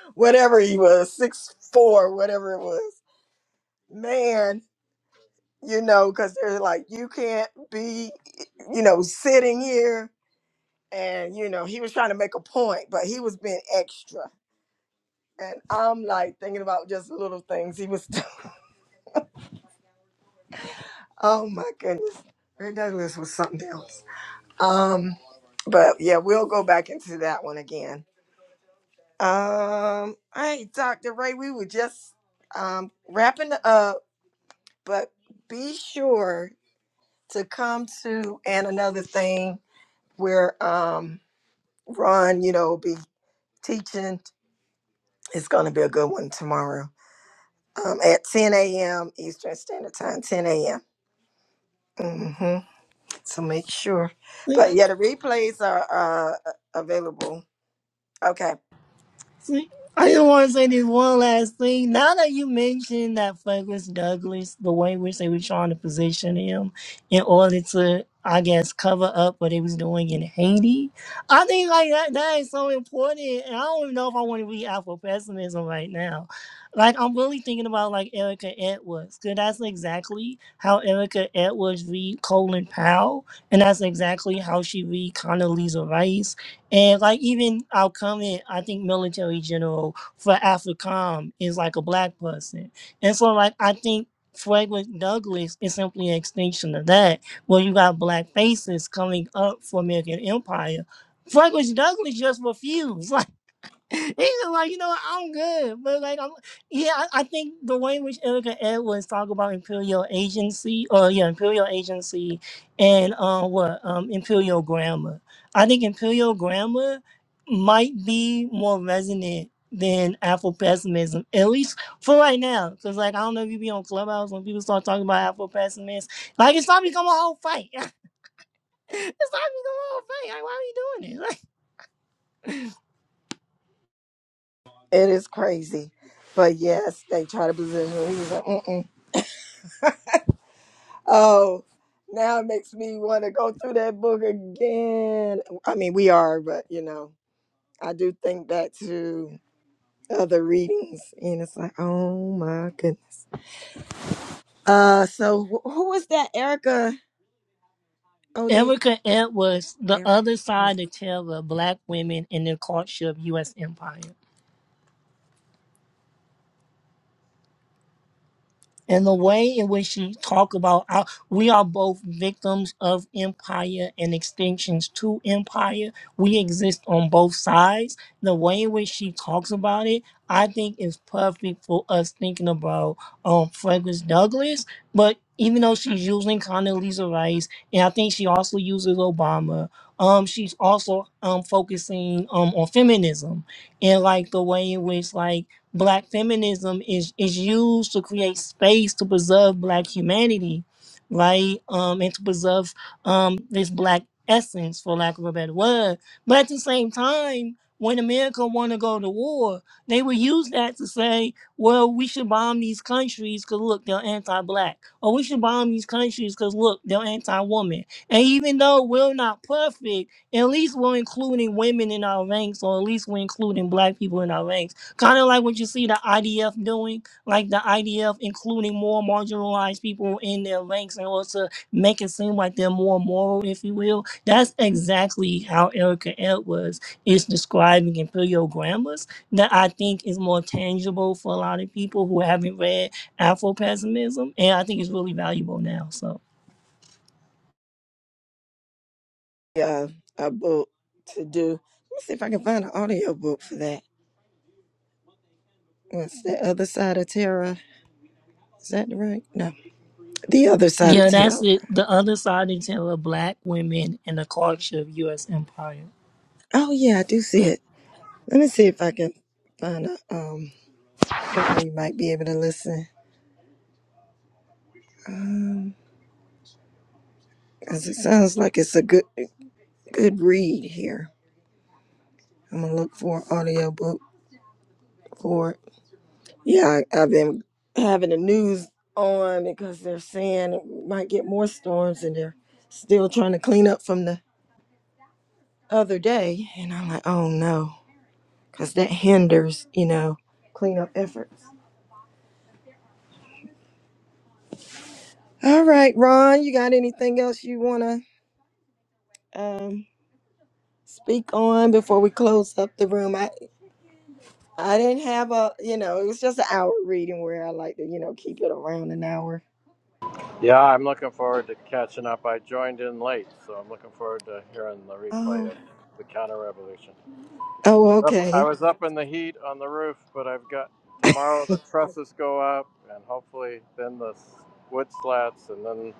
Speaker 1: whatever he was, six four, whatever it was, man." You know, because they're like, you can't be, you know, sitting here. And, you know, he was trying to make a point, but he was being extra. And I'm like thinking about just little things he was, oh my goodness. Ray Douglas was something else. Um, but yeah, we'll go back into that one again. Um, all right, Dr. Ray, we were just um wrapping up, but be sure to come to and another thing where um Ron, you know, be teaching. It's gonna be a good one tomorrow. Um, at 10 a.m. Eastern Standard Time, 10 a.m. Mm-hmm. So make sure. But yeah, the replays are uh available. Okay.
Speaker 2: I just want to say
Speaker 1: All
Speaker 2: this
Speaker 1: right.
Speaker 2: one last thing. Now that you mentioned that Douglas Douglas, the way in which they were trying to position him in order to, I guess, cover up what he was doing in Haiti, I think like that that is so important. And I don't even know if I want to read Afro pessimism right now. Like I'm really thinking about like Erica Edwards, because that's exactly how Erica Edwards read Colin Powell, and that's exactly how she read Condoleezza Rice and like even our comment, I think military general for AFRICOM is like a black person. And so like I think Frederick Douglass is simply an extension of that, where you got black faces coming up for American Empire. Frederick Douglass just refused. He's like, you know, what, I'm good, but like, I'm yeah. I, I think the way in which Erica Edwards talk about imperial agency, or yeah, imperial agency, and uh what um, imperial grammar. I think imperial grammar might be more resonant than Afro pessimism, at least for right now. Cause like, I don't know if you be on Clubhouse when people start talking about Afro pessimists, like it's starting to become a whole fight. it's starting to become a whole fight. Like, why are we doing it?
Speaker 1: It is crazy. But yes, they try to position me. He's like, Mm-mm. oh, now it makes me want to go through that book again. I mean, we are, but you know, I do think back to other readings and it's like, oh my goodness. Uh, so wh- who was that? Erica OD.
Speaker 2: Erica Ed was the
Speaker 1: Erica.
Speaker 2: other
Speaker 1: yeah.
Speaker 2: side of terror black women in the courtship U.S. empire. and the way in which she talk about our, we are both victims of empire and extensions to empire we exist on both sides the way in which she talks about it i think is perfect for us thinking about um Frederick douglass but even though she's using Condoleezza Rice, and I think she also uses Obama, um, she's also um focusing um on feminism and like the way in which like black feminism is is used to create space to preserve black humanity right um and to preserve um this black essence for lack of a better word but at the same time when america want to go to war they will use that to say well we should bomb these countries because look they're anti-black or we should bomb these countries because look they're anti-woman and even though we're not perfect at least we're including women in our ranks or at least we're including black people in our ranks Kind of like what you see the IDF doing, like the IDF including more marginalized people in their ranks in order to make it seem like they're more moral, if you will. That's exactly how Erica Edwards is describing Imperial Grammars, that I think is more tangible for a lot of people who haven't read Afro pessimism, and I think it's really valuable now. So,
Speaker 1: uh, a book to do. Let me see if I can find an audio book for that. What's the other side of terror? Is that right? No, the other side of
Speaker 2: yeah, that's
Speaker 1: terror.
Speaker 2: it. The other side of the tale of black women and the culture of U.S. empire.
Speaker 1: Oh yeah, I do see it. Let me see if I can find a um book where you might be able to listen. Um, cause it sounds like it's a good good read here. I'm gonna look for an audio book for it. Yeah, I, I've been having the news on because they're saying we might get more storms and they're still trying to clean up from the other day, and I'm like, oh no, because that hinders, you know, cleanup efforts. All right, Ron, you got anything else you wanna um, speak on before we close up the room? I I didn't have a, you know, it was just an hour reading where I like to, you know, keep it around an hour.
Speaker 3: Yeah, I'm looking forward to catching up. I joined in late, so I'm looking forward to hearing the replay
Speaker 1: Oh,
Speaker 3: of the counter revolution.
Speaker 1: oh,
Speaker 3: Was up, I
Speaker 1: okay,
Speaker 3: was up in the heat on the roof, but I've got tomorrow the trusses go up, and hopefully then the s- wood slats, and then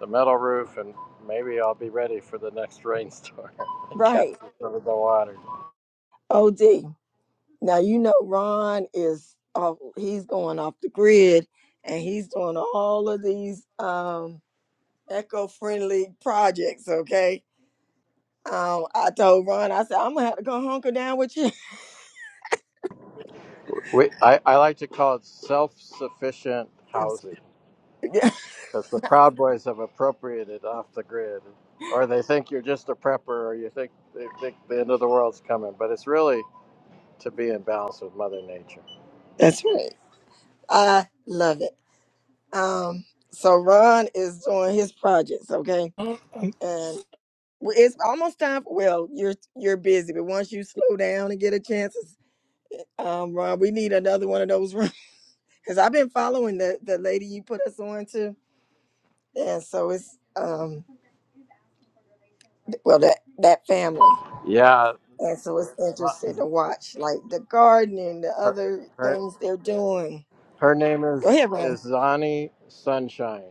Speaker 3: the metal roof, and maybe I'll be ready for the next rainstorm.
Speaker 1: right.
Speaker 3: Captured over the water.
Speaker 1: Od, now you know Ron is, off, he's going off the grid, and he's doing all of these. Um, eco-friendly projects. Okay. Um, I told Ron, I said, I'm gonna have to go hunker down with you.
Speaker 3: We, I, I like to call it self sufficient
Speaker 1: That was-
Speaker 3: housing
Speaker 1: yeah,
Speaker 3: because the Proud Boys have appropriated off the grid. Or they think you're just a prepper or you think they think the end of the world's coming, but it's really to be in balance with Mother Nature.
Speaker 1: that's right. I love it. Um, so Ron is doing his projects, okay,
Speaker 2: Uh,
Speaker 1: and we- it's almost time. For, well, you're you're busy, but once you slow down and get a chance, it's- um, Ron, we need another one of those rooms because I've been following the the lady you put us on to, and so it's um, well that that family.
Speaker 3: Yeah.
Speaker 1: and so it's interesting
Speaker 3: Z-
Speaker 1: to watch like the gardening the
Speaker 3: Her,
Speaker 1: other
Speaker 3: her,
Speaker 1: things they're doing
Speaker 3: her name
Speaker 1: go
Speaker 3: is,
Speaker 1: ahead ron
Speaker 3: is Zani Sunshine,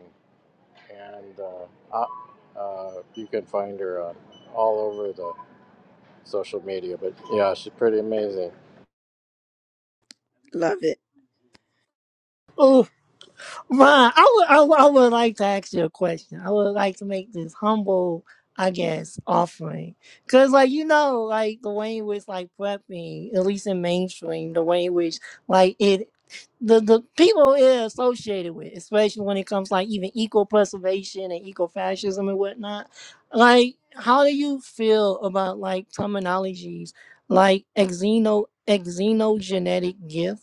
Speaker 3: and uh, uh, uh, you can find her on all over the social media. But yeah, she's pretty amazing.
Speaker 1: love it
Speaker 2: um, Ron, I would, I would, I would like to ask you a question. I would like to make this humble, I guess, offering. Cause like you know, like the way in which like prepping, at least in mainstream, the way in which like it, the the people it associated with, especially when it comes like even eco preservation and eco fascism and whatnot. Like, how do you feel about like terminologies like exeno exenogenetic gift?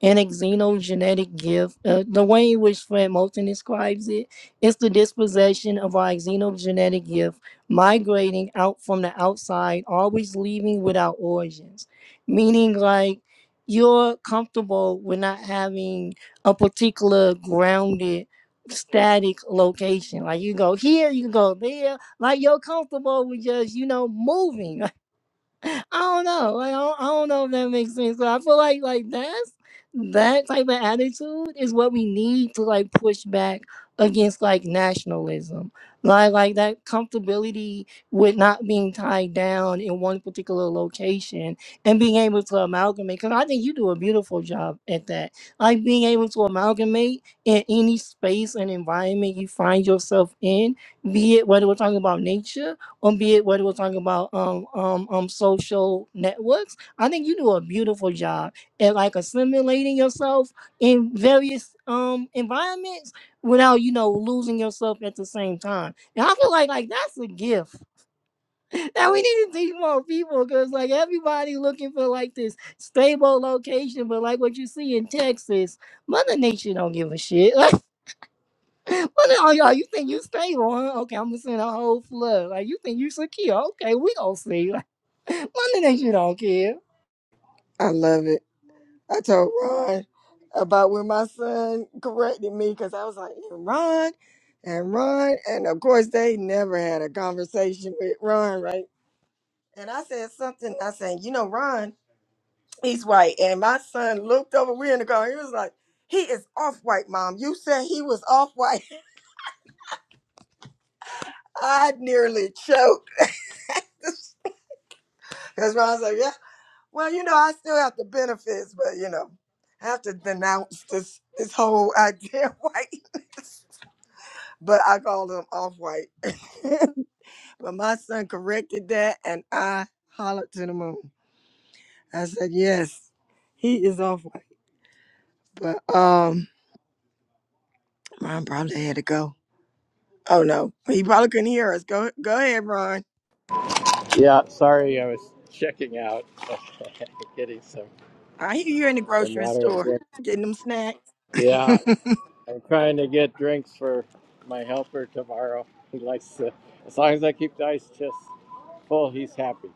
Speaker 2: An xenogenetic gift, uh, the way in which Fred Moulton describes it, is the dispossession of our xenogenetic gift, migrating out from the outside, always leaving without origins. Meaning, like, you're comfortable with not having a particular grounded, static location. Like, you go here, you go there. Like, you're comfortable with just, you know, moving. I don't know. Like, I don't, I don't know if that makes sense. But I feel like like that's that type of attitude is what we need to like push back against like nationalism. Like like that comfortability with not being tied down in one particular location and being able to amalgamate. Because I think you do a beautiful job at that. Like being able to amalgamate in any space and environment you find yourself in, be it whether we're talking about nature um, be it what we're talking about um um um social networks. I think you do a beautiful job at like assimilating yourself in various um environments without you know losing yourself at the same time. And I feel like like that's a gift that we need to teach more people because like everybody looking for like this stable location, but like what you see in Texas, Mother Nature don't give a shit. Well, now, y'all, you think you stable, huh? Okay, I'm gonna send a whole flood. Like, you think you secure? Okay, we gonna see. Like, my nigga, you don't care.
Speaker 1: i love it i told ron about when my son corrected me because i was like "And ron and ron and of course they never had a conversation with ron right and i said something i said you know ron he's white and my son looked over we are in the car he was like he is off white mom you said he was off white i nearly choked Because Ron's like, yeah, well, you know, I still have the benefits, but you know, I have to denounce this this whole idea of whiteness. But I call them off white. but my son corrected that and I hollered to the moon. I said, Yes, he is off white. But um Ron probably had to go. Oh no. He probably couldn't hear us. Go go ahead, Ron.
Speaker 3: Yeah, sorry, I was checking out, getting some
Speaker 1: I hear you in the
Speaker 3: some
Speaker 1: grocery
Speaker 3: water and
Speaker 1: store
Speaker 3: drink.
Speaker 1: getting them snacks.
Speaker 3: Yeah,
Speaker 1: I
Speaker 3: I'm trying to get drinks for my helper tomorrow. He likes to, as long as I keep the ice chest full, he's happy.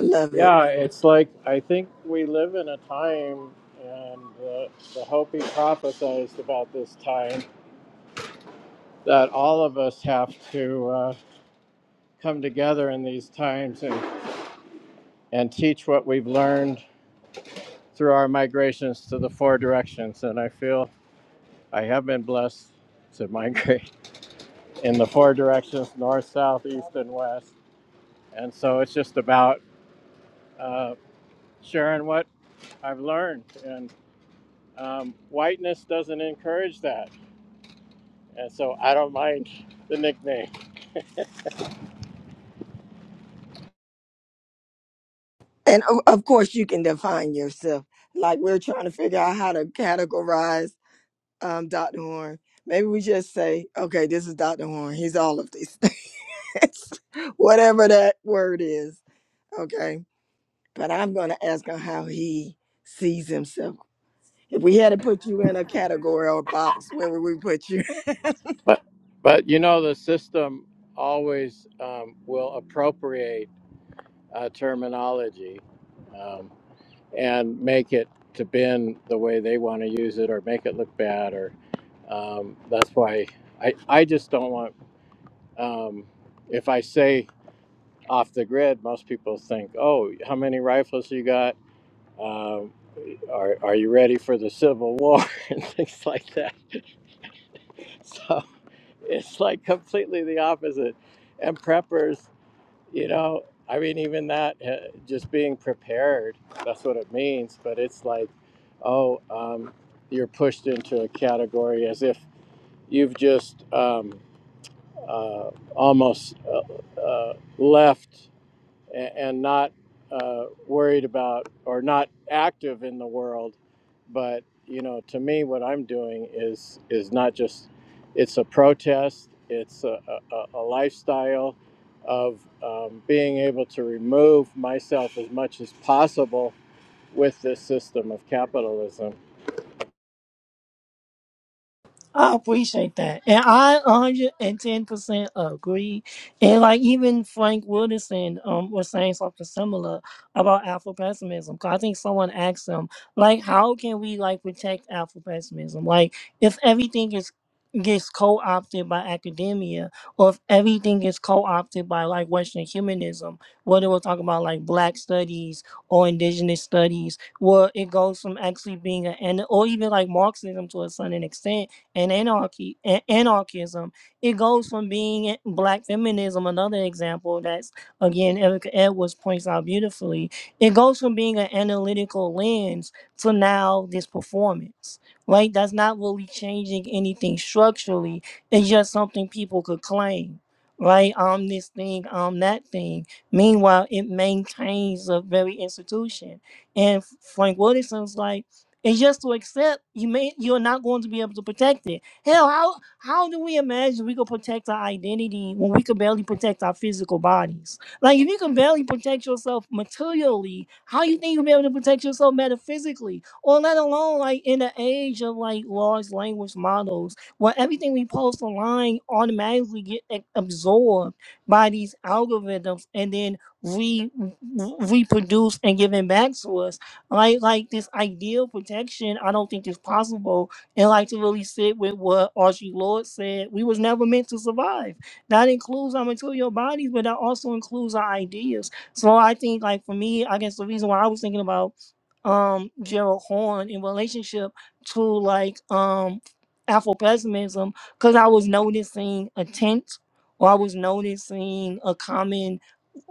Speaker 1: love it.
Speaker 3: Yeah, it's like I think we live in a time, and uh, the Hopi prophesized about this time that all of us have to uh, come together in these times and and teach what we've learned through our migrations to the four directions. And I feel I have been blessed to migrate in the four directions north, south, east, and west. And so it's just about uh, sharing what I've learned. And um, whiteness doesn't encourage that. And so I don't mind the nickname.
Speaker 1: And of, of course, you can define yourself. Like we're trying to figure out how to categorize um, Dr. Horn. Maybe we just say, okay, this is Dr. Horn. He's all of these things, whatever that word is. Okay. But I'm going to ask him how he sees himself. If we had to put you in a category or box, where would we put you?
Speaker 3: But, but you know, the system always um, will appropriate uh, terminology. Um, and make it to bend the way they want to use it or make it look bad or um, that's why I, I just don't want um, if i say off the grid most people think oh how many rifles you got um, are, are you ready for the civil war and things like that so it's like completely the opposite and preppers You know, I mean, even that, uh, just being prepared, that's what it means. But it's like, oh, um, you're pushed into a category as if you've just um, uh, almost uh, uh, left and, and not uh, worried about or not active in the world. But you know, to me, what I'm doing is is not just it's a protest. It's a, a, a lifestyle of um, being able to remove myself as much as possible with this system of capitalism
Speaker 2: I appreciate that. And I 110% agree. And like even Frank Wilderson um was saying something similar about Afro pessimism. I think someone asked him, like, how can we like protect Afro pessimism? Like if everything is gets co-opted by academia or if everything is co-opted by like Western humanism, whether we're talking about like black studies or indigenous studies, where it goes from actually being an and or even like Marxism to a certain extent and anarchy a- anarchism. It goes from being black feminism, another example that's again Erica Edwards points out beautifully. It goes from being an analytical lens to now this performance. Right? That's not really changing anything structurally. It's just something people could claim. Right, I'm this thing, I'm that thing. Meanwhile, it maintains the very institution. And Frank Wilson's like it's just to accept you may you're not going to be able to protect it. Hell, how how do we imagine we could protect our identity when we could barely protect our physical bodies? Like if you can barely protect yourself materially, how you think you'll be able to protect yourself metaphysically? Or let alone like in the age of like large language models where everything we post online automatically get a- absorbed by these algorithms and then re, re- reproduced and given back to us like like this ideal protection, I don't think is possible. And like to really sit with what Archie Lord said, we was never meant to survive. That includes our material bodies, but that also includes our ideas. So I think like for me, I guess the reason why I was thinking about um Gerald Horn in relationship to like um Afro pessimism, because I was noticing a tent or I was noticing a common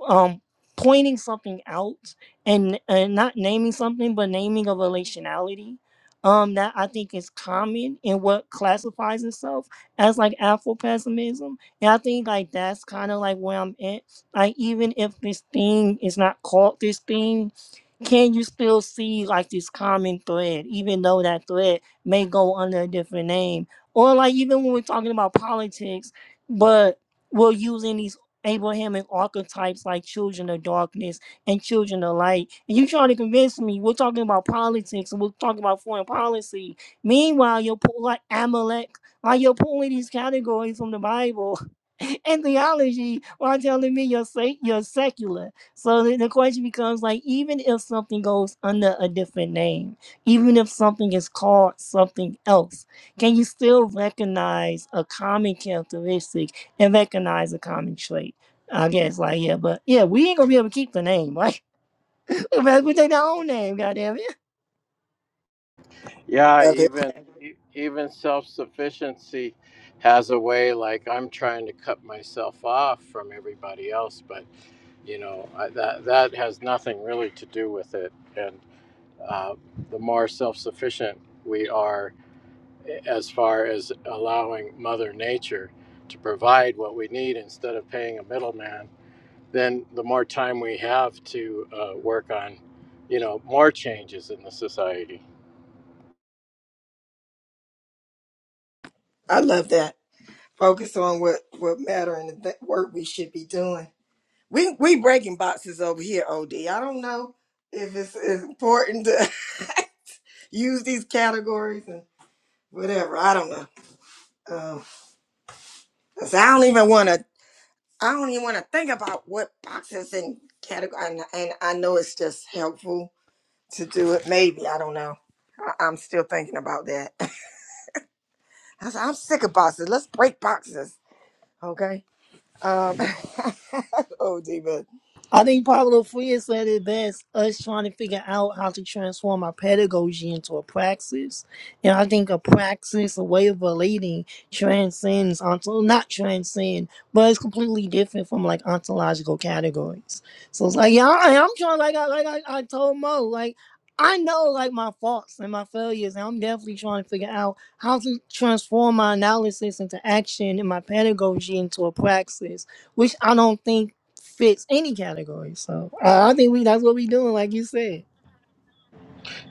Speaker 2: um pointing something out and and not naming something but naming a relationality um that i think is common in what classifies itself as like afro pessimism and i think like that's kind of like where i'm at like even if this thing is not called this thing can you still see like this common thread, even though that thread may go under a different name? Or like even when we're talking about politics, but we're using these Abrahamic archetypes like children of darkness and children of light. And you trying to convince me we're talking about politics and we're talking about foreign policy. Meanwhile, you're pulling like Amalek, like you're pulling these categories from the Bible and theology while telling me you're, sec- you're secular so the, the question becomes like, even if something goes under a different name, even if something is called something else, can you still recognize a common characteristic and recognize a common trait? I guess, like, yeah, but yeah, we ain't gonna be able to keep the name, right? we take our own name, goddamn
Speaker 3: Yeah,
Speaker 1: Love it.
Speaker 3: even e- even self-sufficiency has a way like I'm trying to cut myself off from everybody else, but you know, I, that that has nothing really to do with it. And uh, the more self-sufficient we are as far as allowing mother nature to provide what we need instead of paying a middleman, then the more time we have to uh, work on, you know, more changes in the society.
Speaker 1: I love that. Focus on what, what matter and the th- work we should be doing. We we breaking boxes over here, OD. I don't know if it's, it's important to use these categories and whatever. I don't know. Um, 'cause I don't even want to. I don't even want to think about what boxes and category. And, and I know it's just helpful to do it. Maybe I don't know. I, I'm still thinking about that. I said, I'm sick of boxes. Let's break boxes, okay? Um, OD, but
Speaker 2: I think Pablo Freire said it best us trying to figure out how to transform our pedagogy into a praxis. And I think a praxis, a way of relating, transcends onto not transcend, but it's completely different from like ontological categories. So it's like, yeah, I, I'm trying like I like I, I told Mo, like I know like my faults and my failures, and I'm definitely trying to figure out how to transform my analysis into action and my pedagogy into a praxis which I don't think fits any category. So I I think we that's what we doing, like you said.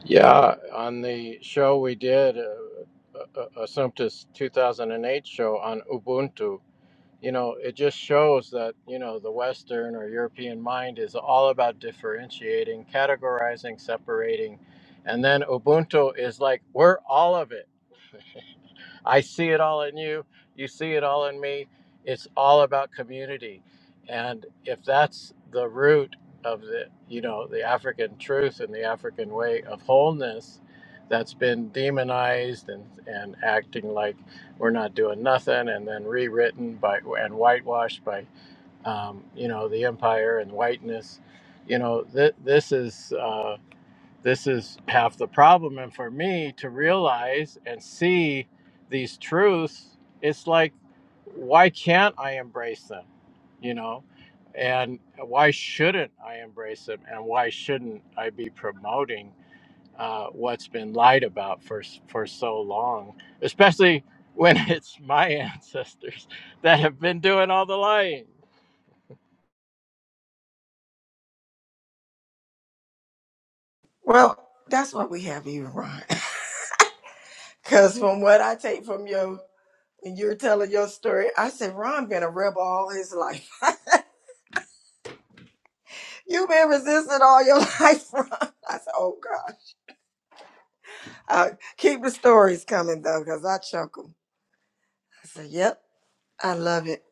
Speaker 3: Yeah, on the show we did, uh, uh, uh, Assumptus 2008 show on Ubuntu, you know, it just shows that, you know, the Western or European mind is all about differentiating, categorizing, separating. And then Ubuntu is like, we're all of it. I see it all in you. You see it all in me. It's all about community. And if that's the root of the, you know, the African truth and the African way of wholeness that's been demonized and, and acting like we're not doing nothing and then rewritten by and whitewashed by, um, you know, the empire and whiteness, you know, th- this is. Uh, this is half the problem. And for me to realize and see these truths, it's like, why can't I embrace them? You know? And why shouldn't I embrace them? And why shouldn't I be promoting? uh, what's been lied about for s- for so long, especially when it's my ancestors that have been doing all the lying.
Speaker 1: well, that's what we have you, Ron. Because from what I take from your, when you're telling your story, I said, Ron been a rebel all his life. you been resisting all your life, Ron. I said, oh God. Uh, keep the stories coming though, because I chuckle. I said, yep, I love it.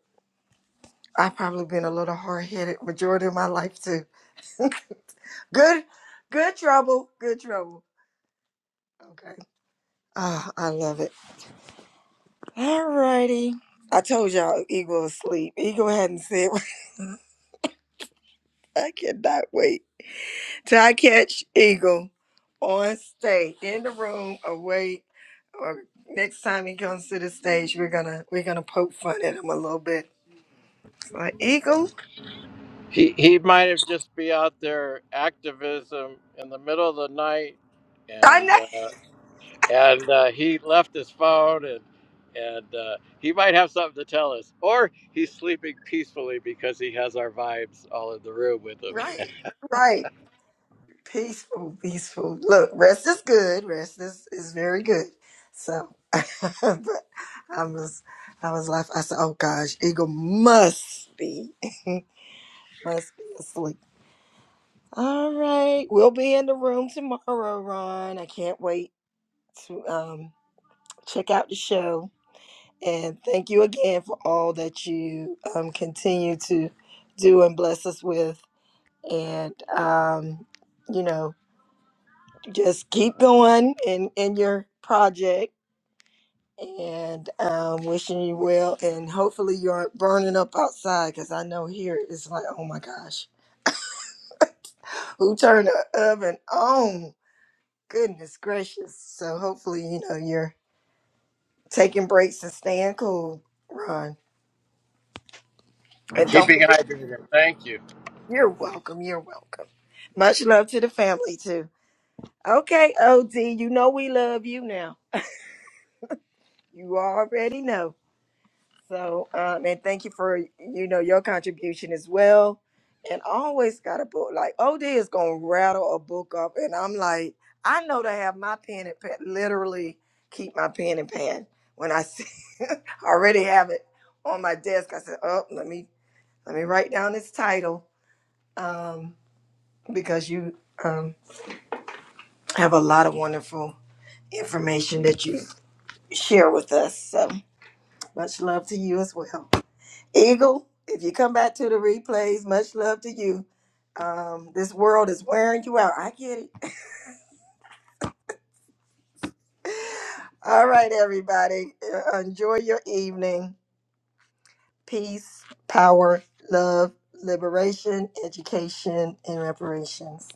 Speaker 1: I've probably been a little hard-headed majority of my life too. good, good trouble, good trouble. Okay. ah, I love it. All righty. I told y'all Eagle asleep. Eagle hadn't said, I cannot wait. Ty Catch Eagle on stage in the room away. Or next time he comes to the stage, we're gonna we're gonna poke fun at him a little bit. It's like Eagle,
Speaker 3: He he might have just be out there activism in the middle of the night,
Speaker 1: I
Speaker 3: and
Speaker 1: know,
Speaker 3: uh, and uh, he left his phone and and uh, he might have something to tell us or he's sleeping peacefully because he has our vibes all in the room with him
Speaker 1: right, right, peaceful, peaceful. Look, rest is good. Rest is is very good. So, but I was I was laughing. I said, oh gosh, Eagle must be must be asleep. All right, we'll be in the room tomorrow, Ron. I can't wait. to um, check out the show. And thank you again for all that you um, continue to do and bless us with. And, um, you know, just keep going in, in your project and um, wishing you well. And hopefully you aren't burning up outside because I know here it's like, oh my gosh, who turned the oven on? Goodness gracious. So hopefully, you know, you're taking breaks and staying cool, Ron. And don't
Speaker 3: keeping
Speaker 1: forget.
Speaker 3: hydrated thank you
Speaker 1: You're welcome. You're welcome. Much love to the family too. Okay, OD, you know we love you now. You already know. So, um, and thank you for you know your contribution as well. And I always got a book like OD is gonna rattle a book up, and I'm like, I know to have my pen and pen, literally keep my pen and pen when I see I already have it on my desk. I said, oh, let me let me write down this title um, because you. um, I have a lot of wonderful information that you share with us. So much love to you as well. Eagle, if you come back to the replays, much love to you. Um, this world is wearing you out. I get it. All right, everybody. Uh, Enjoy your evening. Peace, power, love, liberation, education, and reparations.